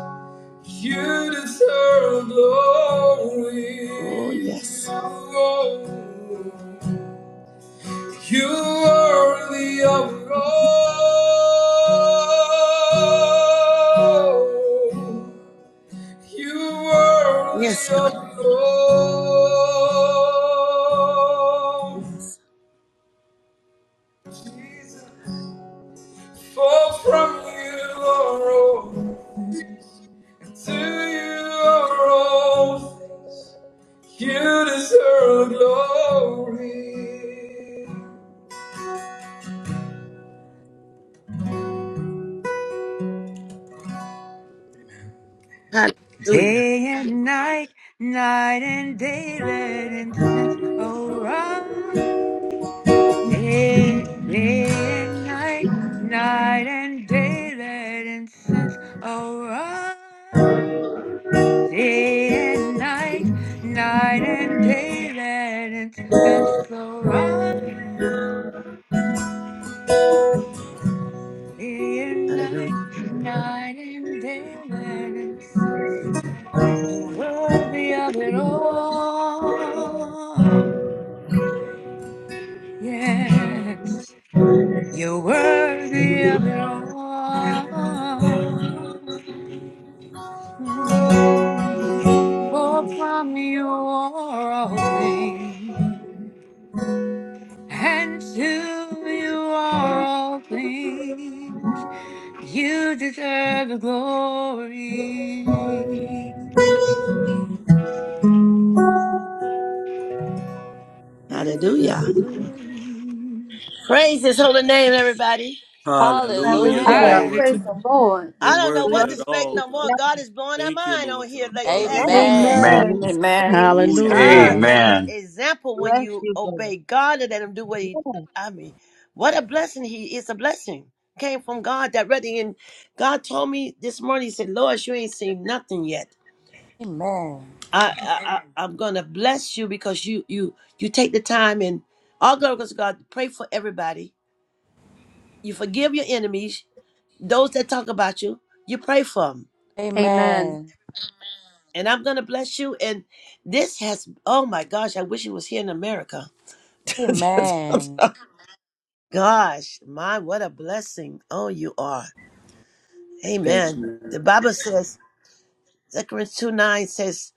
P: You deserve glory.
A: Oh, yes.
P: You are the of it all. You are
A: Yes.
P: the of it all.
A: yes.
P: Jesus. For from you are all things, and to you are all things. You deserve glory.
A: Hallelujah.
N: Day and night, night and day, let incense arise. Day, day and night, night and day, let incense arise. Day and night, night and day, let incense arise. Day and
A: Hallelujah.
N: night, night and day, let incense You're Worthy of it all. Yes, you're worthy of it all. Mm. For from you are all things, and to you are all things. You deserve the glory. You deserve
A: Hallelujah.
N: the glory.
A: Praise his holy name, everybody.
C: Hallelujah.
B: Hallelujah.
D: Hallelujah.
C: Glory
N: Hallelujah.
B: Praise
C: to God.
B: the Lord.
C: You're
A: I don't know
C: worthy
A: what
C: of
Q: Lord.
A: to
C: it
A: expect
C: all,
A: no more.
C: God.
A: God is blowing our
C: Thank you,
A: mind
C: Lord
A: on here
C: God.
A: lately,
S: Amen.
A: hasn't
C: Hallelujah.
A: he?
D: Amen.
S: Amen.
B: Amen.
Q: Amen.
E: Amen.
J: Amen.
C: Hallelujah.
A: Ah,
E: Hallelujah.
A: this the
S: Amen.
A: example when
Q: Love
A: you
Q: you. Yes, Amen. Amen. Bless you, brother.
A: obey God and let Him do what He.
Q: Yes.
A: I mean, what a blessing He is! A blessing came from God directly. And God told me this morning, He said, "Lois, you ain't seen nothing yet.
D: Amen.
A: I, I, I I'm gonna bless you because you, you, you take the time and all glory goes to God. Pray for everybody. You forgive your enemies, those that talk about you. You pray for them."
B: Amen.
D: Amen.
A: And I'm gonna bless you. And this has, oh my gosh, I wish it was here in America.
D: Amen.
A: (laughs) Gosh, my, what a blessing. Oh, you are.
P: Thank
A: Amen.
P: you.
A: The Bible says, Zechariah 2 9 says,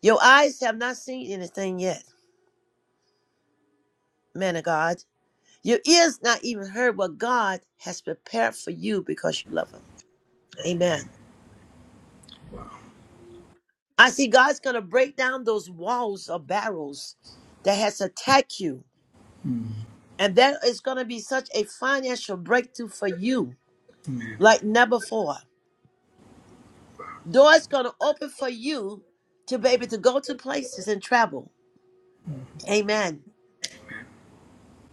A: Your eyes have not seen anything yet, man of God. Your ears not even heard what God has prepared for you because you love Him. Amen. I see God's going to break down those walls or barrels that has attacked you. And that is going to be such a financial breakthrough for you
P: Amen.
A: like never before. Doors gonna open for you to be able to go to places and travel. Amen.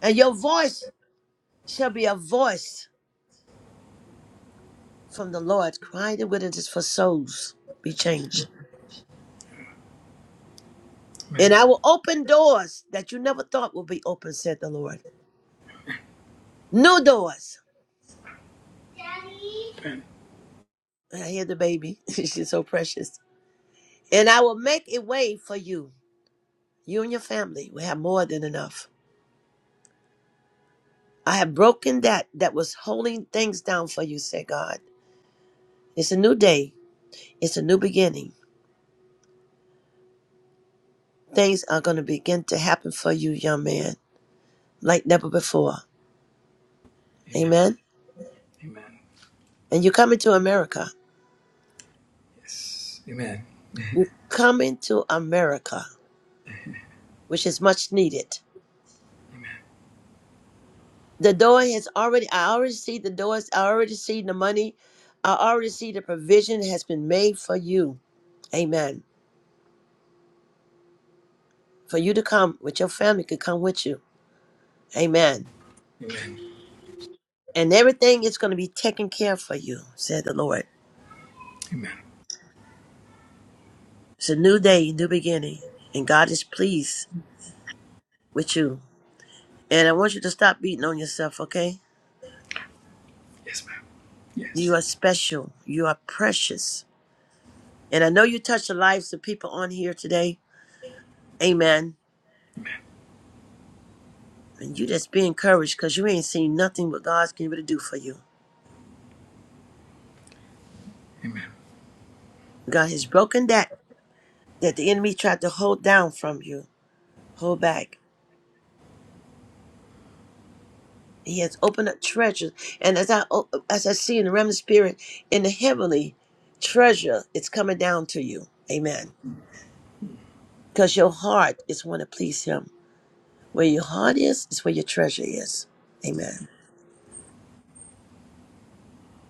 A: And your voice shall be a voice from the Lord, crying and witnesses for souls be changed.
P: Amen.
A: And I will open doors that you never thought would be open, said the Lord. New doors.
P: Amen.
A: And I hear the baby. (laughs) She's so precious. And I will make a way for you. You and your family will have more than enough. I have broken that that was holding things down for you, said God. It's a new day. It's a new beginning. Things are going to begin to happen for you, young man, like never before.
P: Amen.
A: Amen.
P: Amen.
A: And you're coming to America.
P: Yes. Amen.
A: You're
P: (laughs)
A: coming to America, which is much needed. The door has already, I already see the doors, I already see the money, I already see the provision has been made for you. Amen. For you to come with your family, could come with you. Amen.
P: Amen.
A: And everything is going to be taken care of for you, said the Lord.
P: Amen.
A: It's a new day, new beginning, and God is pleased with you. And I want you to stop beating on yourself, okay?
P: Yes, ma'am.
A: You
P: Yes.
A: are special. You are precious. And I know you touched the lives of people on here today. Amen. And you just be encouraged because you ain't seen nothing what God's going to do for you.
P: Amen.
A: God has broken that that the enemy tried to hold down from you. Hold back. He has opened up treasures. And as I as I see in the realm of spirit, in the heavenly treasure, it's coming down to you. Amen. Because your heart is want to please him Where your heart is, is where your treasure is. Amen.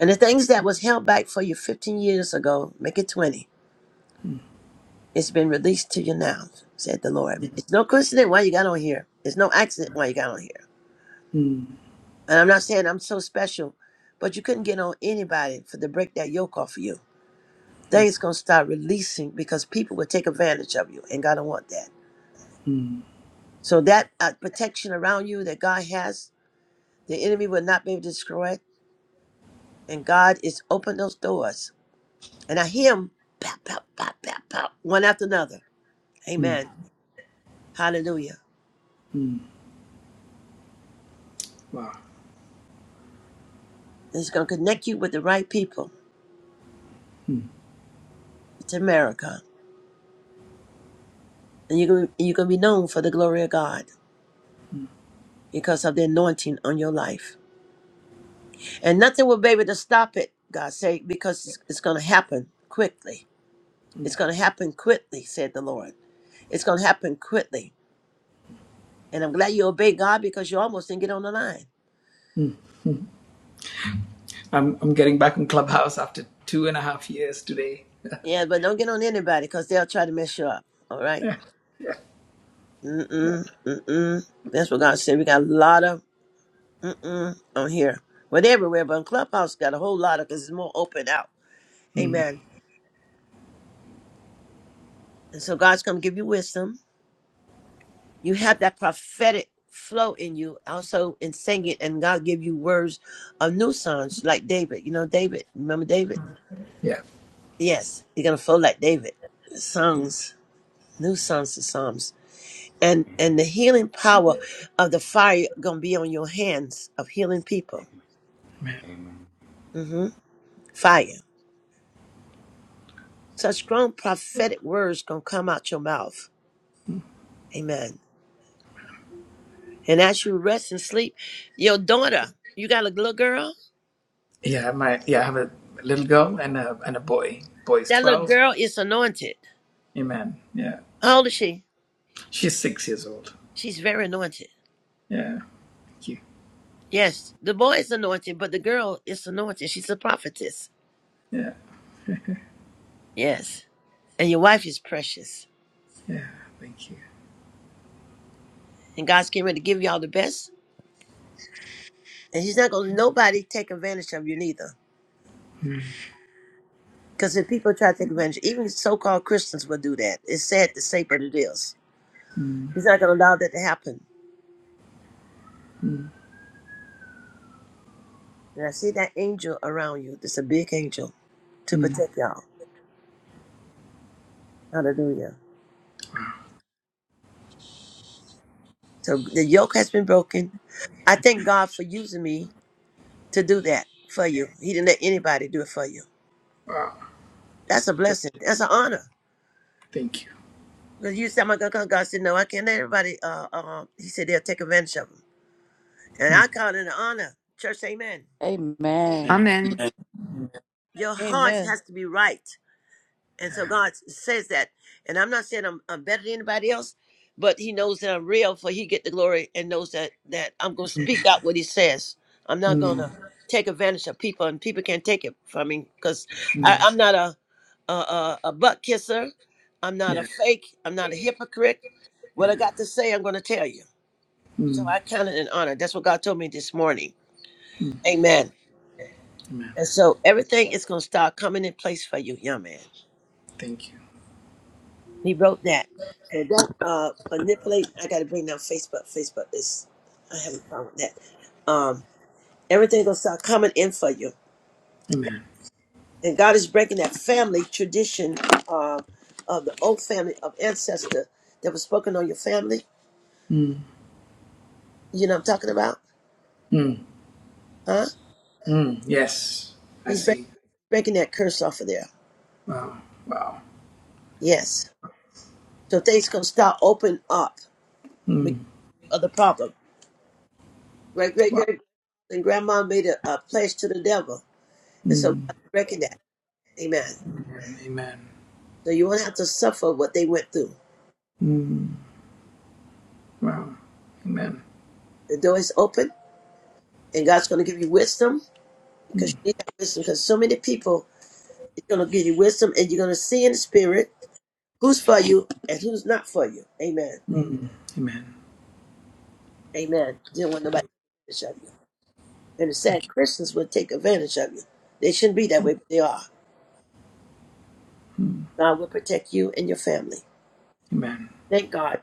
A: And the things that was held back for you 15 years ago, make it 20. It's been released to you now, said the Lord. It's no coincidence why you got on here. It's no accident why you got on here.
P: Mm,
A: And I'm not saying I'm so special, but you couldn't get on anybody for to break that yoke off of you. Things gonna start releasing because people will take advantage of you, and God don't want that.
P: mm,
A: So that uh, protection around you that God has, the enemy will not be able to destroy it, and God is open those doors And I hear them pop, pop, pop, pop, pop, one after another.
P: mm,
A: Amen. Hallelujah.
P: mm. Wow.
A: And it's going to connect you with the right people. It's America. And you're going you're gonna be known for the glory of God because of the anointing on your life. And nothing will be able to stop it, God say, because it's, it's going to happen quickly. It's going to happen quickly, said the Lord. It's going to happen quickly. And I'm glad you obeyed God because you almost didn't get on the line.
P: I'm, I'm getting back in Clubhouse after two and a half years today.
A: Yeah, but don't get on anybody because they'll try to mess you up. All right?
P: Yeah. Yeah. Yeah.
A: Mm-mm, mm-mm. That's what God said. We got a lot of mm-mm on here. But everywhere, but in Clubhouse got a whole lot of because it's more open out.
P: Mm.
A: Amen. And so God's gonna give you wisdom. You have that prophetic flow in you, also in singing, and God give you words of new songs like David. You know David. Remember David?
P: Yeah.
A: Yes, you're gonna flow like David. Songs, new songs to Psalms. And and the
S: Amen.
A: healing power of the fire gonna be on your hands of healing people.
S: Amen.
P: man.
S: Amen.
A: Mm-hmm. Fire. Such strong prophetic words gonna come out your mouth. Amen. And as you rest and sleep, your daughter, you got a little girl?
P: Yeah, my yeah, I have a little girl and a and a boy. Boy is
A: That little
P: twelve.
A: girl is anointed.
P: Amen. Yeah,
A: How old is she?
P: she's six years old.
A: She's very anointed.
P: Yeah, thank you.
A: Yes, the boy is anointed, but the girl is anointed. She's a prophetess.
P: Yeah,
A: Yes. And your wife is precious.
P: yeah, thank you.
A: And God's getting ready to give you all the best. And he's not gonna let nobody take advantage of you neither.
P: Mm,
A: Because if people try to take advantage, even so called Christians will do that. It's sad to say, but it is.
P: mm,
A: He's not gonna allow that to happen.
P: mm,
A: And I see that angel around you. There's a big angel to
P: mm.
A: protect y'all. Hallelujah. So the yoke has been broken. I thank God for using me to do that for you. He didn't let anybody do it for you.
P: Wow,
A: That's a
P: th-
A: blessing. That's an honor.
P: thank you.
A: Because you said, "Oh my God, God God said, no, I can't let everybody, uh, uh, he said, they'll take advantage of them. And
P: Mm,
A: I call it an honor. Church, amen.
D: Amen.
P: man.
N: Amen.
C: Amen.
P: Mm,
A: Your heart
Q: Amen.
A: has to be right. And so God says that. And I'm not saying I'm, I'm better than anybody else, but he knows that I'm real for he get the glory and knows that that I'm gonna speak out what he says. I'm not
P: mm,
A: gonna take advantage of people and people can't take it from me because
P: Mm.
A: I'm not a a, a a butt kisser. I'm not a
P: yeah,
A: fake. I'm not a hypocrite. What
P: yeah.
A: I got to say, I'm gonna tell you. So
P: Mm,
A: I count it an honor. That's what God told me this morning.
P: mm,
A: Amen.
P: amen.
A: And so everything is gonna start coming in place for you, young man.
P: Thank you.
A: He wrote that. So that uh manipulate I gotta bring down Facebook. Facebook is I have a problem with that. Um everything gonna start coming in for you.
P: Amen.
A: And God is breaking that family tradition uh, of the old family of ancestor that was spoken on your family.
P: Mm,
A: You know what I'm talking about?
P: mm,
A: Huh?
P: mm. Yes, I
A: He's breaking
P: see.
A: breaking that curse off of there.
P: Wow, wow.
A: Yes. So things gonna start open up
P: Mm,
A: because of the problem. Great great
P: wow.
A: great and grandma made a, a pledge to the devil. And so
P: Mm,
A: God's breaking that. Amen.
P: amen.
A: So you won't have to suffer what they went through.
P: Mm, wow. Amen.
A: The door is open, and God's going to give you wisdom because
P: Mm.
A: you need that wisdom. Because so many people, it's going to give you wisdom, and you're going to see in the spirit who's for you and who's not for you. Amen.
P: Mm. Amen.
A: Amen. You don't want nobody to take advantage of you. And the sad
P: Thank you.
A: Christians will take advantage of you. They shouldn't be that way, but they are.
P: Mm.
A: God will protect you and your family.
P: Amen.
A: Thank God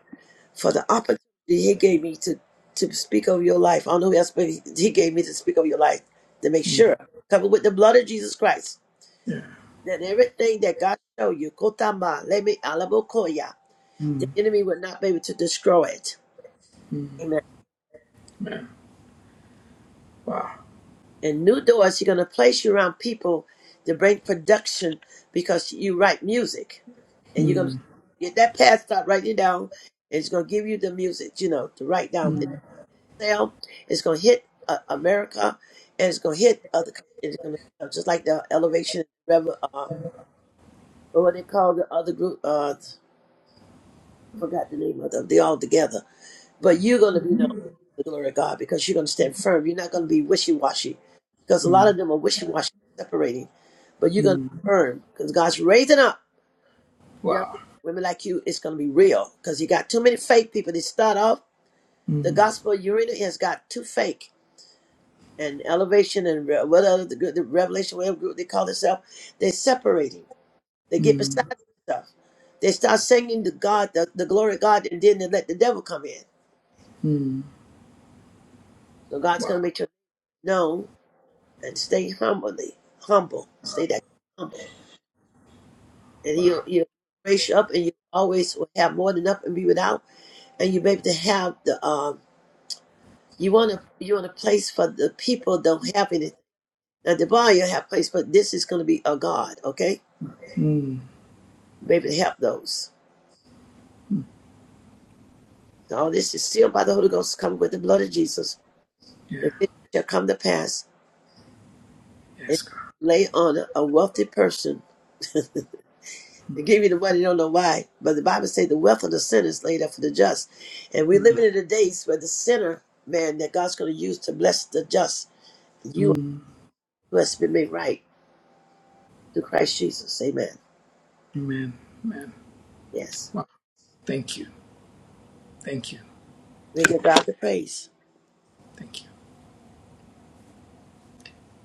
A: for the opportunity He gave me to to speak over your life. I don't know who else, but He He gave me to speak over your life to make
P: Mm.
A: sure covered with the blood of Jesus Christ.
P: Yeah.
A: that everything that God showed you, Kotama, Lemi, Alabokoya, the
P: Mm.
A: enemy would not be able to destroy it. Amen.
P: Amen. Wow.
A: And new doors, He's going to place you around people to bring production because you write music. And you're going to
P: Mm.
A: get that past start writing it down. And it's going to give you the music, you know, to write down. It's
P: Mm.
A: sell. It's going to hit uh, America and it's going to hit other countries. It's going to sell. Just like the Elevation, Rev- uh, what they call the other group, uh, I forgot the name of them. They all together But you're going to be known for the glory of God because you're going to stand firm. You're not going to be wishy washy because a lot of them are wishy washy, separating. But you're going to be
P: Mm.
A: firm because God's raising up young
P: Wow.
A: women like you. It's going to be real because you got too many fake people. They start off, the
P: Mm.
A: gospel of Urena has got too fake. And elevation and re- what other the, good- the revelation, whatever group they call themselves, they're separating. They get beside
P: Mm.
A: themselves. They start singing to God, the, the glory of God, and then they let the devil come in.
P: Mm.
A: So God's going to
P: Wow.
A: make sure known and stay humbly humble. Stay that humble, and you you raise you up, and you always will have more than enough and be without, and you be able to have the um. You want to you want a place for the people don't have anything. Now the bar you have place, but this is going to be a God, okay?
P: Mm.
A: Maybe to help those. So all this is sealed by the Holy Ghost, coming with the blood of Jesus.
P: Yeah.
A: The vision shall come to pass, and
P: Yes, God.
A: lay on a wealthy person (laughs) They give you the money, you don't know why. But the Bible says the wealth of the sinner is laid up for the just. And we're
P: Mm.
A: living in the days where the sinner, man, that God's going to use to bless the just. You
P: Mm.
A: must be made right through Christ Jesus. Amen.
P: Amen. Amen.
A: Yes.
P: Wow. Thank you. Thank you.
A: We give God the praise.
P: Thank you.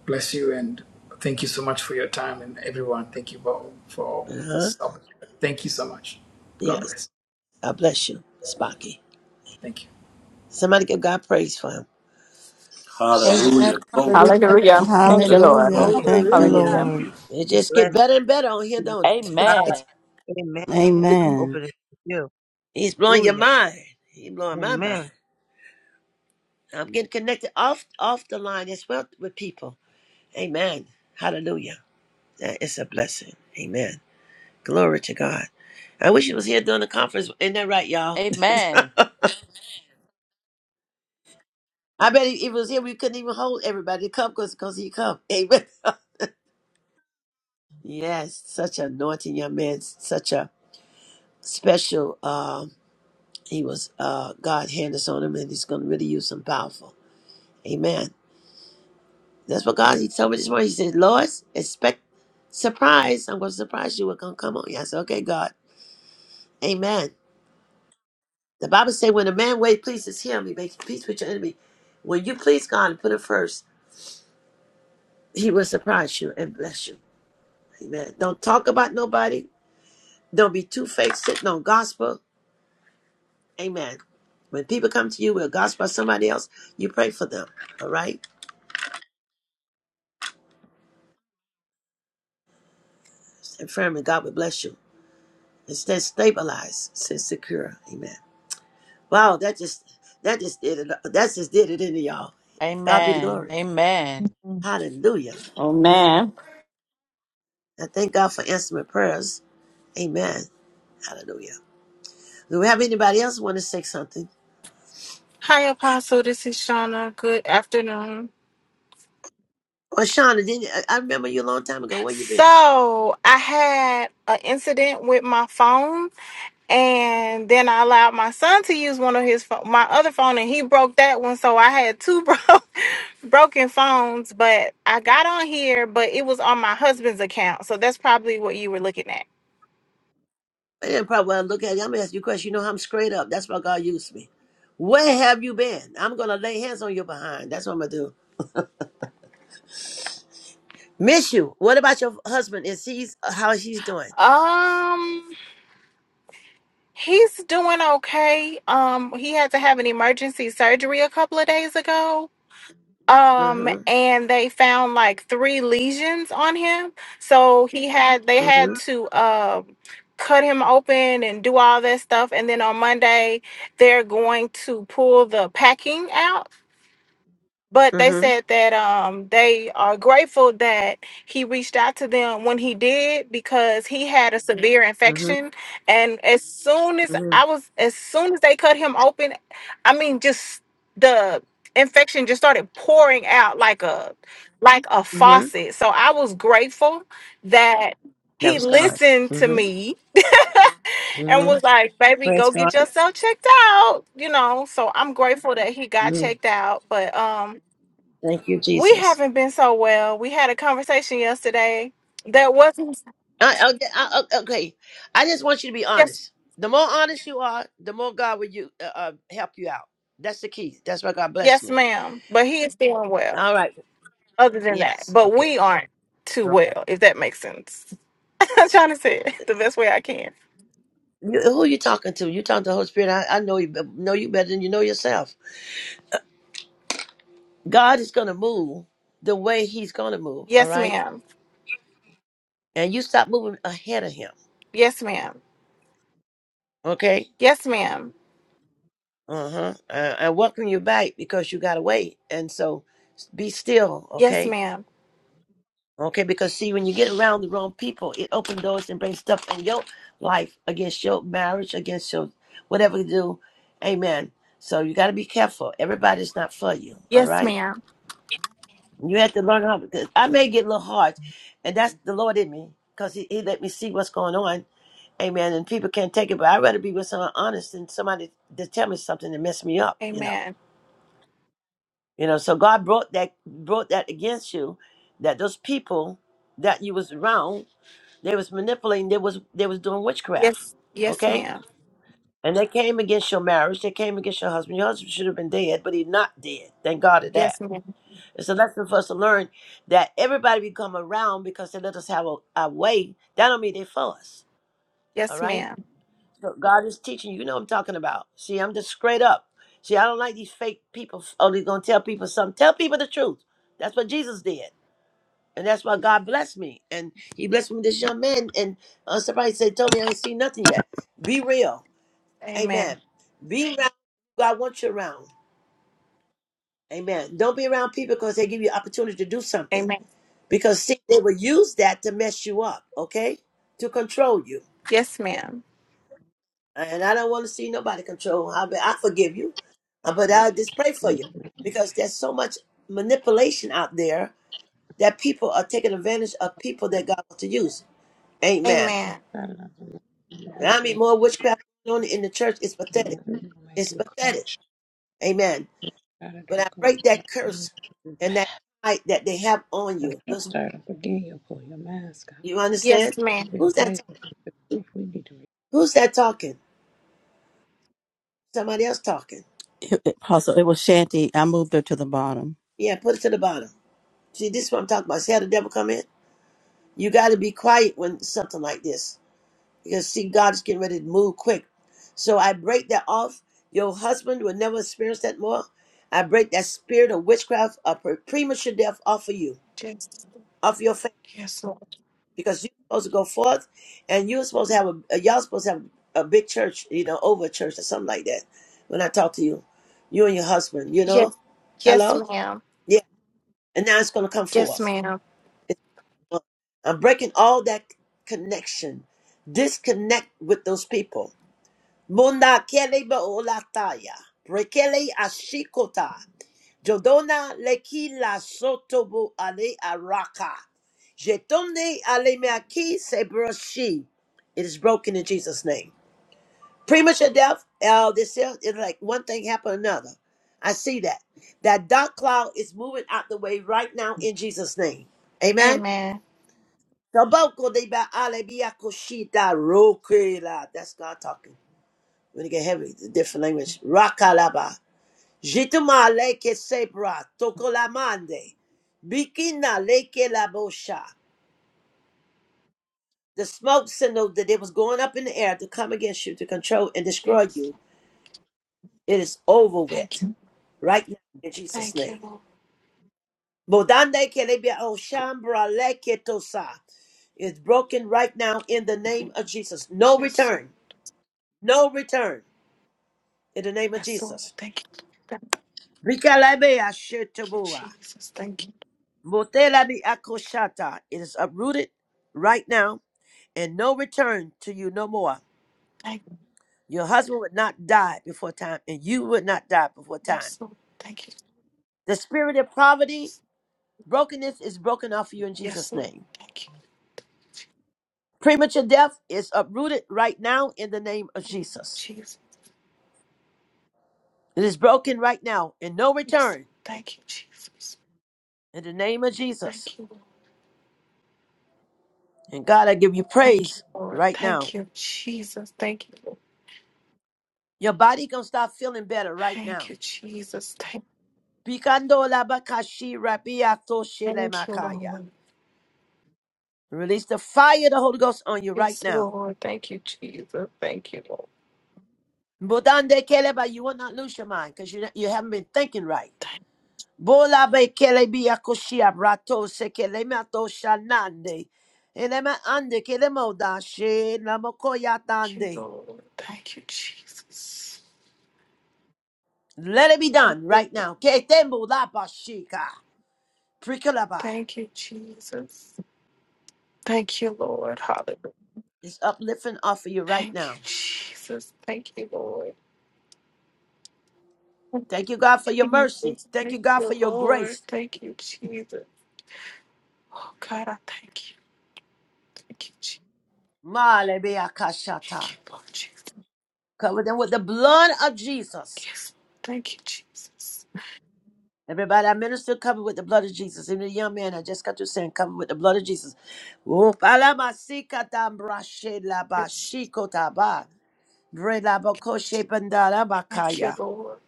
P: Bless you and thank you so much for your time and everyone. Thank you for for all
A: Uh huh.
P: this. opportunity. Thank you so much. God
A: Yes.
P: bless.
A: God bless you, Spocky.
P: Thank you.
A: Somebody give God praise for him.
B: Amen.
Q: God
C: Hallelujah. Glory
B: Hallelujah.
C: to
J: Hallelujah.
C: God.
J: Thank
C: Bless
J: you, Lord.
C: the
E: Hallelujah.
D: Hallelujah.
C: Lord.
E: Thank you,
J: Hallelujah.
G: Hallelujah.
E: Lord.
C: Hallelujah.
A: It just get
Q: bless
A: better and better on here,
Q: you.
A: don't
Q: God.
A: it? (laughs)
D: Amen.
Q: Amen.
E: Amen.
Q: Open it to you.
A: He's blowing your
Q: Hallelujah.
A: mind. He's blowing my mind.
Q: Amen.
A: I'm getting connected off off the line as well with people. Amen. Hallelujah. That is a blessing. Amen. Glory to God. I wish he was here during the conference. Ain't that right, y'all?
D: Amen.
A: (laughs) I bet if he was here, we couldn't even hold everybody to come because he come. Amen. (laughs) yes, such an anointing young man. Such a special. Um, he was uh, God hand us on him, and he's going to really use him powerful. Amen. That's what God. He told me this morning. He said, "Lois, expect surprise. I'm going to surprise you. What's going to come on you?" I said, "Okay, God. Amen." The Bible says, when a man way pleases him, he makes peace with your enemy. When you please God and put him first, he will surprise you and bless you. Amen. Don't talk about nobody. Don't be too fake. sitting on gospel. Amen. When people come to you with a gospel about somebody else, you pray for them. All right? And firmly, God will bless you. Instead, stabilize, stay secure. Amen. Wow, that just that just did it. That just did it into y'all. God be the
D: Amen.
A: glory.
D: Amen.
A: Hallelujah.
J: Amen.
A: I thank God for answering my prayers. Amen. Hallelujah. Do we have anybody else want to say something?
T: Hi, Apostle. This is Shauna. Good afternoon.
A: Well, Shauna, didn't I I remember you a long time ago. Where you been?
T: So, I had an incident with my phone, and then I allowed my son to use one of his pho- my other phone, and he broke that one. So I had two (laughs) bro- broken phones. But I got on here, but it was on my husband's account. So that's probably what you were looking at.
A: I didn't probably when I look at you. I'm gonna ask you a question. You know I'm straight up. That's why God used me. Where have you been? I'm gonna lay hands on your behind. That's what I'm gonna do. Miss you. What about your husband? Is he's how she's doing?
T: Um, he's doing okay. Um, he had to have an emergency surgery a couple of days ago um
A: Mm-hmm.
T: and they found like three lesions on him so he had they had
A: Mm-hmm.
T: to um cut him open and do all that stuff and then on monday they're going to pull the packing out but they
A: Mm-hmm.
T: said that um, they are grateful that he reached out to them when he did because he had a severe
A: Mm-hmm.
T: infection and as soon as i
A: Mm-hmm.
T: was as soon as they cut him open i mean just the infection just started pouring out like a like a
A: Mm-hmm.
T: faucet so i was grateful that
A: That
T: he
A: was God.
T: listened to
A: Mm-hmm.
T: me and
A: Mm-hmm.
T: was like baby
A: Praise
T: go get
A: God.
T: yourself checked out you know so i'm grateful that he got
A: Mm-hmm.
T: checked out but um
A: Thank you,
T: we
A: Jesus.
T: haven't been so well. We had a conversation yesterday that wasn't
A: I, I, I, okay, I just want you to be
T: yes,
A: honest. The more honest you are, the more God will you uh, uh, help you out. That's the key. That's why God blessed
T: yes,
A: me.
T: ma'am. But he is feeling well.
A: All right.
T: Other than that,
A: Yes.
T: but
A: Okay.
T: we aren't too
A: All right.
T: well. If that makes sense, (laughs) I'm trying to say it the best way I can.
A: You, who are you talking to? You talking to the Holy Spirit? I, I know you be- know you better than you know yourself. God is going to move the way He's going to move. All
T: Yes,
A: right,
T: ma'am.
A: and you stop moving ahead of Him.
T: Yes, ma'am.
A: Okay.
T: Yes, ma'am.
A: Uh-huh. Uh I welcome you back because you got away, and so be still.
T: Yes,
A: Okay
T: ma'am.
A: Okay, because see, when you get around the wrong people, it opens doors and brings stuff in your life against your marriage, against your whatever you do. Amen. So you got to be careful. Everybody's not for you. All
T: Yes,
A: right.
T: ma'am.
A: You have to learn how. Because I may get a little hard, and that's the Lord in me, because he, he let me see what's going on. Amen. And people can't take it, but I'd rather be with someone honest than somebody to tell me something and mess me up. You know.
T: Amen.
A: You know. So God brought that brought that against you, that those people that you was around They was manipulating. They was they was doing witchcraft.
T: Yes, yes,
A: Okay,
T: ma'am.
A: and they came against your marriage. They came against your husband. Your husband should have been dead, but he's not dead. Thank God of
T: Yes,
A: that.
T: ma'am.
A: It's a lesson for us to learn that everybody we come around because they let us have a, a way. That don't mean they for us. All
T: Yes,
A: right.
T: ma'am.
A: So God is teaching you. You know what I'm talking about. See, I'm just straight up. See, I don't like these fake people. Only gonna tell people something. Tell people the truth. That's what Jesus did. And that's why God blessed me. And he blessed me with this young man. And uh, somebody said, told me, I ain't seen nothing yet. Be real.
T: Amen.
A: Amen. Be around who God wants you around. Amen. Don't be around people because they give you opportunity to do something.
T: Amen.
A: Because see, they will use that to mess you up, okay? To control you.
T: Yes, ma'am.
A: And I don't want to see nobody control. I, I forgive you. Uh, But
U: God,
A: I just pray for
U: and I'm
A: you. Because there's so much manipulation out there that people are taking advantage of people that God wants to use. Amen.
T: Amen.
U: not
A: I
U: always
A: mean,
U: with
A: more witchcraft going on in the church is pathetic.
U: you. i make
A: It's
U: you
A: pathetic.
U: crash.
A: Amen.
U: God, I
A: But I
U: drink away
A: break
U: your
A: that
U: time.
A: curse and that fight that they have on
U: Wake
A: you.
U: up,
A: Those,
U: start up again. you pull your mask out.
A: you understand?
T: Yes, ma'am.
U: Your
A: Who's that?
U: face. We need to.
A: Who's that talking? Somebody else talking.
E: It, it- Apostle, it was Shanty. I moved her to the bottom.
A: Yeah, put it to the bottom. See, this is what I'm talking about. See how the devil come in? You got to be quiet when something like this, because see, God's getting ready to move quick. So I break that off. Your husband will never experience that more. I break that spirit of witchcraft, of pre- premature death off of you,
T: Yes,
A: off your family
T: yes, ma'am.
A: because you're supposed to go forth and you're supposed to have a a- y'all supposed to have a big church, you know, over a church or something like that. When I talk to you, you and your husband, you know,
T: Yes, yes,
A: hello,
T: ma'am.
A: yeah, and now it's going to come
T: Yes,
A: forth.
T: ma'am.
A: It's, I'm breaking all that connection, disconnect with those people. Munda kele ba olataya, brekele ashikota. Jodona leki la sotobo ale araka. Jetone ale meaki se broshi. It is broken in Jesus' name. Premature death, uh, this is it's like one thing happened another. I see that. That dark cloud is moving out the way right now in Jesus' name. Amen.
T: Amen.
A: Taboko de ba ale bia koshita roke la. That's God talking. When it get heavy, it's a different language. Rakalaba. Jituma leke sebra, tokolamande, bikina leke labosha. The smoke signal that it was going up in the air to come against you, to control and destroy
T: Yes.
A: you, it is over
T: Thank
A: with
T: you.
A: right now in Jesus'
T: Thank you,
A: name.
T: Lord.
A: Bodande kelebia oshambra leke tosa. It's broken right now in the name of Jesus. No
T: Yes, Lord.
A: return. No return in the name of
T: Yes, Lord.
A: Jesus.
T: Thank you. Thank
A: Rikalabea
T: you,
A: shetabua.
T: Jesus. Thank you.
A: Motelabi akoshata. It is uprooted right now and no return to you no more.
T: Thank you.
A: Your husband would not die before time, and you would not die before time.
T: Yes, Lord. Thank you,
A: The spirit of poverty,
T: Jesus.
A: brokenness is broken off you in
T: Yes,
A: Jesus'
T: Lord.
A: name.
T: Thank you.
A: Premature death is uprooted right now in the name of
T: In the name of
A: Jesus.
T: Jesus.
A: It is broken right now and no
T: Yes. Lord.
A: return
T: Thank you, Jesus.
A: in the name of Jesus.
T: Thank you, Lord.
A: And God, I give you
T: Thank you,
A: praise
T: Lord.
A: right now.
T: Thank you, Jesus. Thank you, Lord.
A: Your body gonna start feeling better right
T: Thank
A: now.
T: you, Jesus. Thank,
A: Bikando labakashi rabiato
T: thank you,
A: shelemakaya.
T: Lord.
A: Release the fire of the Holy Ghost on you right
T: Yes,
A: now.
T: Lord. Thank you, Jesus. Thank you, Lord.
A: Bodande Keleba, you will not lose your mind because you, you haven't been thinking right. Bola be kelebi akoshia brato se kelemato shanande. Elema ande kelemo she namokoya
T: Thank you,
A: tande.
T: Lord. Thank you, Jesus.
A: Let it be done right now. Ketembo la bashika. Prikalaba.
T: Thank you, Jesus. Thank you, Lord. Hallelujah.
A: It's uplifting off of you right
T: Thank you,
A: now.
T: Jesus. Thank you, Lord.
A: Thank you, God, for your
T: Thank you,
A: mercy.
T: Jesus,
A: Thank you,
T: thank
A: God,
T: you,
A: for your
T: Lord.
A: grace.
T: Thank you, Jesus. Oh, God, I thank you. Thank you, Jesus.
A: Malebe akashata.
T: Thank you, Lord Jesus.
A: Cover them with the blood of Jesus.
T: Yes. Thank you, Jesus.
A: Everybody, I minister covered with the blood of Jesus. And the young man I just got to saying, covered with the blood of Jesus. Oh,
T: Yes.
A: palamasikatambrashelabashikotaba,
T: Thank you,
A: vrelabakoshepandarabakaya.
T: Lord.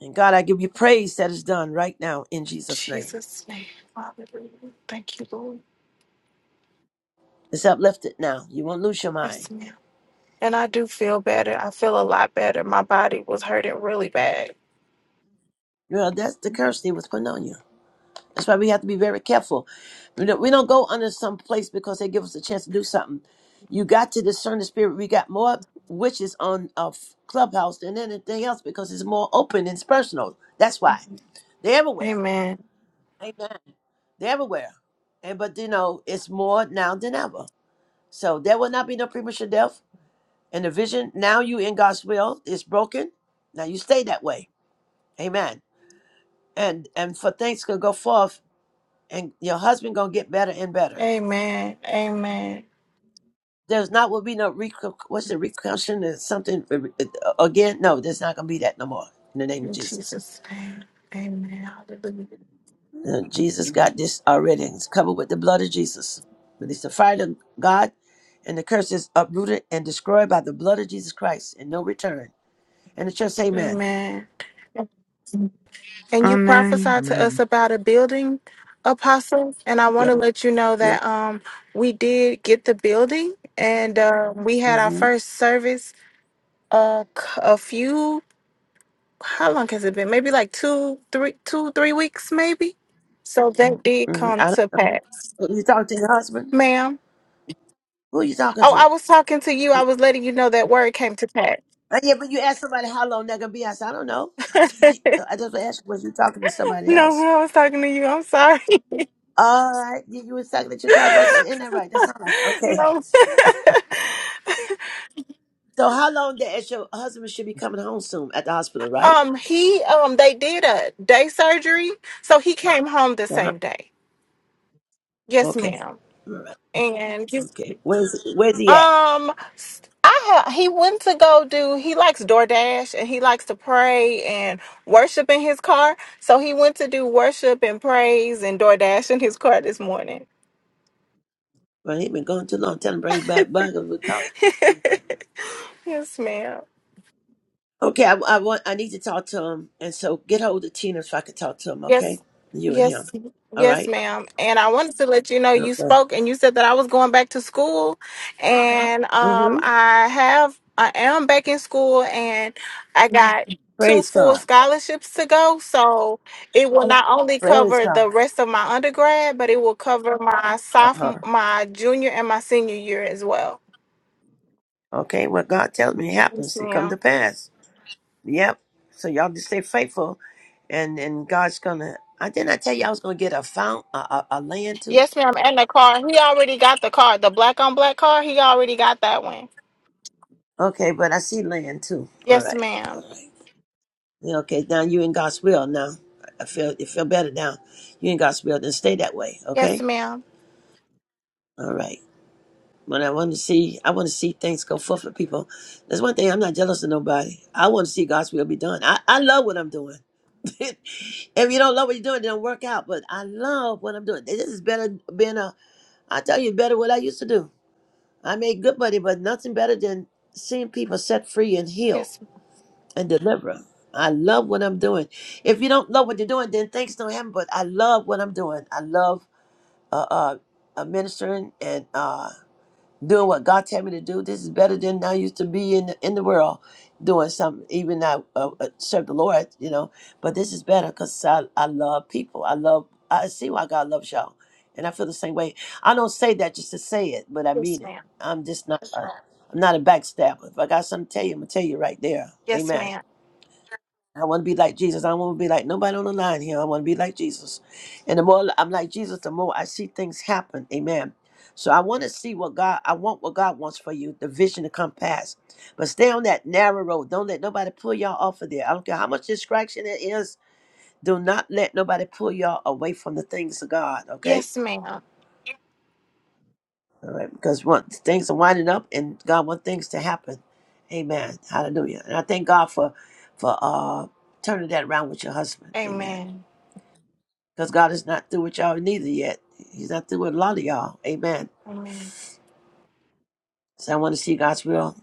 A: And God, I give you praise that is done right now in
T: In
A: Jesus' name.
T: Jesus' name. Hallelujah. Thank you, Lord.
A: It's uplifted now. You won't lose your mind.
T: Yes, ma'am. And I do feel better. I feel a lot better. My body was hurting really bad.
A: You know, that's the curse they was putting on you. That's why we have to be very careful. We don't, we don't go under some place because they give us a chance to do something. You got to discern the spirit. We got more witches on a clubhouse than anything else because it's more open and it's personal. That's why they're everywhere.
T: Amen.
A: Amen. They're everywhere. And but you know, it's more now than ever. So there will not be no premature death and the vision. Now you in God's will is broken. Now you stay that way. Amen. And and for things to go forth, and your husband gonna get better and better
T: Amen. Amen.
A: there's not will be no recu- what's the recussion and something uh, uh, again no there's not going to be that no more in the name of
T: In
A: jesus
T: Jesus' name. Amen. Hallelujah.
A: Uh, jesus got this already it's covered with the blood of jesus but it's the fire of god and the curse is uprooted and destroyed by the blood of jesus christ and no return and the church say amen
T: Amen. And you
N: Amen.
T: prophesied to us
V: Amen.
T: about a building, Apostle. And I want to
A: yeah
T: let you know
A: yeah
T: that um we did get the building and uh, we had our
A: mm-hmm.
T: first service uh c- a few how long has it been? Maybe like two, three, two, three weeks, maybe. So that did
A: Mm-hmm.
T: come
A: I
T: to pass.
A: don't, you talking to your husband
T: Ma'am.
A: who you talking
T: Oh, I
A: to
T: was talking to you. I
A: you,
T: was letting you know that word came to pass. (laughs)
A: uh, yeah but you ask somebody how long they're going to be i said i don't know (laughs) i just asked you was you talking to somebody
T: No,
A: else
T: I was talking to you. I'm sorry.
A: All right, you, you was talking that you're talking about.
T: (laughs)
A: Isn't that right? That sounds like
T: (laughs)
A: okay.
T: no. (laughs)
A: So how long that is your husband should be coming home soon at the hospital, right?
T: um, he um they did a day surgery, so he came home the
A: Uh-huh.
T: same day. Yes,
A: Okay.
T: ma'am.
A: All right.
T: And just
A: Okay. Where's where's he at?
T: um s- I ha- he went to go do he likes DoorDash and he likes to pray and worship in his car. So he went to do worship and praise and DoorDash in his car this morning.
A: Well, he been gone too long. Tell him bring him back by and we'll talk to him.
T: Yes, ma'am.
A: Okay, I, I want I need to talk to him, and so get hold of Tina so I can talk to him. Okay,
T: Yes,
A: you and him.
T: yes,
A: All
T: yes,
A: right.
T: ma'am. And I wanted to let you know you
A: Okay.
T: spoke and you said that I was going back to school, and um,
A: Mm-hmm.
T: I have I am back in school, and I got two
A: Praise
T: full
A: God.
T: scholarships to go. So it will not only
A: Praise
T: cover
A: God.
T: the rest of my undergrad, but it will cover my
A: Uh huh.
T: sophomore, my junior, and my senior year as well.
A: Okay. What God tells me
T: Yes,
A: happens, it come to
T: ma'am.
A: pass. Yep. So y'all just stay faithful, and and God's gonna. I didn't I tell you I was gonna get a found a, a, a land too.
T: Yes, ma'am. And the car, he already got the car, the black on black car. He already got that one.
A: Okay, but I see land too. All
T: Yes,
A: right, all
T: ma'am.
A: right. Yeah, okay, now you in God's will now. I feel you feel better now. You in God's will, then stay that way.
T: Yes,
A: Okay.
T: ma'am.
A: All right. But I want to see, I want to see things go forth for people. That's one thing. I'm not jealous of nobody. I want to see God's will be done. I, I love what I'm doing. (laughs) if you don't love what you're doing, it don't work out. But I love what I'm doing. This is better being a I tell you better what I used to do. I made good money, but nothing better than seeing people set free and heal
T: Yes,
A: and deliver. I love what I'm doing. If you don't love what you're doing, then things don't happen. But I love what I'm doing. I love uh, uh, uh, ministering and uh, doing what God tell me to do. This is better than I used to be in the, in the world doing something. Even I uh, uh, serve the Lord, you know, but this is better because I, I love people. I love, I see why God loves y'all. And I feel the same way. I don't say that just to say it, but I
T: yes,
A: mean it.
T: ma'am.
A: I'm just not, i I'm not a backstabber. If I got something to tell you, I'm going to tell you right there.
T: Yes,
A: Amen.
T: ma'am.
A: I want to be like Jesus. I don't want to be like nobody on the line here. I want to be like Jesus. And the more I'm like Jesus, the more I see things happen. Amen. So I want to see what God, I want what God wants for you, the vision to come past. But stay on that narrow road. Don't let nobody pull y'all off of there. I don't care how much distraction it is. Do not let nobody pull y'all away from the things of God. Okay.
T: Yes, ma'am.
A: All right. Because once things are winding up and God wants things to happen. Amen. Hallelujah. And I thank God for, for, uh, turning that around with your husband. Amen.
T: Amen.
A: Because God is not through with y'all neither yet. He's not through with a lot of y'all. Amen.
T: Amen.
A: So I want to see God's will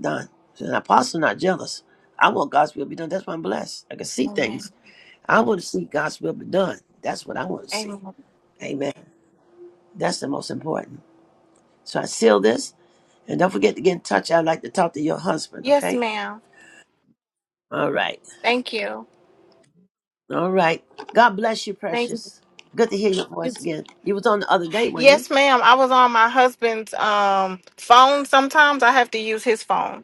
A: done. So an apostle not jealous. I want God's will be done. That's why I'm blessed. I can see
T: Amen.
A: things. I want to see God's will be done. That's what I want to see.
T: Amen.
A: Amen. That's the most important. So I seal this. And don't forget to get in touch. I'd like to talk to your husband,
T: Yes,
A: okay?
T: ma'am.
A: All right.
T: Thank you.
A: All right. God bless you,
T: Thank
A: precious. Good to hear your
T: you.
A: voice again. You was on the other day, weren't you?
T: Yes, ma'am. I was on my husband's um phone sometimes. I have to use his phone.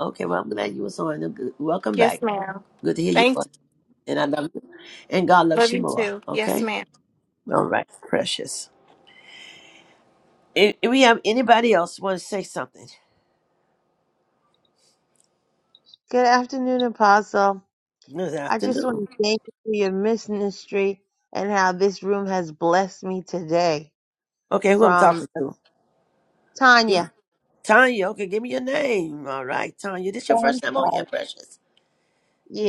A: Okay, well, I'm glad you was on. Welcome
T: Yes,
A: back.
T: ma'am.
A: Good to hear you.
T: Thank you.
A: And I love you. And God
T: Love
A: loves you
T: you
A: more.
T: too. Yes,
A: Okay?
T: ma'am.
A: All right. Precious. If, if we have anybody else want to say something
Q: Good afternoon, Apostle.
A: this
Q: I just want
A: afternoon.
Q: to thank you for your ministry and how this room has blessed me today.
A: Okay, who I'm
Q: From
A: talking
Q: uh,
A: to? Give,
Q: Tanya.
A: Tanya, okay, give me your name. All right, Tanya. This your
Q: Oh,
A: first time on here, Precious.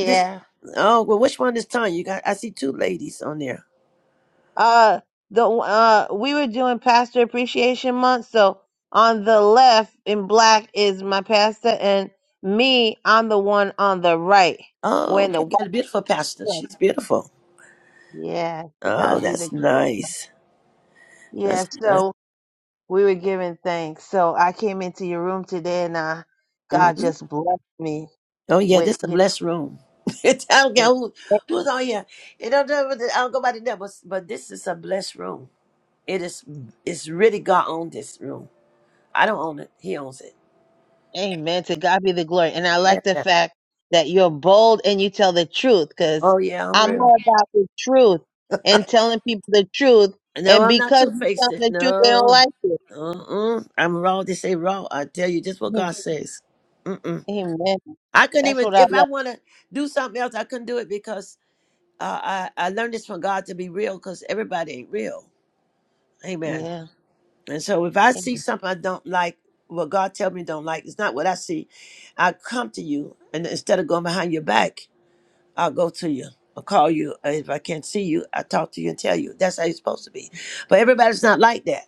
A: This oh well which one is Tanya? You got I see two ladies on there.
Q: Uh, the uh, we were doing Pastor Appreciation Month, so on the left in black is my pastor, and me, I'm the one on the right.
A: Oh,
Q: When
A: okay,
Q: the
A: got a beautiful pastor. She's beautiful.
Q: yeah, to
A: Oh,
Q: God be the
A: that's nice.
Q: yeah.
A: That's nice.
Q: So we were giving thanks. So I came into your room today, and uh, God
A: Mm-hmm.
Q: just blessed me
A: Oh yeah,
Q: with
A: this is a
Q: you
A: blessed room. (laughs) I don't care who, who's on here. It don't, do- I don't go by the devil, but this is a blessed room. It is. It's really God owned this room. I don't own it. He owns it.
Q: Amen. To God be the glory. And I like the
A: Yeah.
Q: fact that you're bold and you tell the truth because
A: Oh yeah, I'm
Q: I'm
A: real.
Q: all about the truth and telling people the truth.
A: No,
Q: And
A: I'm not
Q: because
A: two
Q: you tell
A: faced.
Q: the truth, they don't
A: No.
Q: like it.
A: Mm-mm. I'm raw. They say raw. I tell you just what
Q: Mm.
A: God says. Mm-mm.
Q: Amen.
A: I couldn't
Q: That's
A: even
Q: what I
A: if I
Q: love.
A: want to do something else. I couldn't do it because uh, I I learned this from God to be real because everybody ain't real. Amen.
Q: Yeah.
A: And so if I see something I don't like, what God tell me don't like, it's not what I see. I come to you and instead of going behind your back, I'll go to you. I'll call you. Uh, If I can't see you, I talk to you and tell you. That's how you're supposed to be. But everybody's not like that.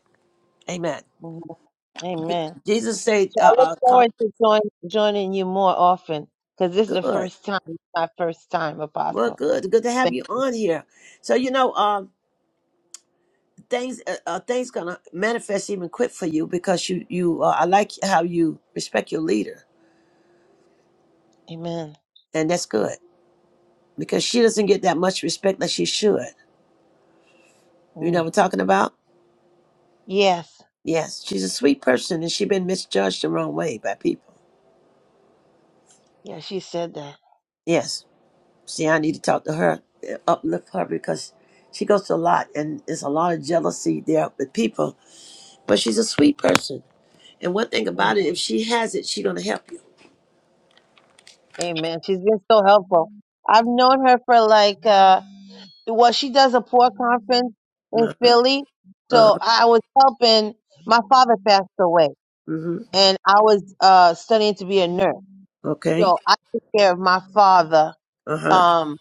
A: Amen.
Q: Amen. Amen.
A: Jesus said,
Q: So I
A: uh,
Q: look
A: uh, call,
Q: forward to join, joining you more often because this is the
A: good.
Q: first time, my first time,
A: Well,
Q: Apostle.
A: good. Good to have
Q: Thank-
A: you on here. So, you know, um, things uh, uh, things gonna manifest even quick for you because you you uh, I like how you respect your leader
Q: Amen.
A: and that's good because she doesn't get that much respect that she should. You know what
Q: Mm.
A: I'm talking about?
Q: Yes.
A: Yes, she's a sweet person and she's been misjudged the wrong way by people.
Q: Yeah, she said that.
A: Yes. See, I need to talk to her, uh, uplift her because she goes through a lot and there's a lot of jealousy there with people, but she's a sweet person. And one thing about it, if she has it, she's going to help you.
Q: Amen. She's been so helpful. I've known her for like uh well, she does a poor conference in
A: Uh-huh.
Q: Philly. So
A: Uh-huh.
Q: I was helping my father passed away
A: hmm
Q: and I was uh studying to be a nurse.
A: Okay.
Q: So I took care of my father.
A: Uh-huh.
Q: Um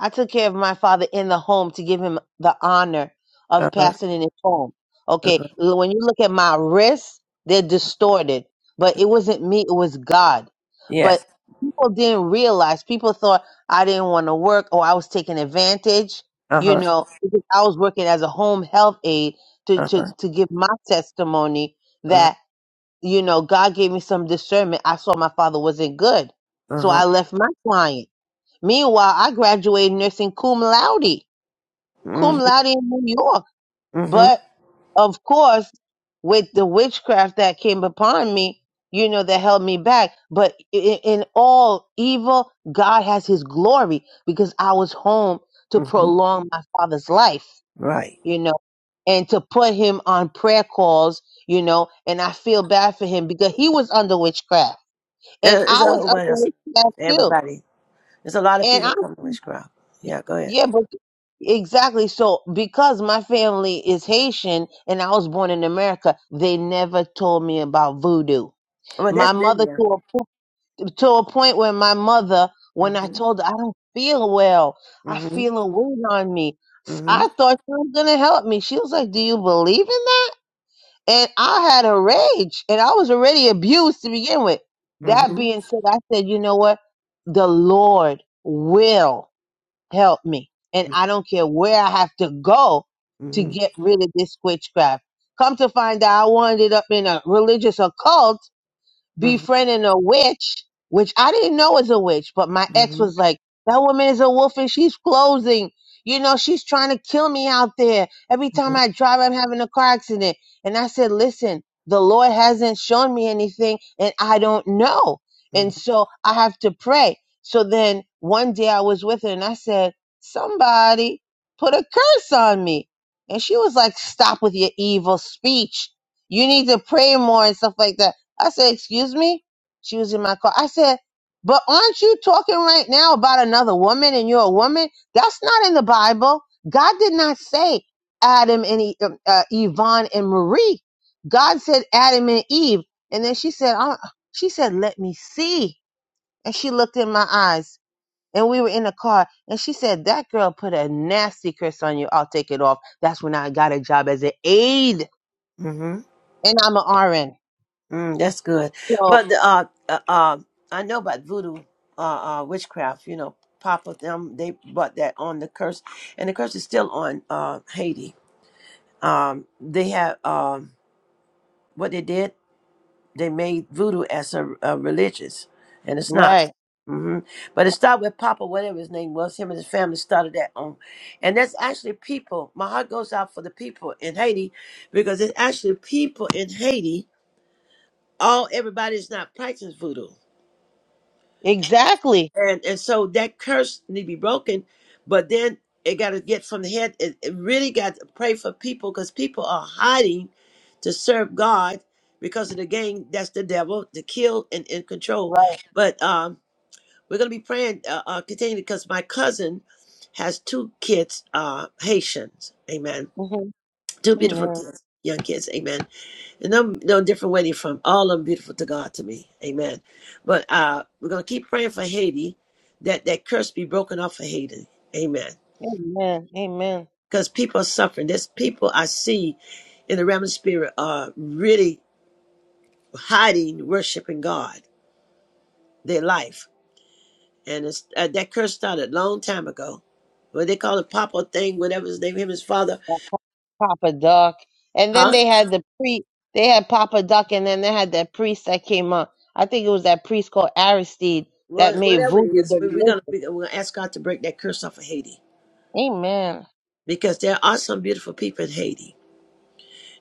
Q: I took care of my father in the home to give him the honor of
A: Uh-huh.
Q: passing in his home. Okay.
A: Uh-huh.
Q: l- When you look at my wrists, they're distorted. But it wasn't me, it was God but
A: Yes.
Q: people didn't realize. People thought I didn't want to work or I was taking advantage, you
A: Uh-huh.
Q: know, because I was working as a home health aide to, to,
A: Uh-huh.
Q: to give my testimony
A: Uh-huh.
Q: that, you know, God gave me some discernment. I saw my father wasn't good. So
A: Uh-huh.
Q: I left my client. Meanwhile, I graduated nursing cum laude, cum
A: Mm-hmm.
Q: laude in New York.
A: Mm-hmm.
Q: But of course, with the witchcraft that came upon me, you know, that held me back. But i- i- in all evil, God has his glory because I was home to
A: Mm-hmm.
Q: prolong my father's life,
A: Right.
Q: you know, and to put him on prayer calls, you know, and I feel bad for him because he was under witchcraft
A: There-
Q: and
A: There's a
Q: I was
A: whole
Q: under
A: what else?
Q: witchcraft too.
A: Everybody. There's a lot of
Q: And
A: people
Q: I,
A: coming to Witchcraft. Yeah, go ahead.
Q: yeah, but Exactly. So, because my family is Haitian and I was born in America, they never told me about voodoo.
A: Well,
Q: My
A: that's been
Q: mother, to
A: there.
Q: a, po- to a point where my mother, when I
A: Mhm.
Q: told her I don't feel well, I
A: mm
Q: feel a weight on me. S-
A: Mhm.
Q: I thought she was going to help me. She was like, Do you believe in that? And I had a rage and I was already abused to begin with. That
A: Mhm.
Q: being said, I said, You know what? The Lord will help me. And I don't care where I have to go to
A: Mhm.
Q: get rid of this witchcraft. Come to find out, I wound up in a religious occult
A: Mhm. Mhm.
Q: befriending a witch, which I didn't know was a witch, but my ex
A: mm
Q: was like, that woman is a wolf and she's closing. You know, she's trying to kill me out there. Every time
A: Mhm.
Q: I drive, I'm having a car accident. And I said, listen, the Lord hasn't shown me anything and I don't know. And
A: mm
Q: so I have to pray. So then one day I was with her and I said, somebody put a curse on me. And she was like, stop with your evil speech. You need to pray more and stuff like that. I said, Excuse me? She was in my car. I said, But aren't you talking right now about another woman and you're a woman? That's not in the Bible. God did not say Adam and E- um, uh, Yvonne and Marie. God said Adam and Eve. And then she said, "Uh," She said, Let me see. And she looked in my eyes. And we were in the car, and she said, That girl put a nasty curse on you. I'll take it off. That's when I got a job as an aide,
A: Mhm.
Q: and I'm an RN.
A: Mm, That's good.
Q: So,
A: Well, the, uh, uh, uh, I know about voodoo, uh, uh, witchcraft. You know, Papa them they brought that on the curse, and the curse is still on uh Haiti. Um, they have um what they did. they made voodoo as a, a religious, and it's not.
Q: right,
A: hmm But it started with Papa, whatever his name was. Him and his family started that on, and that's actually people. My heart goes out for the people in Haiti because it's actually people in Haiti. All everybody's not practicing voodoo.
Q: exactly.
A: And and so that curse need to be broken, but then it got to get from the head. It, it really got to pray for people because people are hiding to serve God because of the gang. That's the devil to kill and, and control.
Q: Right.
A: But um, we're gonna be praying uh, uh, continually because my cousin has two kids, uh, Haitians. Amen.
Q: hmm
A: Two beautiful
Q: Amen.
A: kids, young kids. Amen and no, no different where they're from. All of them beautiful to God to me. Amen. But uh, we're going to keep praying for Haiti, that that curse be broken off of Haiti. Amen.
Q: Amen. Amen.
A: Because people are suffering. There's people I see in the realm of spirit are really hiding, worshiping God, their life. And it's, uh, that curse started a long time ago. What they call it, Papa thing, whatever his name, him, his father,
Q: That's Papa Doc. And then
A: huh?
Q: they had the pre they had Papa Doc and then they had that priest that came up. I think it was that priest called Aristide
A: Well,
Q: that made
A: whatever it
Q: voodoo
A: is,
Q: the
A: we- we're
Q: religion.
A: gonna we're gonna ask God to break that curse off of Haiti
Q: Amen.
A: because there are some beautiful people in Haiti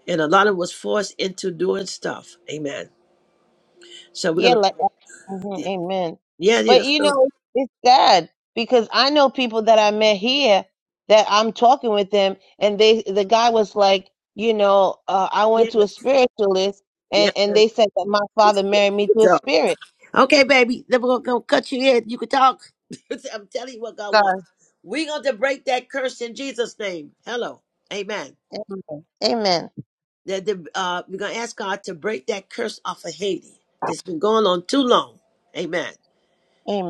A: and a lot of was forced into doing stuff. Amen. So we're
Q: Yeah,
A: gonna,
Q: like mhm, amen.
A: yeah, yeah,
Q: But you
A: so,
Q: know, it's sad because I know people that I met here that I'm talking with them and they the guy was like, you know, uh, I
A: yeah,
Q: went to a
A: but-
Q: spiritualist
A: yeah.
Q: and, and
A: but
Q: they said that my father married me
A: good
Q: to a
A: job.
Q: spirit.
A: okay, baby, then we're gonna, gonna cut your head. You can talk. (laughs) I'm telling you what God wants. We're going to break that curse in Jesus' name. Hello, Amen.
Q: Amen. Amen.
A: That the, uh, we're gonna ask God to break that curse off of Haiti. That's been going on too long. Amen.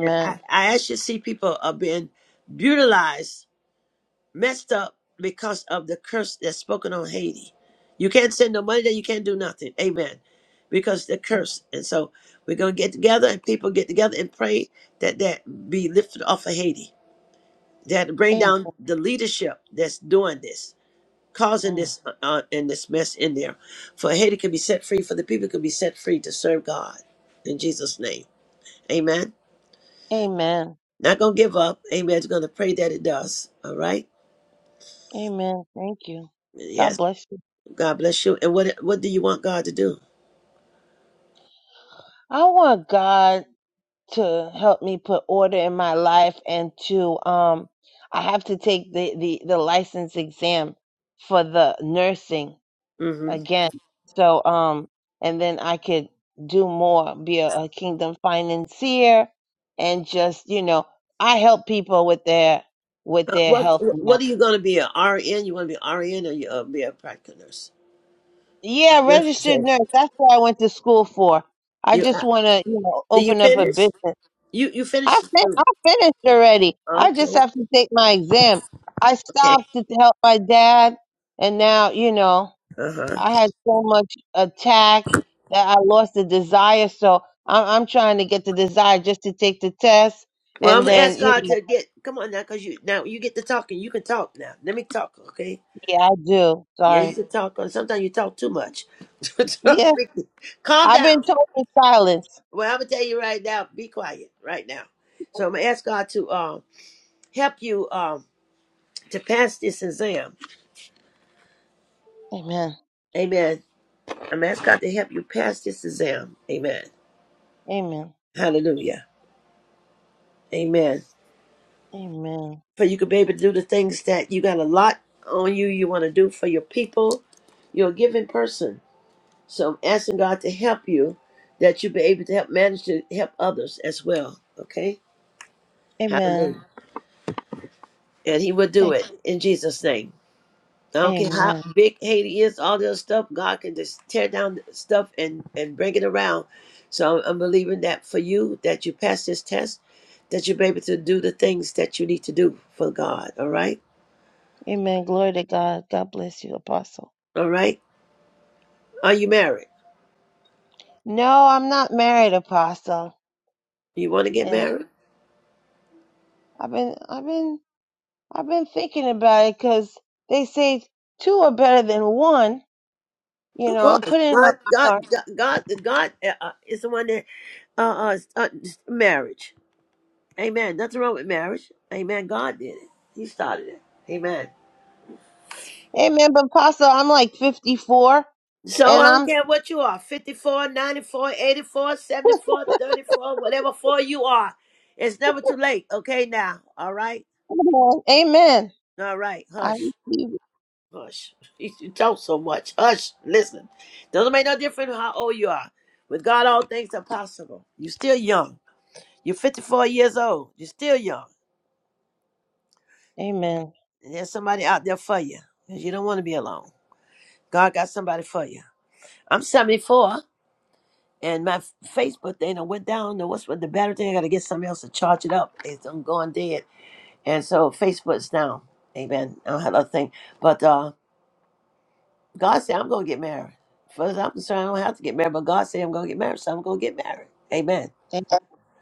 A: And I, I actually see people are being brutalized messed up because of the curse that's spoken on Haiti. You can't send no money there. You can't do nothing. Amen. Because the curse. And so we're going to get together and people get together and pray that that be lifted off of Haiti. That bring
Q: Amen.
A: down the leadership that's doing this, causing
Q: Mm.
A: this uh, uh, and this mess in there. For Haiti can be set free, for the people can be set free to serve God in Jesus' name. Amen.
Q: Amen.
A: Not going to give up. Amen. Just going to pray that it does. All right.
Q: Amen. Thank you. God
A: Yes.
Q: bless you.
A: God bless you. And what what do you want God to do?
Q: I want God to help me put order in my life and to um I have to take the the the license exam for the nursing
A: hmm
Q: again. So um and then I could do more, be a, a kingdom financier and just, you know, I help people with their with
A: Uh,
Q: their
A: what
Q: health now
A: What are you going to be? A RN? You want to be RN or you uh, be a practical nurse? Uh,
Q: Yeah,
A: Nurse to
Q: registered
A: say
Q: nurse. That's what I went to school for. I
A: you.
Q: just
A: Uh,
Q: want to, you know,
A: did you
Q: open up a
A: finish?
Q: business.
A: You you finished
Q: I
A: the
Q: fin-
A: school.
Q: I finished already. I just
A: Okay.
Q: have to take my exam. I
A: Okay.
Q: stopped to help my dad, and now, you know,
A: Uh huh.
Q: I had so much attack that I lost the desire. So I'm I'm trying to get the desire just to take the test,
A: Well, I'm
Q: and
A: gonna
Q: then,
A: ask
Q: you
A: God
Q: know,
A: to get. Come on now, cause you now you get to talking. You can talk now. Let me talk. Okay.
Q: yeah, I do.
A: Yeah, you
Q: Sorry.
A: can talk. uh, Sometimes you talk too much.
Q: Yeah,
A: (laughs) Calm
Q: I've been
A: down.
Q: told to silence.
A: Well, I'm gonna tell you right now. Be quiet right now. So I'm gonna ask God to um help you. Um to pass this exam.
Q: Amen.
A: Amen. I'm asking God to help you pass this exam. Amen.
Q: Amen.
A: Hallelujah. Amen.
Q: Amen.
A: For you could be able to do the things that you got a lot on you, you want to do for your people. You're a giving person. So I'm asking God to help you that you be able to help manage to help others as well. Okay? Hallelujah.
Q: Amen.
A: And He will do it in Jesus' name. I don't care how
Q: Amen.
A: big Haiti is, all the other stuff, God can just tear down the stuff and, and bring it around. So I'm, I'm believing that for you, that you pass this test, that you'll be able to do the things that you need to do for God. All right?
Q: Amen. Glory to God. God bless you, Apostle.
A: All right? Are you married?
Q: No, I'm not married, Apostle.
A: You want to get
Q: And
A: married?
Q: I've been, I've been, I've been thinking about it because they say two are better than one. You
A: Of
Q: know, I'm
A: course.
Q: putting it on
A: God,
Q: my heart.
A: God, God, God uh, uh, is the one that uh, uh, uh, marriage. Amen. Nothing wrong with marriage. Amen. God did it. He started it. Amen.
Q: Amen. But Apostle, I'm like 54,
A: So I
Q: and
A: don't
Q: I'm.
A: care what you are fifty-four, ninety-four, eighty-four, seventy-four, thirty-four, whatever four you are. It's never too late. Okay, now. All right.
Q: (laughs) Amen.
A: All right.
Q: I
A: Hush.
Q: receive it.
A: Hush. (laughs) You talk so much. Hush. Listen. Doesn't make no difference how old you are. With God, all things are possible. You're still young. You're 54 years old. You're still young.
Q: Amen.
A: And there's somebody out there for you. 'cause you don't want to be alone. God got somebody for you. I'm 74. And my f- Facebook thing I went down. And what's with the battery thing? I got to get somebody else to charge it up. It's, I'm going dead. And so Facebook's down. Amen. I don't have other thing. But uh, God said, I'm going to get married. As far as I'm concerned, I don't have to get married. But God said, I'm going to get married. So I'm going to get married. Amen.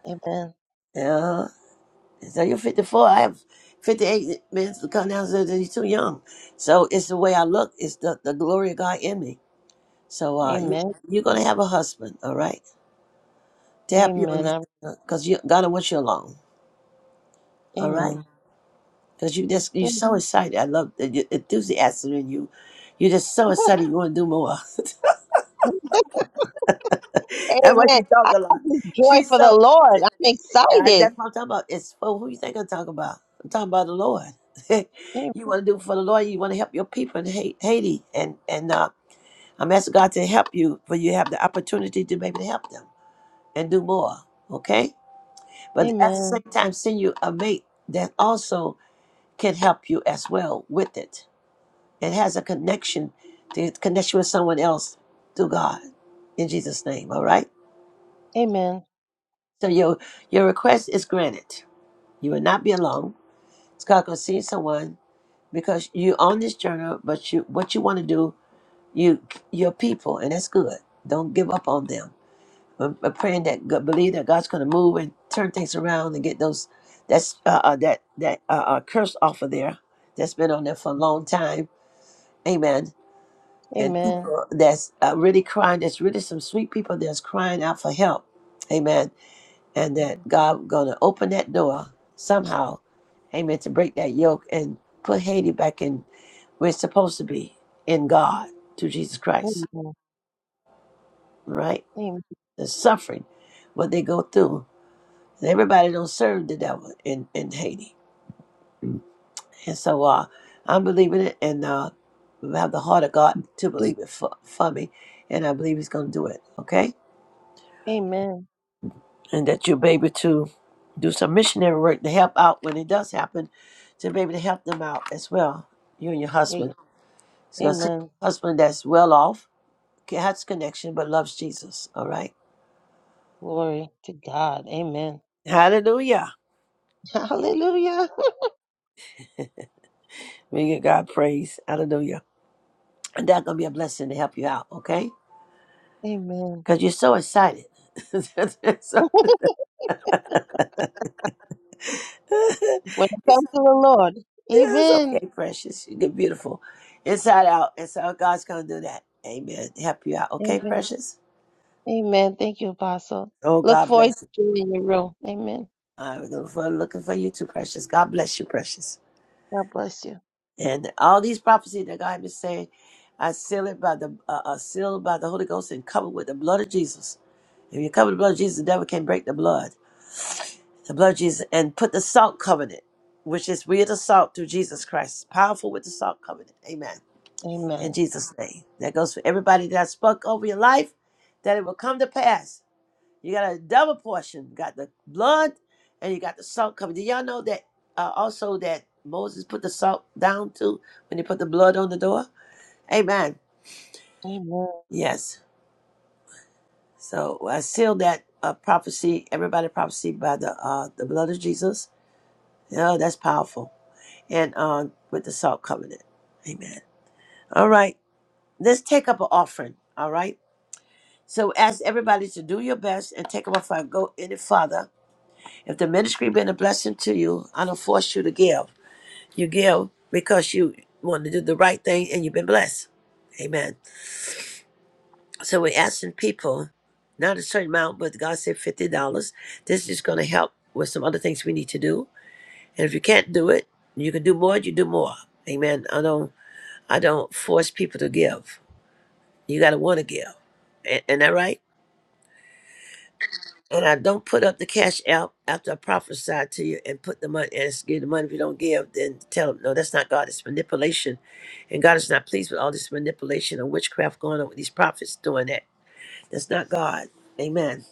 Q: Amen.
A: Uh, so you're 54. I have 58 minutes to come down. So you're too young. So it's the way I look. It's the, the glory of God in me. So uh, you,
Q: Amen.
A: you're going to have a husband. All right. To help you
Q: Amen.
A: understand,
Q: I'm,
A: Because God wants you alone. All right.
Q: amen.
A: Cause you just you're
Q: Thank-
A: so excited. I love the your enthusiasm in you. You're just so excited. You want to do more. (laughs) that's why
Q: Amen.
A: she talk
Q: I
A: a
Q: got
A: lot.
Q: this joy
A: She's
Q: for the
A: so.
Q: Lord. I'm
A: I,
Q: excited.
A: that's what I'm talking about. It's for who you think I'm talking about. I'm talking about the Lord. (laughs) you want to do for the Lord. You want to help your people in Ha- Haiti, and and uh, I'm asking God to help you, for you have the opportunity to maybe help them and do more. Okay, but at the
Q: Amen.
A: same time, send you a mate that also can help you as well with it It has a connection to connect you with someone else through God. In Jesus' name, all right?
Q: Amen.
A: So your your request is granted. You will not be alone. It's God gonna see someone because you are on this journey, but you what you want to do, you your people, and that's good. Don't give up on them. I'm, I'm praying that God, believe that God's gonna move and turn things around and get those that's uh, uh, that that uh, uh, curse off of there that's been on there for a long time. Amen and
Q: Amen.
A: people that's uh, really crying. There's really some sweet people that's crying out for help. Amen. And that God gonna open that door somehow. Amen. To break that yoke and put Haiti back in where it's supposed to be in God through Jesus Christ.
Q: Amen.
A: Right?
Q: Amen.
A: The suffering, what they go through. And everybody don't serve the devil in, in Haiti. And so uh I'm believing it and uh we have the heart of God to believe it for, for me. And I believe he's gonna do it. Okay?
Q: Amen.
A: and that you'll be able to do some missionary work to help out when it does happen, to be able to help them out as well. You and your
Q: A-
A: husband. It's gonna see
Q: Amen.
A: a husband that's well off, has connection, but loves Jesus. All right.
Q: Glory to God. Amen.
A: Hallelujah.
Q: (laughs) Hallelujah.
A: We give God praise. Hallelujah. And that's gonna be a blessing to help you out, okay?
Q: Amen.
A: Because you're so excited. (laughs) it's,
Q: When it comes to the Lord.
A: it's
Q: Amen.
A: okay, precious. You're beautiful. Inside out. And so God's gonna do that. Amen. Help you out, okay,
Q: Amen.
A: precious?
Q: Amen. Thank you, Apostle.
A: Oh,
Q: Look
A: God bless.
Q: forward
A: you.
Q: to you in your room. Amen.
A: I'm looking for, looking for you too, precious. God bless you, precious.
Q: God bless you.
A: And all these prophecies that God has been saying, I seal it by the uh, uh, sealed by the Holy Ghost and covered with the blood of Jesus. If you cover the blood of Jesus, the devil can't break the blood. The blood of Jesus and put the salt covenant, which is we are the salt through Jesus Christ. Powerful with the salt covenant. Amen. In
Q: Amen.
A: Jesus' name. That goes for everybody that I spoke over your life, that it will come to pass. You got a double portion. You Got the blood, and you got the salt covered. Did y'all know that uh, also that Moses put the salt down too when he put the blood on the door? Amen.
Q: Amen.
A: Yes. So I sealed that uh, prophecy, everybody prophecy by the uh, the blood of Jesus. Oh, that's powerful. And uh, with the salt covenant. Amen. All right. Let's take up an offering. All right. So ask everybody to do your best and take up a offering. Go any farther If the ministry been a blessing to you, I don't force you to give. You give because you want to do the right thing and you've been blessed. Amen. So we're asking people, not a certain amount, but God said fifty dollars. This is gonna help with some other things we need to do. And if you can't do it, you can do more, you do more. Amen. I don't I don't force people to give. You gotta wanna give. A- Ain't that right? and I don't put up the cash out after I prophesy to you and put the money and give the money. If you don't give, then tell them no, that's not God. It's manipulation, and God is not pleased with all this manipulation and witchcraft going on with these prophets doing that. That's not God. Amen.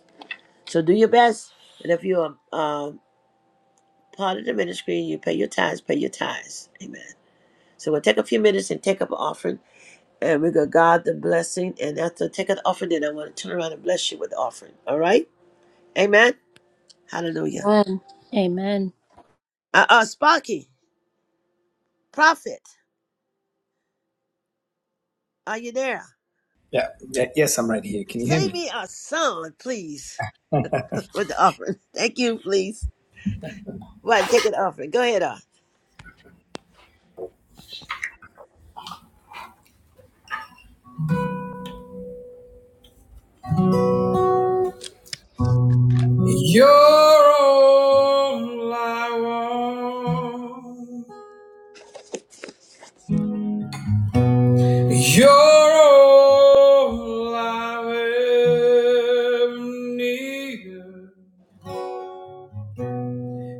A: So do your best, and if you're um, part of the ministry, you pay your tithes. Pay your tithes. Amen. So we'll take a few minutes and take up an offering, and we go God the blessing. And after I take up the offering, then I want to turn around and bless you with the offering. All right. Amen. Hallelujah.
B: Amen. Amen.
A: Uh, uh, Sparky, Prophet, are you there?
P: Yeah. yeah. Yes, I'm right here. Can you hear
A: Send
P: me?
A: me a song, please, (laughs) with the offering. Thank you, please. Well, take an offering. Go ahead, on.
P: You're all I want. You're all I ever needed.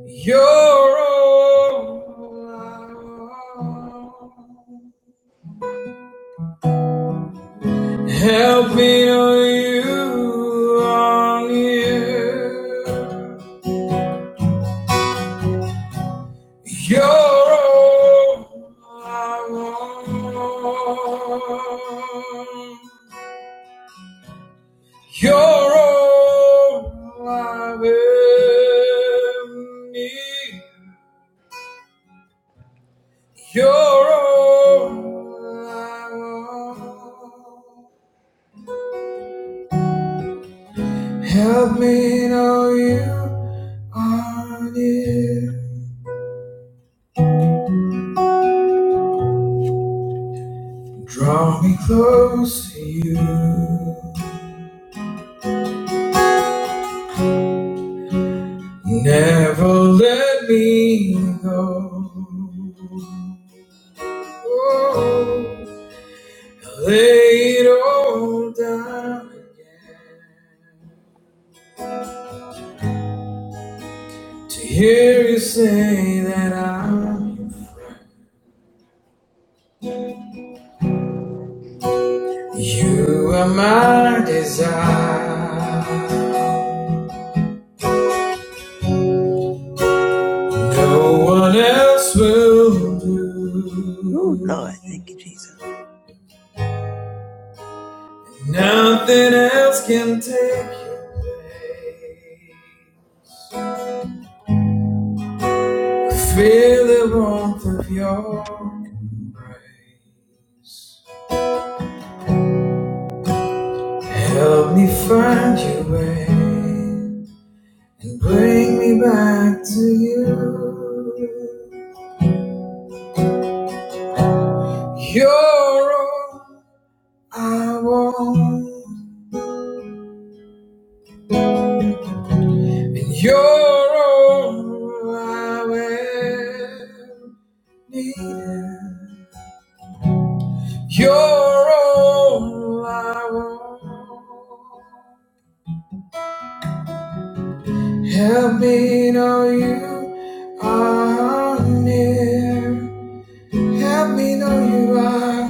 P: You're all I want. Help me on you, on you. You're all I want. You're all I will need. You're all I want. Help me know you are near. Draw me close to you. Never let me go. Oh, lay it all down again. To hear you say that I'm, you are my desire. No one else will do.
A: Oh, Lord. Thank you, Jesus.
P: Nothing else can take your place. Feel the warmth of your embrace. Help me find your way and bring me back to you. You're all I want, and you're all I will need. You're all I want. Help me know you are near. Help me know you are.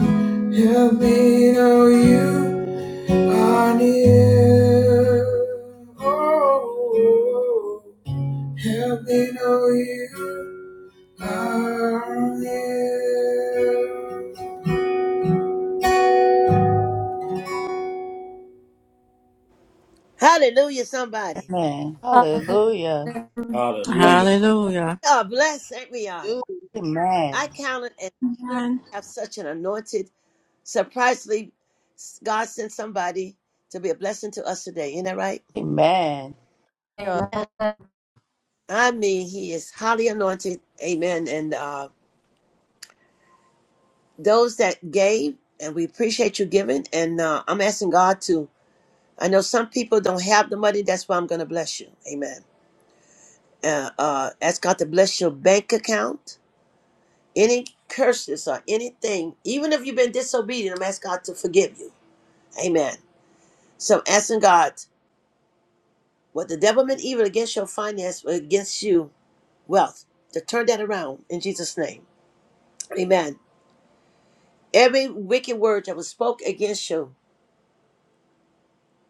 P: Help me know you are near. Oh. Help me know you are near.
A: Hallelujah, somebody.
D: Amen.
B: Hallelujah.
D: Hallelujah.
C: Hallelujah.
A: We
E: Hallelujah.
A: are blessed, and we are.
Q: Amen.
A: I
D: Amen.
A: count it an honor to
G: Amen.
A: have such an anointed. Surprisingly, God sent somebody to be a blessing to us today. Isn't that right?
B: Amen. Amen.
A: I mean, he is highly anointed. Amen. And uh, those that gave, and we appreciate you giving. And uh, I'm asking God to I know some people don't have the money. That's why I'm going to bless you. Amen. Uh, uh, ask God to bless your bank account. Any curses or anything, even if you've been disobedient, I'm asking God to forgive you. Amen. So I'm asking God, what the devil meant evil against your finance, against you, wealth, to turn that around in Jesus' name. Amen. Every wicked word that was spoke against you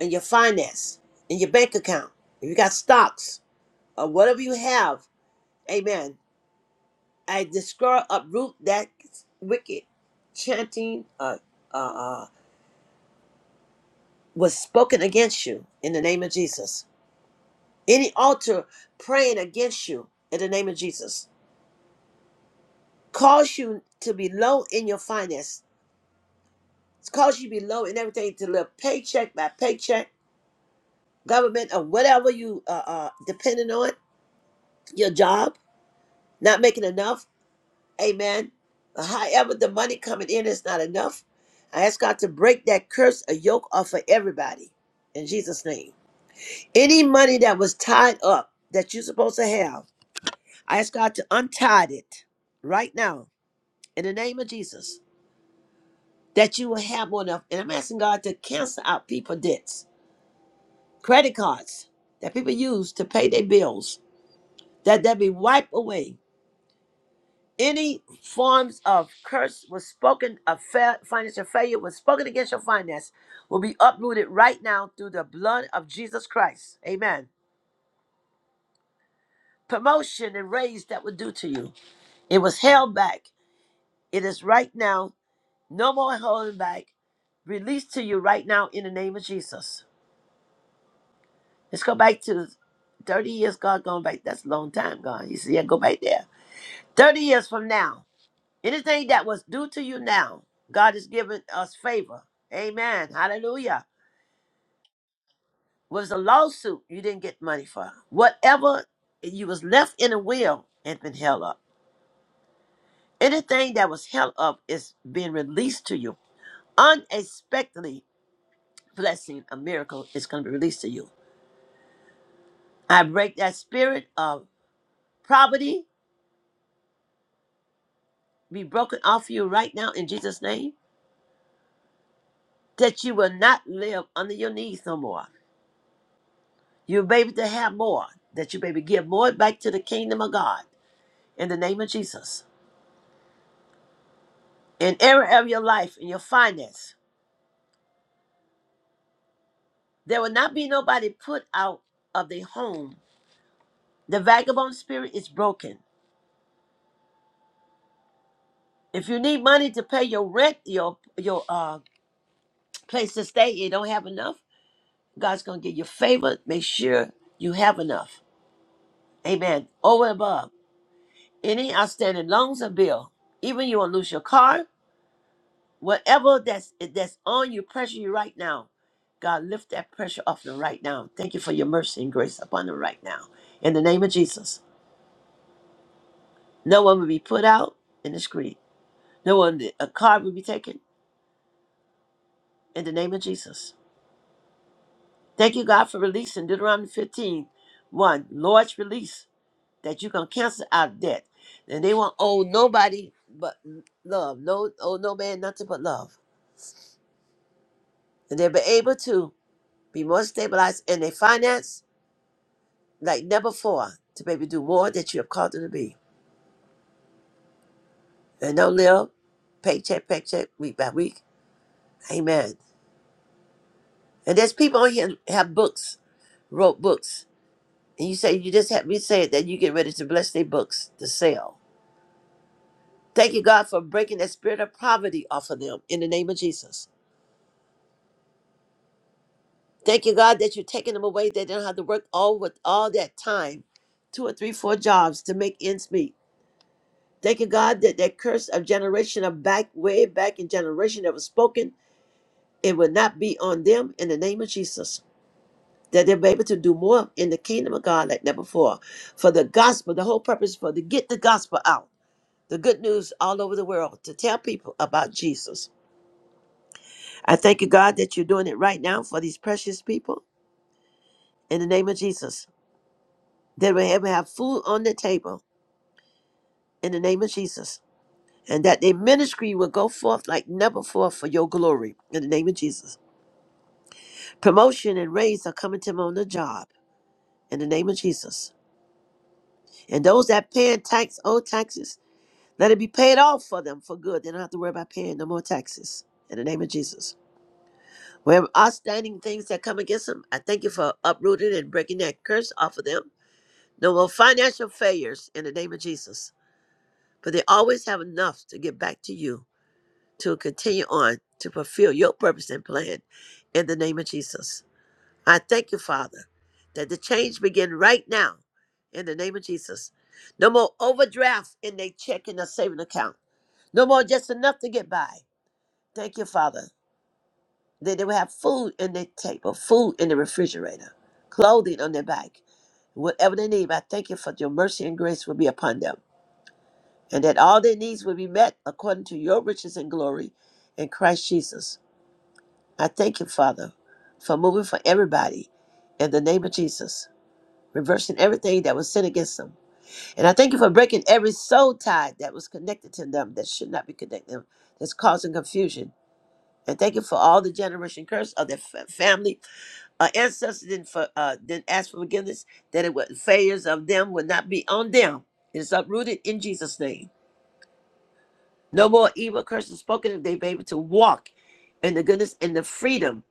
A: and your finance, in your bank account, if you got stocks or whatever you have, amen I destroy, uproot that wicked chanting uh, uh, uh, was spoken against you in the name of Jesus. Any altar praying against you in the name of Jesus. Cause you to be low in your finance. Cause you to be low in everything to live paycheck by paycheck, government or whatever you uh, uh depending on, your job, not making enough. Amen. however, the money coming in is not enough. I ask God to break that curse, a yoke off of everybody in Jesus' name. Any money that was tied up that you're supposed to have, I ask God to untie it right now in the name of Jesus that you will have more enough. And I'm asking God to cancel out people debts, credit cards that people use to pay their bills, that that be wiped away any forms of curse was spoken of fa- financial failure was spoken against your finance will be uprooted right now through the blood of jesus christ amen promotion and raise that was due to you it was held back it is right now no more holding back released to you right now in the name of jesus let's go back to 30 years god going back that's a long time god you see yeah go back there 30 years from now Anything that was due to you now, God has given us favor. Amen. Hallelujah. Was a lawsuit you didn't get money for. Whatever you was left in a will and been held up. Anything that was held up is being released to you. Unexpectedly, blessing, a miracle is going to be released to you. I break that spirit of poverty be broken off you right now in Jesus' name. That you will not live under your knees no more You may be to have more, that you may be give more back to the kingdom of God in the name of Jesus. In every area of your life, in your finance, there will not be nobody put out of their home. The vagabond spirit is broken. If you need money to pay your rent, your your uh place to stay, you don't have enough. God's gonna give you favor. Make sure you have enough. Amen. Over and above any outstanding loans or bill, even you want to lose your car, whatever that's eh, that's on you, pressure you right now. God, lift that pressure off them right now. Thank you for your mercy and grace upon them right now. In the name of Jesus, no one will be put out in the street. No one, a card will be taken. In the name of Jesus, thank you, God, for releasing Deuteronomy 15, one Lord's release that you can cancel out debt, and they won't owe nobody but love. No, owe no man nothing but love, and they'll be able to be more stabilized in their finance like never before to maybe do more that you have called them to be. And don't live paycheck, paycheck, week by week. Amen. And there's people on here have books, wrote books. And you say, you just have me say it, that you get ready to bless their books to sell. Thank you, God, for breaking that spirit of poverty off of them in the name of Jesus. Thank you, God, that you're taking them away. They don't have to work all with all that time, two or three, four jobs to make ends meet. Thank you, God, that that curse of generation of back, way back in generation that was spoken It will not be on them in the name of Jesus. That they'll be able to do more in the kingdom of God like never before. For the gospel, the whole purpose for to get the gospel out, the good news all over the world, to tell people about Jesus. I thank you, God, that you're doing it right now for these precious people in the name of Jesus. That we have have food on the table in the name of Jesus. And that their ministry will go forth like never before for your glory in the name of Jesus. Promotion and raise are coming to them on the job in the name of Jesus And those that paying tax, owe taxes, let it be paid off for them for good. They don't have to worry about paying no more taxes. In the name of Jesus. Where outstanding things that come against them, I thank you for uprooting and breaking that curse off of them. No more financial failures in the name of Jesus. But they always have enough to give back to you to continue on to fulfill your purpose and plan in the name of Jesus. I thank you, Father, that the change begin right now in the name of Jesus. No more overdraft in their checking or saving account. No more just enough to get by. Thank you, Father, that they will have food in their table, food in the refrigerator, clothing on their back, whatever they need. I thank you for your mercy and grace will be upon them, and that all their needs will be met according to your riches and glory in Christ Jesus. I thank you, Father, for moving for everybody in the name of Jesus. reversing everything that was sent against them. And I thank you for breaking every soul tie that was connected to them that should not be connected them, that's causing confusion. And thank you for all the generation curse of their fa- family. Our ancestors didn't, for, uh, didn't ask for forgiveness, that it was failures of them would not be on them. It is uprooted in Jesus' name. No more evil curses spoken if they be able to walk in the goodness and the freedom,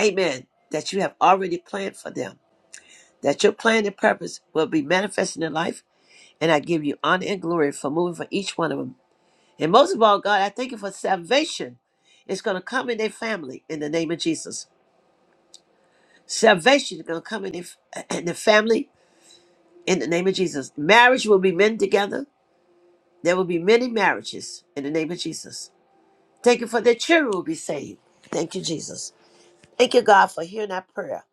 A: amen, that you have already planned for them. That your plan and purpose will be manifest in their life And I give you honor and glory for moving for each one of them. And most of all, God, I thank you for salvation. It's going to come in their family in the name of Jesus. Salvation is going to come in their, (clears throat) in their family in the name of Jesus. Marriage will be men together. There will be many marriages in the name of Jesus. Thank you for their children will be saved. Thank you, Jesus. Thank you, God, for hearing our prayer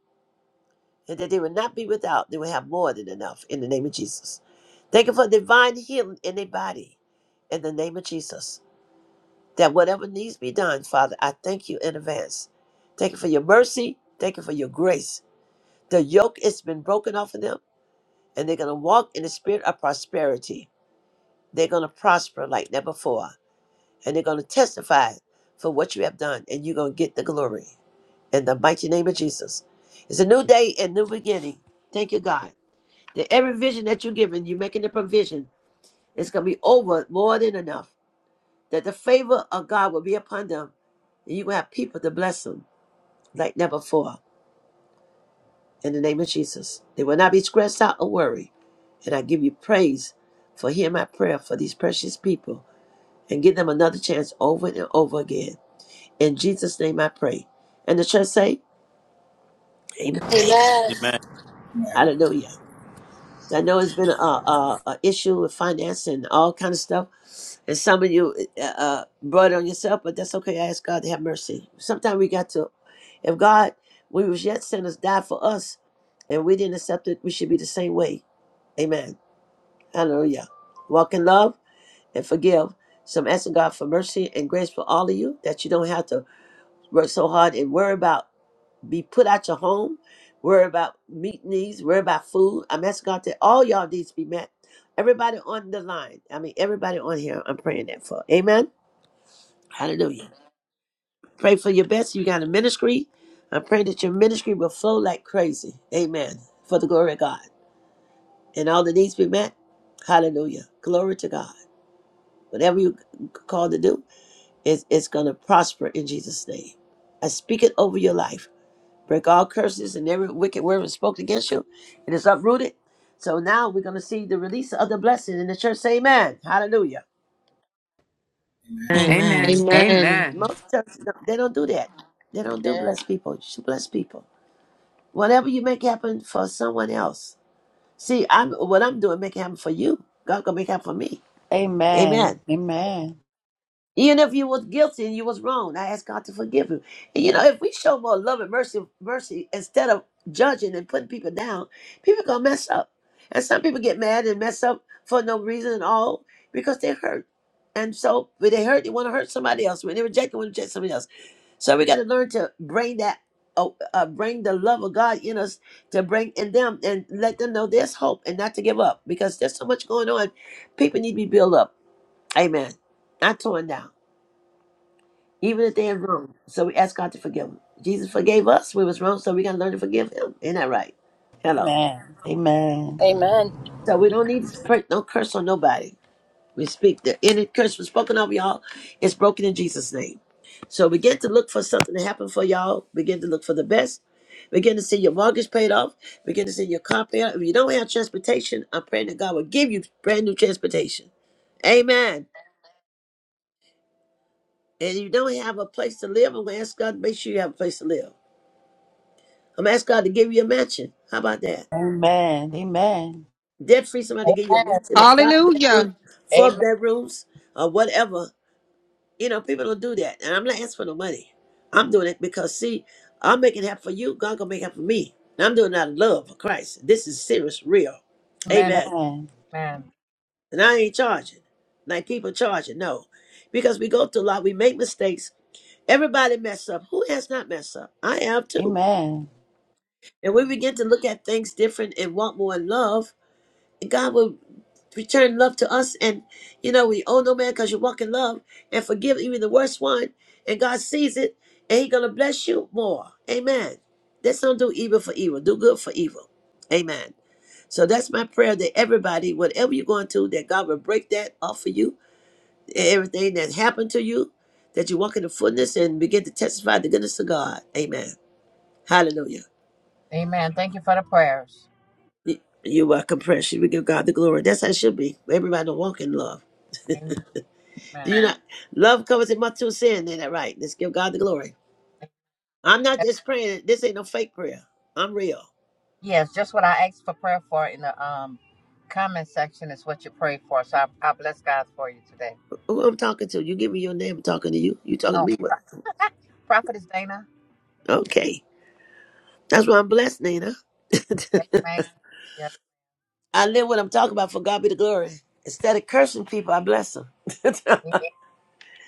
A: and that they will not be without. They will have more than enough in the name of Jesus. Thank you for divine healing in their body in the name of Jesus. that whatever needs be done, Father, I thank you in advance. Thank you for your mercy. Thank you for your grace. The yoke has been broken off of them, and they're going to walk in the spirit of prosperity. They're going to prosper like never before, and they're going to testify for what you have done, and you're going to get the glory. In the mighty name of Jesus. It's a new day and new beginning. Thank you, God. That every vision that you're given, you're making the provision. It's going to be over more than enough. that the favor of God will be upon them, and you will have people to bless them like never before. In the name of Jesus, they will not be stressed out or worried. And I give you praise for hearing my prayer for these precious people and give them another chance over and over again. In Jesus' name I pray. And the church say, Amen.
C: Amen.
A: Hallelujah. I know it's been a, a, a issue with finance and all kind of stuff, and some of you uh, uh, uh, brought it on yourself, but that's okay. I ask God to have mercy. Sometimes we got to, if God, we was yet sinners, died for us, and we didn't accept it, we should be the same way. Amen. Hallelujah. Walk in love and forgive. So I'm asking God for mercy and grace for all of you that you don't have to work so hard and worry about be put out your home. Worry about meat needs. Worry about food. I'm asking God that all y'all needs be met. Everybody on the line. I mean, everybody on here. I'm praying that for. Amen. Hallelujah. Pray for your best. You got a ministry. I'm praying that your ministry will flow like crazy. Amen. For the glory of God and all the needs be met. Hallelujah. Glory to God. Whatever you c- called to do, it's, it's going to prosper in Jesus' name. I speak it over your life. break all curses and every wicked word spoken against you. It is uprooted. So now we're going to see the release of the blessing in the church. Say amen. Hallelujah.
W: Amen.
N: Amen.
E: Amen.
W: Amen.
N: Amen.
A: Most churches, no, they don't do that. They don't do bless people. You should bless people. Whatever you make happen for someone else. See, I'm what I'm doing, make it happen for you. God going to make it happen for me. Amen.
D: Amen. Amen. Amen.
A: Even if you was guilty and you was wrong, I ask God to forgive you. And you know, if we show more love and mercy, mercy instead of judging and putting people down, people gonna mess up. And some people get mad and mess up for no reason at all because they hurt. And so when they hurt, they want to hurt somebody else. When they reject, they want to reject somebody else. So we got to learn to bring that, uh, uh, bring the love of God in us to bring in them and let them know there's hope and not to give up because there's so much going on. People need to be built up. Amen. Not torn down even if they're wrong. So we ask God to forgive them. Jesus forgave us. We was wrong, so we gotta learn to forgive Him. Ain't that right? Hello.
D: Amen. Amen.
B: Amen.
A: So we don't need to pray, no curse on nobody. We speak the any curse was spoken of y'all. It's broken in Jesus' name. So begin to look for something to happen for y'all. Begin to look for the best. Begin to see your mortgage paid off. Begin to see your car paid off. If you don't have transportation, I'm praying that God will give you brand new transportation. Amen. And if you don't have a place to live, I'm gonna ask God to make sure you have a place to live. I'm gonna ask God to give you a mansion. How about that?
D: Amen. Amen.
A: Debt free, somebody
X: Amen.
A: give you a mansion of five bedrooms,
W: Hallelujah.
A: four
X: Amen.
A: bedrooms, or whatever. You know, people don't do that. And I'm not asking for no money. I'm doing it because see, I'm making it happen for you, God gonna make it happen for me. And I'm doing it out of love for Christ. This is serious, real.
X: Amen.
A: Amen.
D: Amen.
X: Amen.
A: And I ain't charging. Like people charging, no. Because we go through a lot, we make mistakes. Everybody mess up. Who has not messed up? I have too.
D: Amen.
A: And we begin to look at things different and want more love God will return love to us. And, you know, we owe no man because you walk in love and forgive even the worst one. And God sees it and He's going to bless you more. Amen. Let's not do evil for evil, do good for evil. Amen. So that's my prayer that everybody, whatever you're going to, that God will break that off for you, everything that happened to you, that you walk in the fullness and begin to testify the goodness of God. Amen. Hallelujah.
X: Amen. Thank you for the prayers.
A: You- You're welcome, precious. We give God the glory. That's how it should be. Everybody to walk in love. You
X: Amen.
A: know, love covers a multitude of sin. Ain't that right? Let's give God the glory. I'm not
X: Yes,
A: just praying. This ain't no fake prayer. I'm real.
X: yes, just what I asked for prayer for in the um comment section is what you prayed for. So I, I bless God for you today.
A: Who I'm talking to? You give me your name. I'm talking to you. You talking to
X: Oh,
A: me?
X: Pro-
A: What?
X: Prophetess Dana.
A: Okay. That's why I'm blessed, Nina.
X: Yes,
A: (laughs)
X: ma'am. Yes,
A: I live what I'm talking about. For God be the glory. Instead of cursing people, I bless them. (laughs) Instead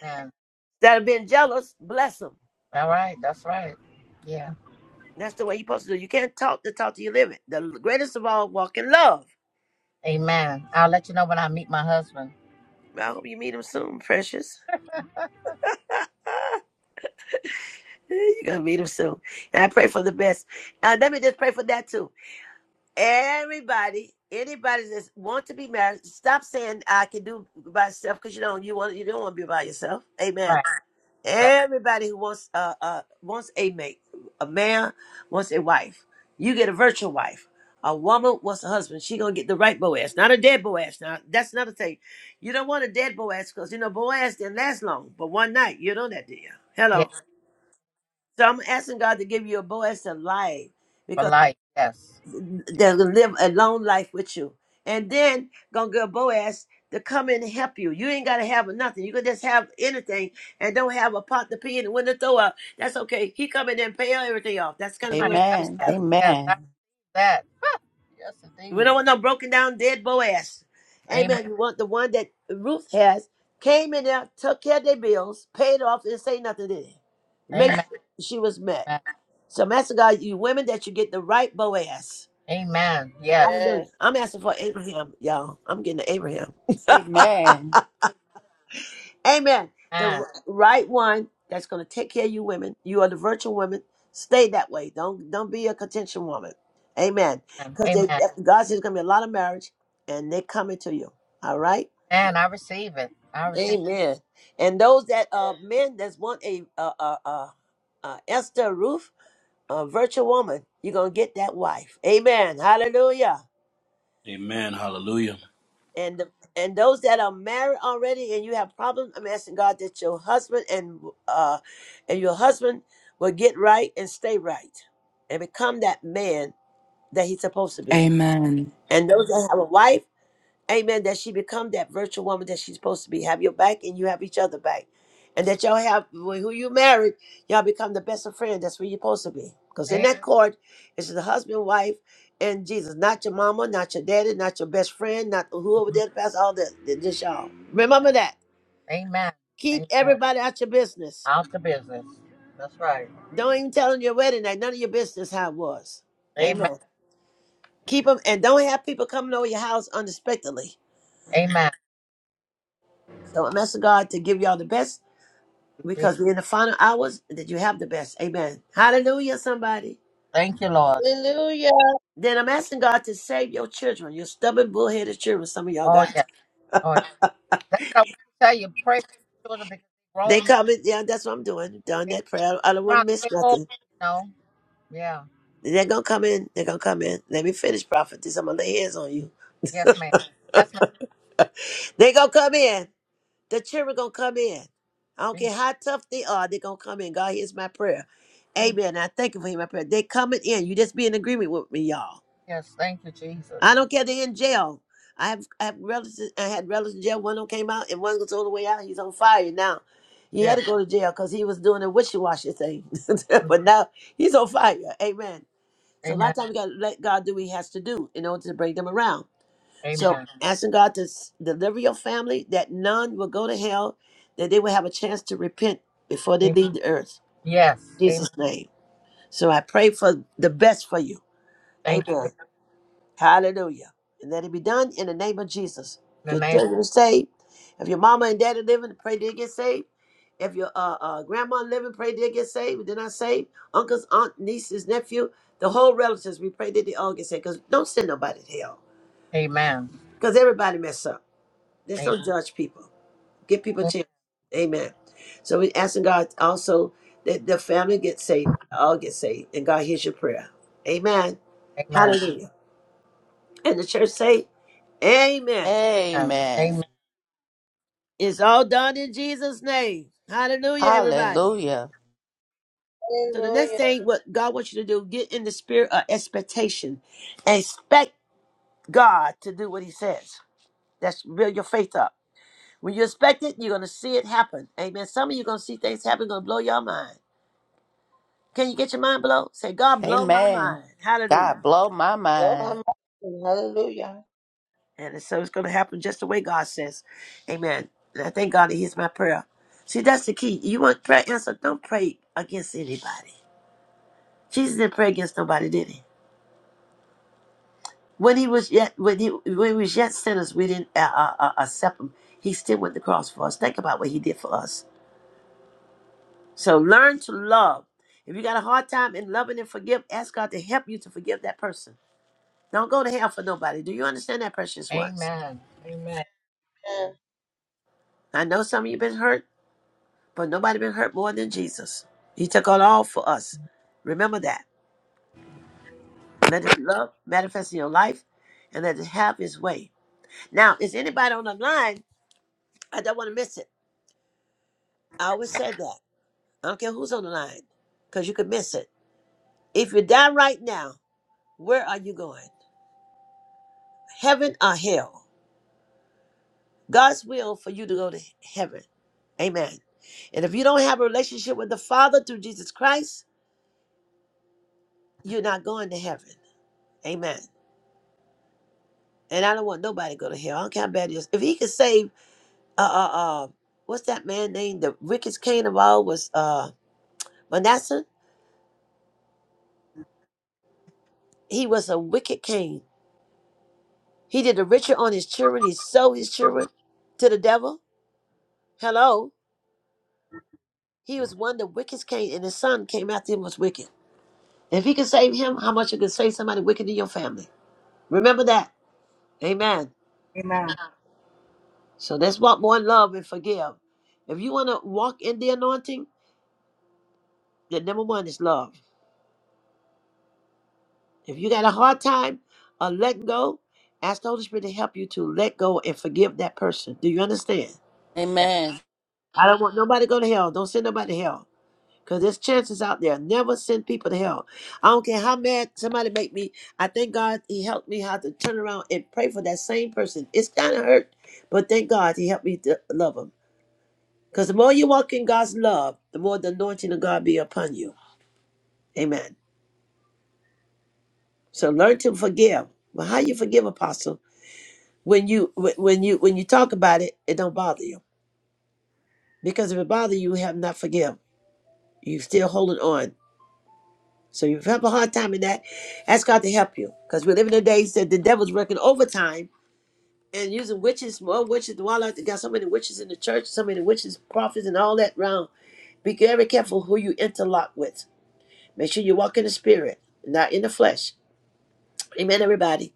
X: amen.
A: of being jealous, bless them.
X: All right, that's right. Yeah.
A: That's the way you're supposed to do. You can't talk to talk to you live it. The greatest of all, walk in love.
X: Amen. I'll let you know when I meet my husband.
A: I hope you meet him soon, precious.
X: (laughs)
A: (laughs) You're gonna meet him soon. And I pray for the best. Uh, let me just pray for that too. Everybody, anybody that wants to be married, stop saying I can do it by myself because you don't. You want you don't want to be by yourself. Amen.
X: right. That,
A: Everybody who wants uh, uh wants a mate, a man wants a wife. You get a virtual wife. A woman wants a husband. She gonna get the right Boaz, not a dead Boaz. Now that's another thing. You don't want a dead Boaz because you know Boaz didn't last long, but one night you know that deal. Hello.
X: yeah,
A: So I'm asking God to give you a Boaz to life
X: for
A: because
X: life. Yes.
A: they're gonna live a long life with you. And then gonna get a Boaz to come in and help you. You ain't gotta have nothing. You can just have anything and don't have a pot to pee in and when to throw up. That's okay. He come in and pay everything off. That's kind of
X: My
A: Boaz
X: God.
A: was
D: Amen.
A: there.
X: Yes, after
D: Amen.
X: that. (laughs) Yes,
A: We don't
X: indeed.
A: want no broken down dead Boaz.
X: Amen.
A: Amen. You want the one that Ruth has, came in there, took care of their bills, paid off, and say nothing, did he? Make
X: Amen.
A: sure she was met. So, Master God, you women that you get the right Boaz.
X: Amen. Yes.
Q: Amen.
A: Hallelujah. I'm asking for Abraham, y'all. I'm getting to Abraham.
D: Amen.
A: (laughs) Amen. The
X: Amen.
A: r- right one that's going to take care of you women. You are the virtual women. Stay that way. Don't don't be a contention woman. Amen. Because
X: Amen.
A: God says there's going to be a lot of marriage, and they're coming to you. All right.
X: And I receive it. I receive
A: Amen. And those that uh men that want a uh uh uh, uh Esther Ruth, a virtual woman, you're gonna get that wife. Amen. Hallelujah.
C: Amen. Hallelujah.
A: and the, and those that are married already and you have problems i'm asking god that your husband and uh and your husband will get right and stay right and become that man that he's supposed to be
Y: Amen.
A: and those that have a wife Amen. That she become that virtual woman that she's supposed to be. Have your back and you have each other back. And that y'all have wh- who you married, y'all become the best of friends. That's where you're supposed to be. Because in
X: it.
A: that court, it's the husband, wife, and Jesus. Not your mama, not your daddy, not your best friend, not whoever
X: Amen.
A: that pastor, all that. Th- Just y'all. Remember that.
X: Amen.
A: Keep
X: Amen.
A: everybody out your business.
X: Out the business. That's right.
A: Don't even tell them your wedding night. None of your business how it was.
X: Amen.
A: Amen. Keep them and don't have people coming over your house unexpectedly.
X: Amen.
A: So I'm asking God to give y'all the best because we're in the final hours that you have the best. Amen. Hallelujah, somebody.
X: Thank you, Lord.
Q: Hallelujah.
A: Then I'm asking God to save your children, your stubborn, bullheaded children. Some of y'all
X: Oh
A: got.
X: yeah. Oh yeah. That's what I want to tell you. Pray for my children because they're
A: They
X: grown men
A: come in. Yeah, that's what I'm doing. Done
X: they
A: that prayer. I don't want
X: trying
A: to
X: to
A: miss
X: take over,
A: nothing.
X: you know. Yeah.
A: They're going to come in. They're going to come in. Let me finish, prophetess. I'm going to lay hands on you.
X: Yes, ma'am. Yes, ma'am.
A: They're going to come in. The children going to come in. I don't
X: Jesus.
A: care how tough they are. They're going to come in. God hears my prayer.
X: Thank you.
A: Amen. I thank you for hearing my prayer. They coming in. You just be in agreement with me, y'all.
X: Yes, thank you, Jesus.
A: I don't care. They're in jail. I have I have relatives. I had relatives in jail. One of them came out, and one goes all the way out. He's on fire now. He had
X: Yes.
A: to go to jail because he was doing a wishy washy thing. (laughs)
X: Mm.
A: but now he's on fire. Amen. So a lot
X: Amen.
A: of times we got to let God do what He has to do in order to bring them around. So
X: Amen.
A: asking God to s- deliver your family, that none will go to hell, that they will have a chance to repent before they
X: Amen.
A: leave the earth.
X: Yes.
A: In
X: Amen.
A: Jesus' name. So I pray for the best for you.
X: Thank you.
A: Amen.
X: In
A: Hallelujah. And let it be done in the name of Jesus.
X: the
A: Your
X: name.
A: children are saved. If your mama and daddy living, pray they get saved. If your uh, uh, grandma living, pray they get saved. If they're not saved, uncles, aunt, nieces, nephew, the whole relatives, we pray that they all get saved. Because don't send nobody to hell.
X: Amen.
A: Because everybody mess up. Just
X: Amen.
A: don't judge people. Give people a chance. Amen. So we asking God also that the family get saved, all get saved, and God hears your prayer. Amen.
X: Amen.
A: Hallelujah. And the church say, Amen.
X: Amen.
D: Amen.
X: Amen.
A: It's all done in Jesus' name. Hallelujah,
Q: Amen.
A: everybody.
D: Hallelujah.
A: So the next
Q: Hallelujah.
A: thing what God wants you to do, get in the spirit of expectation. Expect God to do what he says. That's build your faith up. When you expect it, you're gonna see it happen. Amen. Some of you gonna see things happen, gonna blow your mind. Can you get your mind blown? Say, God blow my
D: Amen.
A: mind. Hallelujah.
D: God blow my
Q: Blow my
D: mind.
Q: mind. Hallelujah.
A: And so it's going to happen just the way God says. Amen. And I thank God he hears my prayer. See, that's the key. You want prayer answered? Don't pray against anybody. Jesus didn't pray against nobody, did he? When he was yet when he when he was yet sinners, we didn't uh, uh, uh, accept him. He still went to the cross for us. Think about what he did for us. So learn to love. If you got a hard time in loving and forgive, ask God to help you to forgive that person. Don't go to hell for nobody. Do you understand that, precious ones?
X: Amen. Amen.
Q: Amen.
A: I know some of you been hurt. But nobody been hurt more than Jesus. He took on all for us. Remember that. Let his love manifest in your life and let it have his way. Now, is anybody on the line? I don't want to miss it. I always said that. I don't care who's on the line because you could miss it. If you die right now, where are you going? Heaven or hell? God's will for you to go to heaven. Amen. And if you don't have a relationship with the Father through Jesus Christ, you're not going to heaven. Amen. And I don't want nobody to go to hell. I don't care how bad it is. If he could save uh uh uh what's that man named? The richest king of all was uh Manasseh. He was a wicked king. He did the richer on his children, he sold his children to the devil. Hello. He was one of the wickedest king and his son came after him was wicked. If he could save him, how much you could save somebody wicked in your family. Remember that. Amen.
X: Amen.
A: So let's walk more in love and forgive. If you want to walk in the anointing, the number one is love. If you got a hard time uh, letting go, ask the Holy Spirit to help you to let go and forgive that person. Do you understand?
X: Yeah.
D: Amen.
A: I don't want nobody to go to hell. Don't send nobody to hell. Because there's chances out there. Never send people to hell. I don't care how mad somebody make me. I thank God he helped me how to turn around and pray for that same person. It's kind of hurt, but thank God he helped me to love him. Because the more you walk in God's love, the more the anointing of God be upon you. Amen. So learn to forgive. Well, how you forgive, Apostle? When you wh- when you when you talk about it, it don't bother you because if it bother you, you have not forgive. You still holding on. So you have a hard time in that. Ask God to help you because we live in the days that the devil's working overtime and using witches, more witches. While they got so many witches in the church, so many witches, prophets, and all that round. Be very careful who you interlock with. Make sure you walk in the spirit, not in the flesh. Amen, everybody.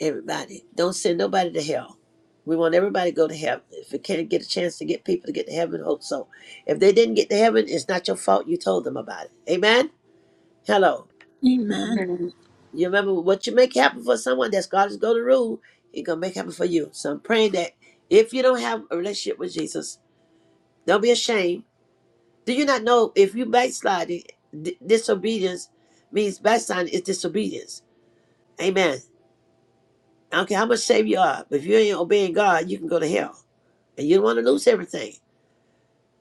A: Everybody. Don't send nobody to hell. We want everybody to go to heaven. If we can't get a chance to get people to get to heaven, hope so. If they didn't get to heaven, it's not your fault you told them about it. Amen? Hello.
G: Amen.
J: Amen.
A: You remember what you make happen for someone, that's God is going to rule. He's going to make happen for you. So I'm praying that if you don't have a relationship with Jesus, don't be ashamed. Do you not know if you backsliding, di- disobedience means backsliding is disobedience. Amen. I don't care how much saved you are, but if you ain't obeying God, you can go to hell. and you don't want to lose everything.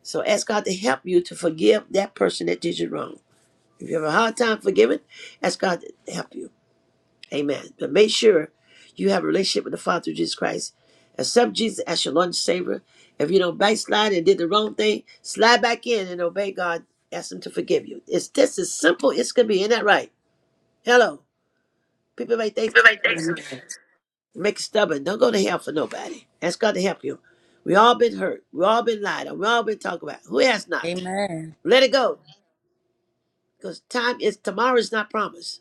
A: So ask God to help you to forgive that person that did you wrong. If you have a hard time forgiving, ask God to help you. Amen. But make sure you have a relationship with the Father through Jesus Christ. Accept Jesus as your Lord and Savior. If you don't backslide and did the wrong thing, slide back in and obey God. Ask Him to forgive you. It's just as simple as it could be. Isn't that right? Hello. People make things complex. Make it stubborn. Don't go to hell for nobody. Ask God to help you. We all been hurt. We all been lied on. We all been talked about. Who has not?
D: Amen.
A: Let it go. Because time is tomorrow is not promised.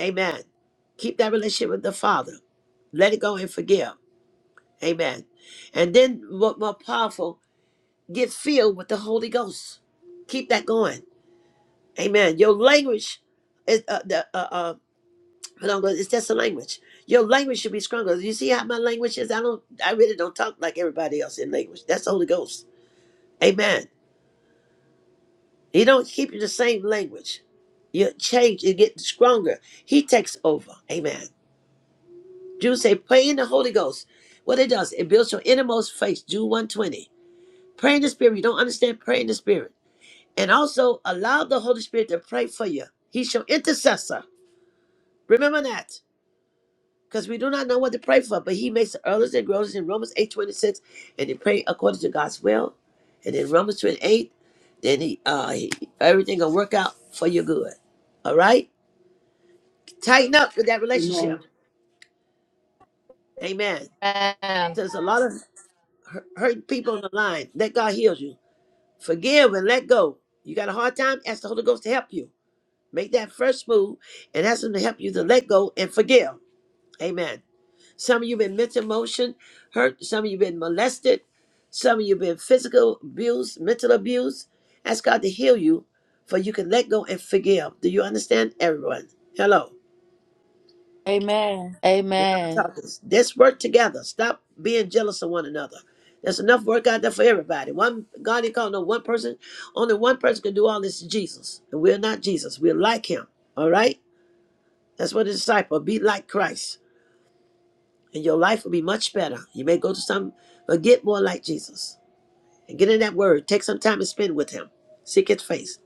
A: Amen. Keep that relationship with the Father. Let it go and forgive. Amen. And then what more powerful, get filled with the Holy Ghost. Keep that going. Amen. Your language is uh, the uh, uh hold on, it's just a language. Your language should be stronger. You see how my language is? I don't I really don't talk like everybody else in language. That's the Holy Ghost. Amen. He don't keep you the same language. You change, you get stronger. He takes over. Amen. Jews say, pray in the Holy Ghost. What it does, it builds your innermost faith. Jude 120. Pray in the Spirit. You don't understand, pray in the Spirit. And also allow the Holy Spirit to pray for you. He's your intercessor. Remember that. Because we do not know what to pray for, but he makes the earliest and grows in Romans 8 26. And they pray according to God's will. And in Romans 28, then he uh he, everything gonna work out for your good. All right? Tighten up with that relationship.
J: Amen.
A: Amen.
X: Amen.
A: There's a lot of hu- hurt people on the line. Let God heal you. Forgive and let go. You got a hard time? Ask the Holy Ghost to help you. Make that first move and ask Him to help you to let go and forgive. Amen. Some of you been mental emotion hurt. Some of you been molested. Some of you been physical abuse, mental abuse. Ask God to heal you, for you can let go and forgive. Do you understand, everyone? Hello.
D: Amen.
A: Now I'm
D: Amen.
A: talking. Let's work together. Stop being jealous of one another. There's enough work out there for everybody. One God didn't call no one person. Only one person can do all this Jesus. And we're not Jesus. We're like him. All right? That's what a disciple. Be like Christ. And your life will be much better. You may go to some, but get more like Jesus. And get in that word. Take some time and spend with him. Seek his face.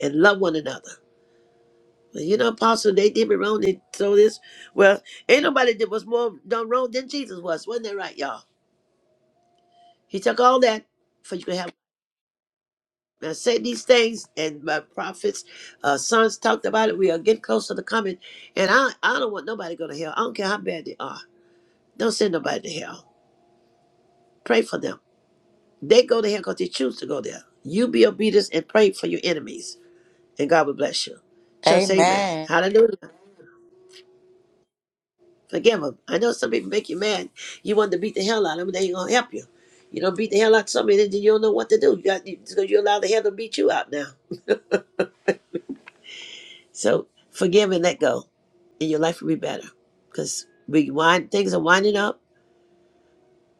A: And love one another. Well, You know, apostle, they did me wrong. They told this. Well, ain't nobody that was more done wrong than Jesus was. Wasn't that right, y'all? He took all that for you to have. Now say these things, and my prophets, uh, sons talked about it. We are getting closer to coming, and I, I don't want nobody to go to hell. I don't care how bad they are. Don't send nobody to hell. Pray for them. They go to hell because they choose to go there. You be obedient and pray for your enemies, and God will bless you. Church, say amen.
D: Amen.
A: Hallelujah. Forgive them. I know some people make you mad. You want to beat the hell out of them. They ain't gonna help you. You don't beat the hell out of somebody, then you don't know what to do. You got because you allow the hell to beat you out now. So forgive and let go, and your life will be better. Because we wind things are winding up,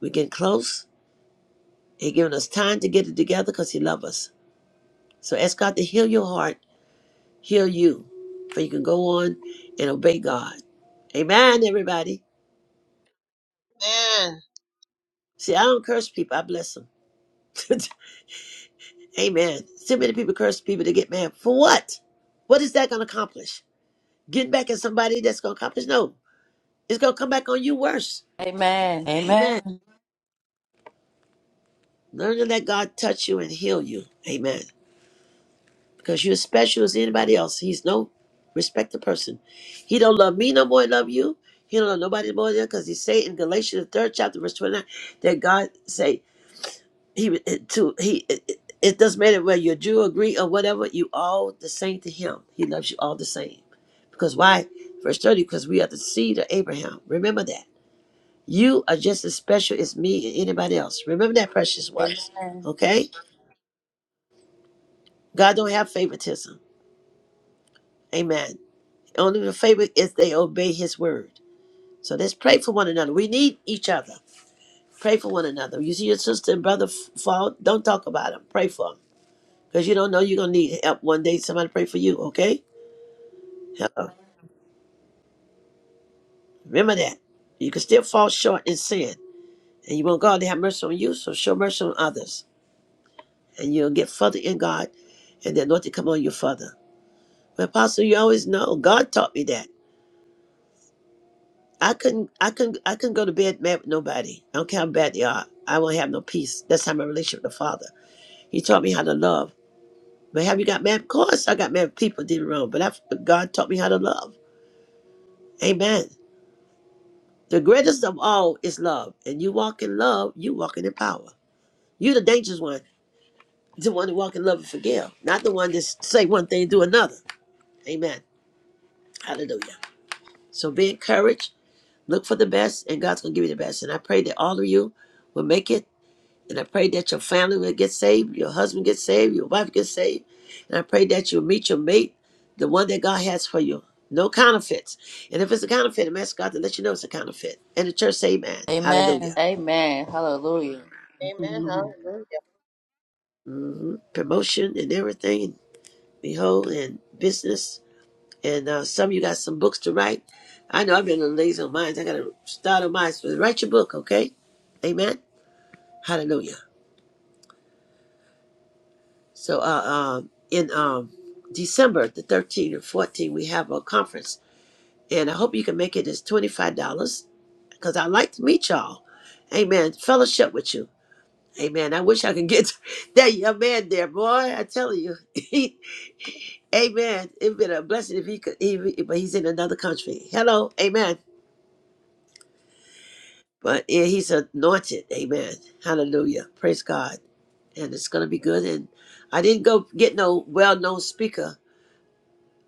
A: we're getting close. He giving us time to get it together because He loves us. So ask God to heal your heart, heal you, for you can go on and obey God. Amen, everybody.
Q: Amen.
A: See, I don't curse people, I bless them. (laughs) Amen. Too many people curse people to get mad. For what? What is that going to accomplish? Getting back at somebody that's going to accomplish? No, it's going to come back on you worse.
D: Amen.
A: Amen.
D: Amen.
A: Learn to let God touch you and heal you. Amen. Because you're as special as anybody else. He's no respected person. He don't love me no more than love you. He don't love nobody more than because he say in Galatians the third chapter verse twenty nine that God say he to he it, it it doesn't matter whether you're Jew or Greek or whatever you all the same to him. He loves you all the same. Because why? Verse thirty. Because we are the seed of Abraham. Remember that you are just as special as me and anybody else. Remember that, precious ones.
D: Amen.
A: Okay. God don't have favoritism. Amen. Only the favor is they obey his word. So let's pray for one another. We need each other. Pray for one another. You see your sister and brother f- fall, don't talk about them. Pray for them. Because you don't know you're going to need help one day. Somebody pray for you, okay? Hello. Remember that. You can still fall short in sin. And you want God to have mercy on you, so show mercy on others. And you'll get further in God, and the anointing come on you further. But Apostle, you always know. God taught me that. I couldn't, I couldn't, I couldn't go to bed mad with nobody. I don't care how bad they are. I won't have no peace. That's how my relationship with the Father. He taught me how to love. But have you got mad? Of course, I got mad. with People did wrong, but I, God taught me how to love. Amen. The greatest of all is love, and you walk in love, you walking in power. you the dangerous one, the one that walk in love and forgive, not the one that say one thing and do another. Amen. Hallelujah. So be encouraged. Look for the best, and God's gonna give you the best. And I pray that all of you will make it And I pray that your family will get saved, your husband gets saved, your wife gets saved. And I pray that you'll meet your mate, the one that God has for you. No counterfeits. And if it's a counterfeit, I'm asking God to let you know it's a counterfeit. And the church say amen.
D: Amen.
A: Hallelujah.
D: Amen. Hallelujah.
J: Amen.
Q: Amen. Hallelujah.
A: Promotion and everything, behold, and business. And uh, some of you got some books to write. I know I've been on lazy on mine. I got to start on mine. So write your book, okay? Amen. Hallelujah. So uh, um, in um, December the 13th and 14th, we have a conference and I hope you can make it as $25 because I'd like to meet y'all. Amen. Fellowship with you. Amen. I wish I could get (laughs) that young man there, boy. I tell you. (laughs) He, amen. It'd been a blessing if he could, he, but he's in another country. Hello. Amen. But yeah, he's anointed. Amen. Hallelujah. Praise God. And it's going to be good. And I didn't go get no well known speaker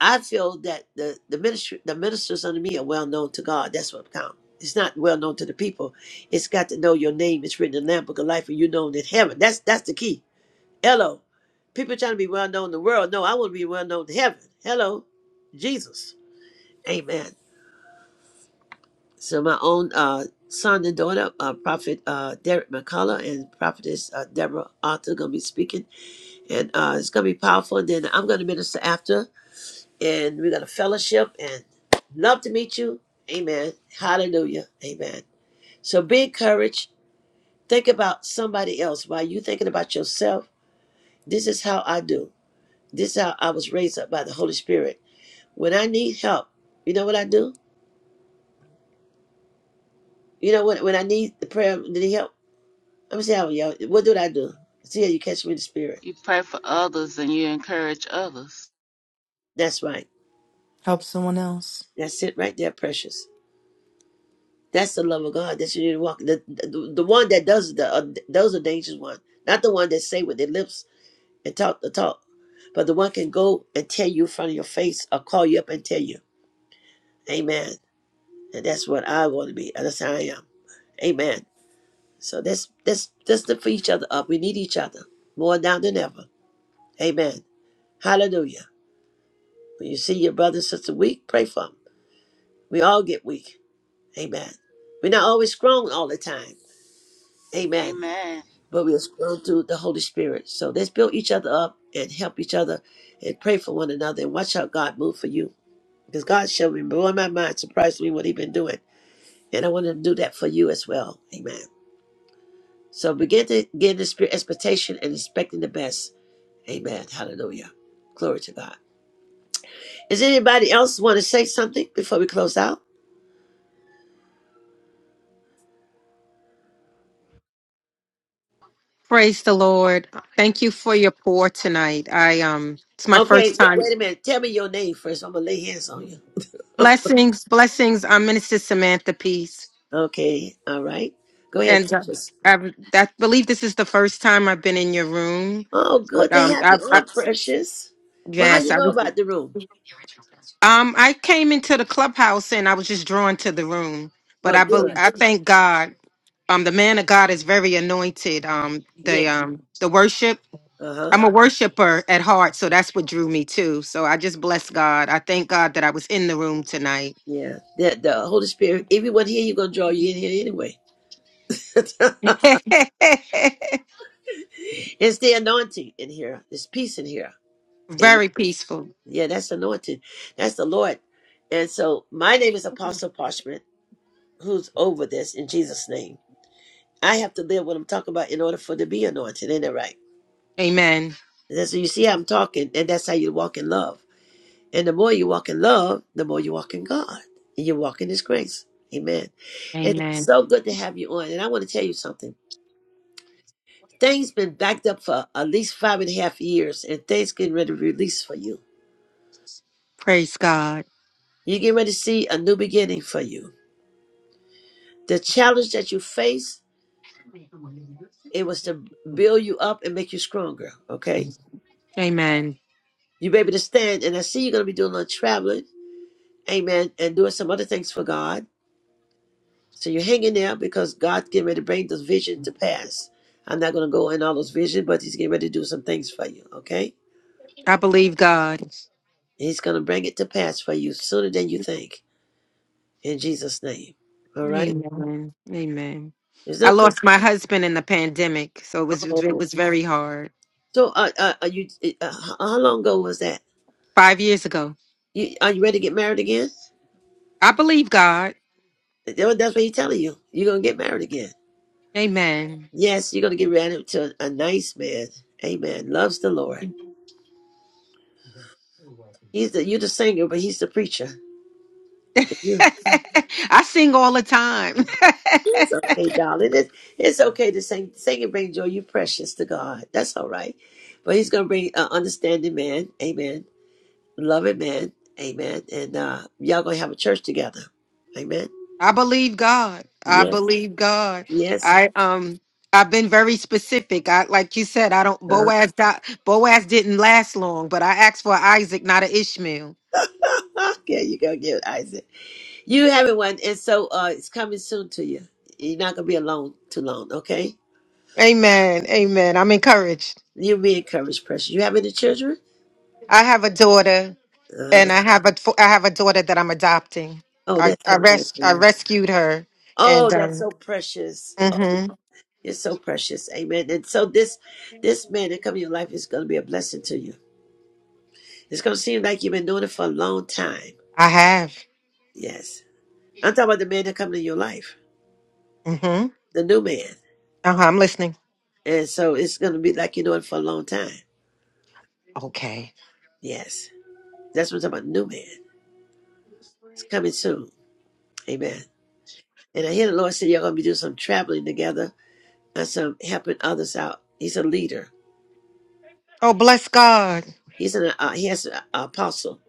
A: I feel that the the ministry, the ministers under me are well known to God. That's what counts. It's not well known to the people. It's got to know your name. It's written in the Lamb Book of Life, and you known in heaven. That's that's the key. Hello, people trying to be well known in the world. No, I want to be well known in heaven. Hello, Jesus. Amen. So my own uh, son and daughter, uh, Prophet uh, Derek McCullough and Prophetess uh, Deborah Arthur, gonna be speaking, and uh, it's gonna be powerful. And then I'm gonna minister after. and we're going to fellowship and love to meet you. Amen. Hallelujah. Amen. So be encouraged. Think about somebody else while you're thinking about yourself. This is how I do. This is how I was raised up by the Holy Spirit. When I need help, you know what I do? You know what? When I need the prayer, need help. I'm saying, y'all, what do I do? See how you catch me in the spirit.
D: You pray for others and you encourage others.
A: That's right.
Y: Help someone else.
A: That's it right there, precious. That's the love of God. That's you need to walk. The, the, the one that does the uh, those are dangerous ones. not the one that say with their lips and talk the talk. But the one can go and tell you in front of your face or call you up and tell you, Amen. And that's what I want to be. That's how I am. Amen. So that's that's that's lift for each other up. We need each other more now than ever. Amen. Hallelujah. When you see your brother and sister weak, pray for them. We all get weak. Amen. We're not always strong all the time. Amen.
D: Amen.
A: But we are strong through the Holy Spirit. So let's build each other up and help each other and pray for one another and watch how God move for you Because God showed me, blew my mind, surprised me what He's been doing. And I want to do that for you as well. Amen. So begin to get in the spirit expectation and expecting the best. Amen. Hallelujah. Glory to God. Does anybody else want to say something before we close out?
W: Praise the Lord. Thank you for your pour tonight. I um it's my
A: Okay,
W: first
A: wait,
W: time.
A: wait a minute. Tell me your name first. I'm going to lay hands on you.
W: Blessings, blessings. I'm Minister Samantha Peace.
A: Okay, all right. Go ahead,
W: And uh,
A: Precious.
W: I, I believe this is the first time I've been in your room.
A: Oh, good
W: But
A: to
W: um
A: have
W: I,
A: you
W: I
A: on, Precious. Well, how
W: yes,
A: you
W: I
A: know
W: was
A: about the room?
W: um I came into the clubhouse and I was just drawn to the room. But
A: Well,
W: I bel
A: good.
W: I thank God. Um the man of God is very anointed. Um the
A: Yeah.
W: um the worship
A: Uh-huh.
W: I'm a worshiper at heart, so that's what drew me too. So I just bless God. I thank God that I was in the room tonight.
A: Yeah, the, the Holy Spirit, everyone here, you're going to draw you in here anyway. (laughs) it's
W: (laughs)
A: the anointing in here. There's peace in here. Amen.
W: Very peaceful.
A: Yeah, that's anointing. That's the Lord. And so my name is Apostle Parchment, who's over this in Jesus' name. I have to live what I'm talking about in order for to be anointed. ain't not it right?
W: Amen.
A: And that's you see how I'm talking, and that's how you walk in love. And the more you walk in love, the more you walk in God. And you walk in His grace. Amen. And it's
W: Amen.
A: so good to have you on. And I want to tell you something. Things been backed up for at least five and a half years, and things getting ready to release for you.
W: Praise God.
A: You get ready to see a new beginning for you. The challenge that you face, it was to build you up and make you stronger. Okay,
W: Amen.
A: you be able to stand, and I see you're gonna be doing a little traveling, amen, and doing some other things for God. So you're hanging there because God's getting ready to bring this vision to pass. I'm not gonna go in all those visions, but He's getting ready to do some things for you. Okay,
W: I believe God.
A: He's gonna bring it to pass for you sooner than you think. In Jesus' name. All right.
W: Amen. Amen.
A: Is
W: I
A: that cool?
W: lost my husband in the pandemic, so it was it
A: Oh,
W: was very hard.
A: so uh, uh, are you? Uh, h- uh, how long ago was that?
W: 5 years ago.
A: You are you ready to get married again?
W: I believe God.
A: That- That's what he's telling you. You're gonna get married again.
W: Amen.
A: Yes, you're gonna get married to a nice man. Amen. Loves the Lord. He's the you're the singer, but he's the preacher. And
W: (laughs)
A: you-
W: I sing all the time. (laughs)
A: It's okay, darling. It's, it's okay to sing. Singing brings joy. You're precious to God. That's all right. But he's gonna bring an understanding man. Amen. Loving man. Amen. And uh, y'all gonna have a church together. Amen.
W: I believe God. I
A: Yes.
W: believe God.
A: Yes.
W: I um I've been very specific. I like you said, I don't
A: Uh,
W: Boaz di- Boaz didn't last long, but I asked for Isaac, not an Ishmael.
A: (laughs) yeah, you gonna give it Isaac. You having one, and so uh, it's coming soon to you. You're not gonna be alone too long, okay?
W: Amen. Amen. I'm encouraged.
A: You be encouraged, precious. You have any children?
W: I have a daughter
A: Uh,
W: and I have a I have a daughter that I'm adopting.
A: oh,
W: I
A: that's
W: I,
A: so good
W: res-
A: for
W: I
A: you.
W: rescued her
A: Oh,
W: and
A: that's
W: um
A: so precious.
W: mhm
A: You're so precious, amen. And so this this man that come in your life is gonna be a blessing to you. It's gonna seem like you've been doing it for a long time.
W: I have.
A: Yes, I'm talking about the man that come in your life,
W: Mhm.
A: the new man.
W: Uh-huh, I'm listening.
A: And so it's gonna be like you're doing it for a long time.
W: Okay.
A: Yes, that's what I'm talking about, new man. It's coming soon. Amen. And I hear the Lord say you're going to be doing some traveling together and some helping others out. He's a leader.
W: Oh, bless God.
A: He's an uh, he has an apostle.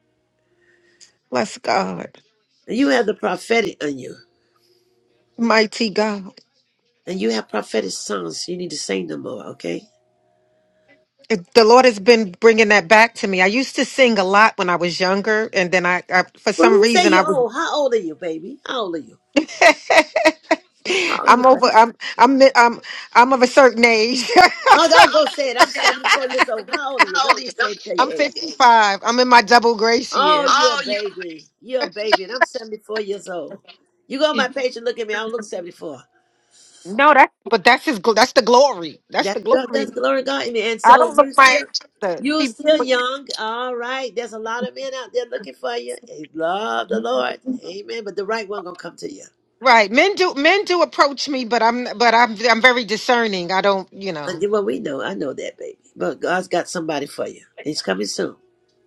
W: Bless God.
A: And you have the prophetic on you,
W: Mighty God.
A: and you have prophetic songs. You need to sing them more. Okay.
W: It- the Lord has been bringing that back to me. I used to sing a lot when I was younger, and then I, I for
A: Well,
W: some
A: who say
W: reason, I
A: you
W: was.
A: old? How old are you, baby? How old are you?
W: (laughs)
A: How old are you?
W: I'm over. I'm. I'm. I'm. I'm of a certain age.
A: Oh, don't go say it. I'm 74
W: (laughs)
A: years old. How old are you? Don't be ashamed to tell your
W: I'm
A: age.
W: 55. I'm in my double grace year.
A: Oh, you're a baby. You're a baby, and I'm 74 years old. You go on my page and look at me. I don't look 74.
W: No, that. But that's his. gl- That's the glory. That's
A: That's
W: the
A: good. That's
W: glory.
A: the glory to God. Amen. And
W: I
A: so
W: don't look
A: you
W: my
A: still,
W: the
A: you
W: people.
A: still young. All right. There's a lot of men out there looking for you. They love the Lord. Amen. But the right one gonna come to you.
W: Right, men do men do approach me, but I'm but I'm I'm very discerning. I don't, you know.
A: And well, we know. I know that, baby. But God's got somebody for you. He's coming soon.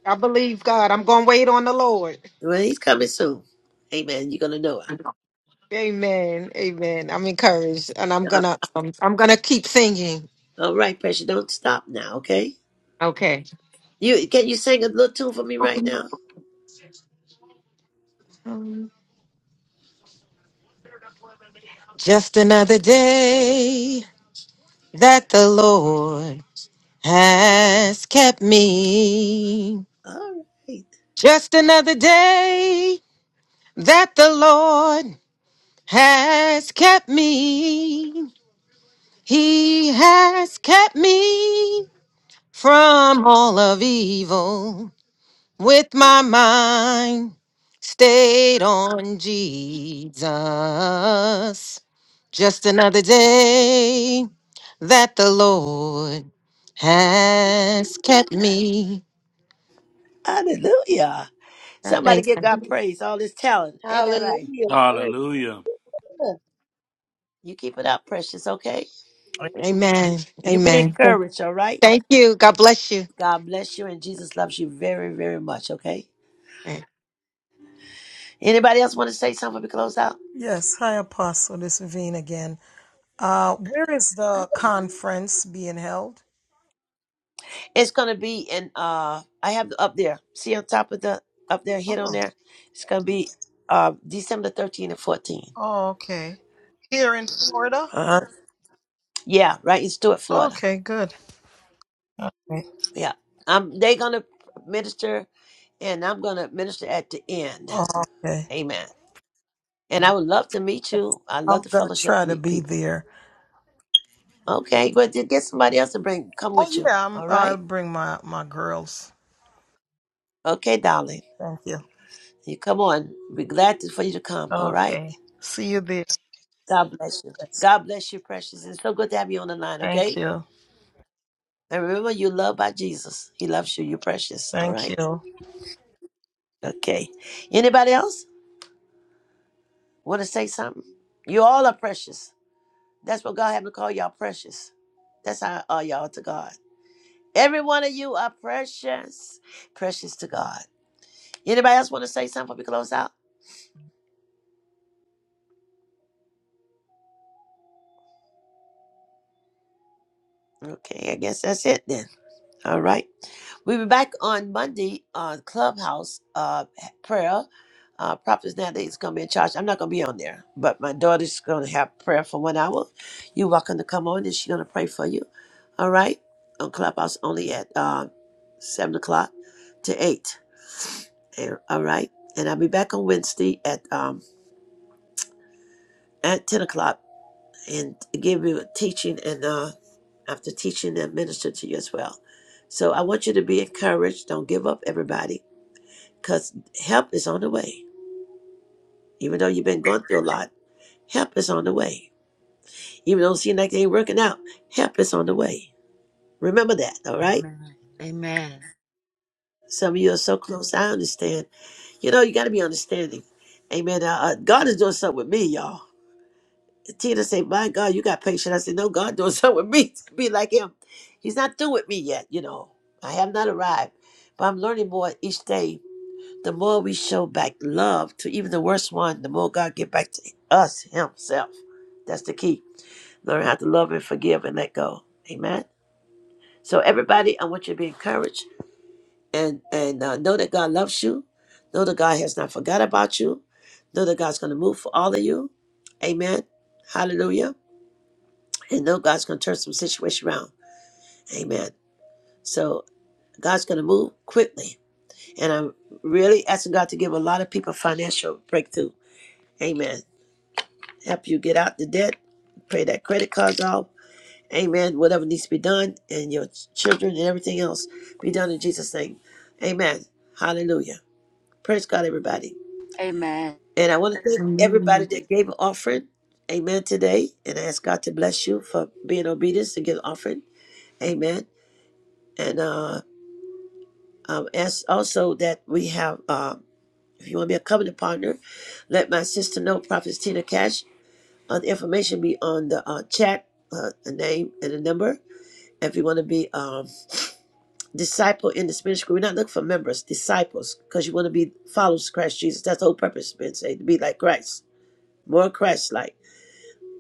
W: I believe God. I'm gonna wait on the Lord.
A: Well, he's coming soon. Amen. You're gonna know him.
W: Amen. Amen. I'm encouraged and I'm
A: All
W: going
A: right,
W: to um, I'm going to keep singing.
A: all right, precious, Don't stop now. Okay.
W: Okay.
A: You can you sing a little tune for me right now?
W: Um, Just another day that the Lord has kept me.
A: All right.
W: Just another day that the Lord has kept me. He has kept me from all of evil. with my mind stayed on Jesus. Just another day that the Lord has kept me.
A: Hallelujah.
W: I
A: Somebody
W: thank-
A: give God praise. All this talent. Ain't that right?
Q: Hallelujah. Glory.
C: Hallelujah.
A: You keep it up, precious. Okay.
W: Amen.
A: You be
W: Amen.
A: encouraged, all right?
W: Thank you. God bless you.
A: God bless you, and Jesus loves you very, very much, okay? Anybody else want to say something to close out?
M: yes. Hi, Apostle. This is Veen again. Uh, where is the conference being held?
A: It's going to be in, uh, I have up there, see on top of the, up there, hit on
M: Oh,
A: there? It's going to be uh, December 13 and 14.
M: oh okay. Here in Florida?
A: Uh-huh. Yeah, right in Stuart, Florida.
M: Okay, good. Okay.
A: Yeah. Um, they're going to minister, and I'm going to minister at the end.
M: Oh, okay.
A: Amen. And I would love to meet you. I love
M: I'm
A: to
M: going to
A: fellowship,
M: try to
A: meet
M: be
A: people.
M: there.
A: Okay, but to get somebody else to bring, come with
M: Oh,
A: you,
M: yeah. I'm,
A: all right?
M: I'll bring my, my girls.
A: Okay, darling.
M: Thank you.
A: You come on. We're glad to- for you to come. All right.
M: Okay. See you there.
A: God bless you. God bless you, precious. It's so good to have you on the line.
M: Thank
A: Okay.
M: you.
A: And remember, you're loved by Jesus. He loves you. You're precious. All
M: Thank
A: right.
M: you.
A: Okay. Anybody else want to say something? You all are precious. That's what God having to call y'all precious. That's how are y'all to God. Every one of you are precious, precious to God. Anybody else want to say something before we close out? Okay, I guess that's it then. All right. We'll be back on Monday on Clubhouse uh, prayer. Uh, Prophets nowadays is going to be in charge. I'm not going to be on there, but my daughter's going to have prayer for one hour. You're welcome to come on and she's going to pray for you. All right? On Clubhouse only at uh, 7 o'clock to 8. And- all right? And I'll be back on Wednesday at um, at 10 o'clock and give you a teaching and uh, after teaching and minister to you as well. So I want you to be encouraged. Don't give up, everybody because help is on the way. Even though you've been going through a lot, help is on the way. Even though it seems like it ain't working out, help is on the way. Remember that, all right?
D: Amen. Amen.
A: Some of you are so close, I understand. You know, you got to be understanding. Amen. Uh, uh, God is doing something with me, y'all. Tina said, my God, you got patience. I said, no, God (laughs) doing something with me (laughs) to be like him. He's not through with me yet, you know. I have not arrived, but I'm learning more each day The more we show back love to even the worst one, the more God get back to us Himself. That's the key. Learn how to love and forgive and let go. Amen. So everybody, I want you to be encouraged and and uh, know that God loves you. Know that God has not forgot about you. Know that God's going to move for all of you. Amen. Hallelujah. And know God's going to turn some situation around. Amen. So God's going to move quickly. And I'm really asking God to give a lot of people financial breakthrough. Amen. help you get out the debt, pay that credit cards off. Amen. Whatever needs to be done, and your children and everything else be done in Jesus' name. Amen. Hallelujah. Praise God, everybody.
D: Amen.
A: And I want to thank everybody
J: Amen.
A: that gave an offering. Amen. Today, and I ask God to bless you for being obedient to give an offering. Amen. And uh, um, ask also that we have, uh, if you want to be a covenant partner, let my sister know, Prophet Tina Cash. Uh, the information be on the uh, chat, uh, a name and a number. If you want to be um, disciple in the Spanish group, we're not looking for members, disciples, because you want to be followers of Christ Jesus. That's the whole purpose, been Say to be like Christ, more Christ like.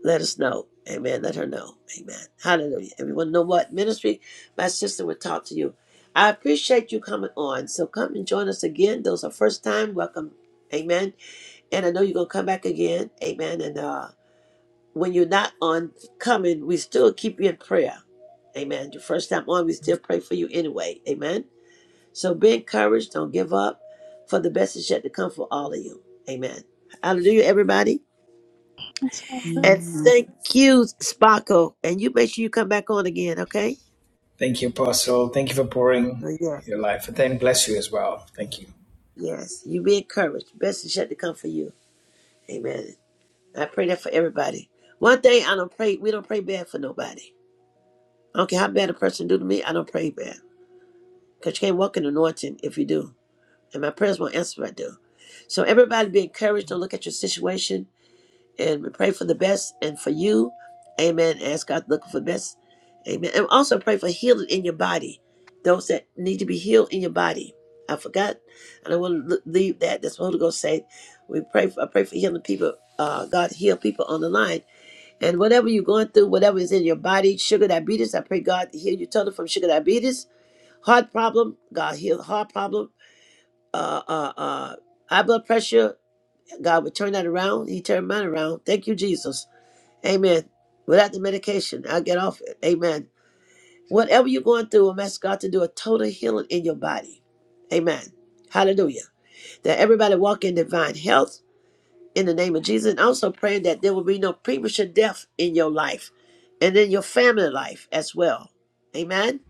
A: Let us know. Amen. Let her know. Amen. Hallelujah. If you want to know what ministry, my sister would talk to you. I appreciate you coming on. So come and join us again. Those are first time. Welcome. Amen. And I know you're gonna come back again. Amen. And uh when you're not on coming, we still keep you in prayer. Amen. Your first time on, we still pray for you anyway. Amen. So be encouraged. Don't give up. For the best is yet to come for all of you. Amen. Hallelujah, everybody.
G: It's all
A: And thank you, Sparkle. And you make sure you come back on again, okay?
P: Thank you, Apostle. Thank you for pouring
A: Oh, yeah.
P: your life. And then bless you as well. Thank you.
A: Yes. You be encouraged. Best is yet to come for you. Amen. I pray that for everybody. One thing I don't pray, we don't pray bad for nobody. I don't care how bad a person do to me, I don't pray bad. because you can't walk in anointing if you do. And my prayers won't answer if I do. So everybody be encouraged to look at your situation and we pray for the best and for you. Amen. Ask God to look for the best. Amen. And also pray for healing in your body. Those that need to be healed in your body. I forgot. I don't want to leave that. That's what Holy Ghost say. We pray for I pray for healing people. Uh, God heal people on the line. And whatever you're going through, whatever is in your body, sugar diabetes, I pray God to heal you totally from sugar diabetes heart problem, God healed heart problem, uh, uh, uh, high blood pressure, God would turn that around. He turned mine around. Thank you, Jesus. Amen. Without the medication, I'll get off it. Amen. Whatever you're going through, I'm asking God to do a total healing in your body. Amen. Hallelujah. That everybody walk in divine health in the name of Jesus. And also praying that there will be no premature death in your life and in your family life as well. Amen.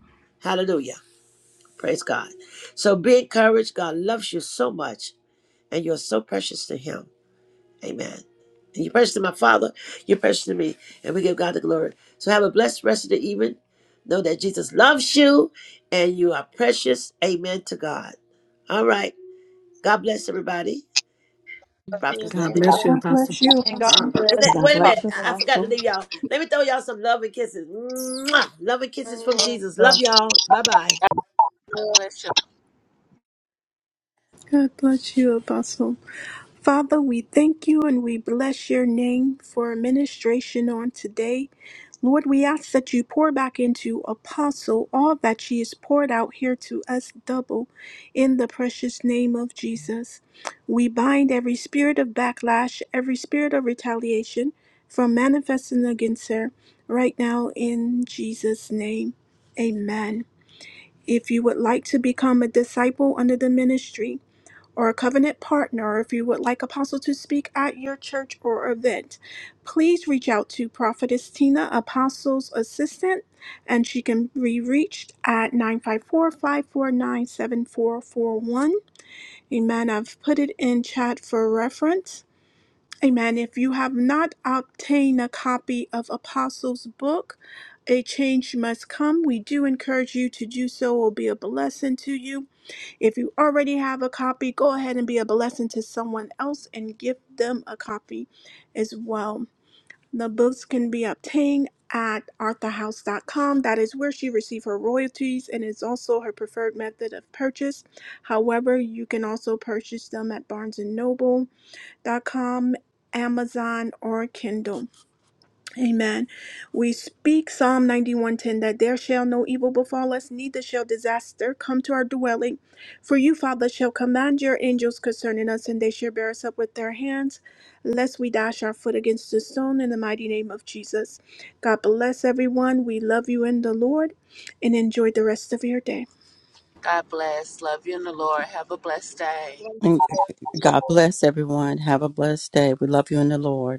A: Hallelujah. Praise God. So be encouraged. God loves you so much, and you're so precious to Him. Amen. And you're precious to my Father. You're precious to me, and we give God the glory. So have a blessed rest of the evening. Know that Jesus loves you, and you are precious. Amen to God. All right. God bless everybody.
Q: Yes,
A: Prophets now.
J: God bless you,
G: God
J: Apostle.
G: bless you, Apostle.
A: Wait a
E: God
A: wait a
E: bless
A: minute.
E: you,
A: I I forgot to
E: Apostle.
A: leave y'all. Let me throw y'all some love and kisses. Mwah! Love and kisses from
Q: amen.
A: Jesus.
M: So
A: Love y'all. Bye bye.
D: God bless you.
G: God bless you, Apostle. Father, we thank you and we bless your name for administration on today. Lord, we ask that you pour back into Apostle all that she has poured out here to us double in the precious name of Jesus. We bind every spirit of backlash, every spirit of retaliation from manifesting against her right now in Jesus' name. Amen. If you would like to become a disciple under the ministry, or a covenant partner, if you would like Apostle to speak at your church or event, please reach out to Prophetess Tina, Apostle's assistant, and she can be reached at 954 549 7441. Amen. I've put it in chat for reference. Amen. If you have not obtained a copy of Apostle's book, A Change Must Come, we do encourage you to do so. It will be a blessing to you. If you already have a copy, go ahead and be a blessing to someone else and give them a copy as well. The books can be obtained at arthahouse.com. That is where she received her royalties and is also her preferred method of purchase. However, you can also purchase them at barnesandnoble.com, Amazon, or Kindle. Amen. We speak Psalm 91:10 that there shall no evil befall us, neither shall disaster come to our dwelling. For you, Father, shall command your angels concerning us, and they shall bear us up with their hands, lest we dash our foot against a stone in the mighty name of Jesus. God bless everyone. We love you in the Lord and enjoy the rest of your day.
D: God bless. Love you in the Lord. Have a blessed day.
Q: Bless
E: And God bless everyone. Have a blessed day. We love you in the Lord.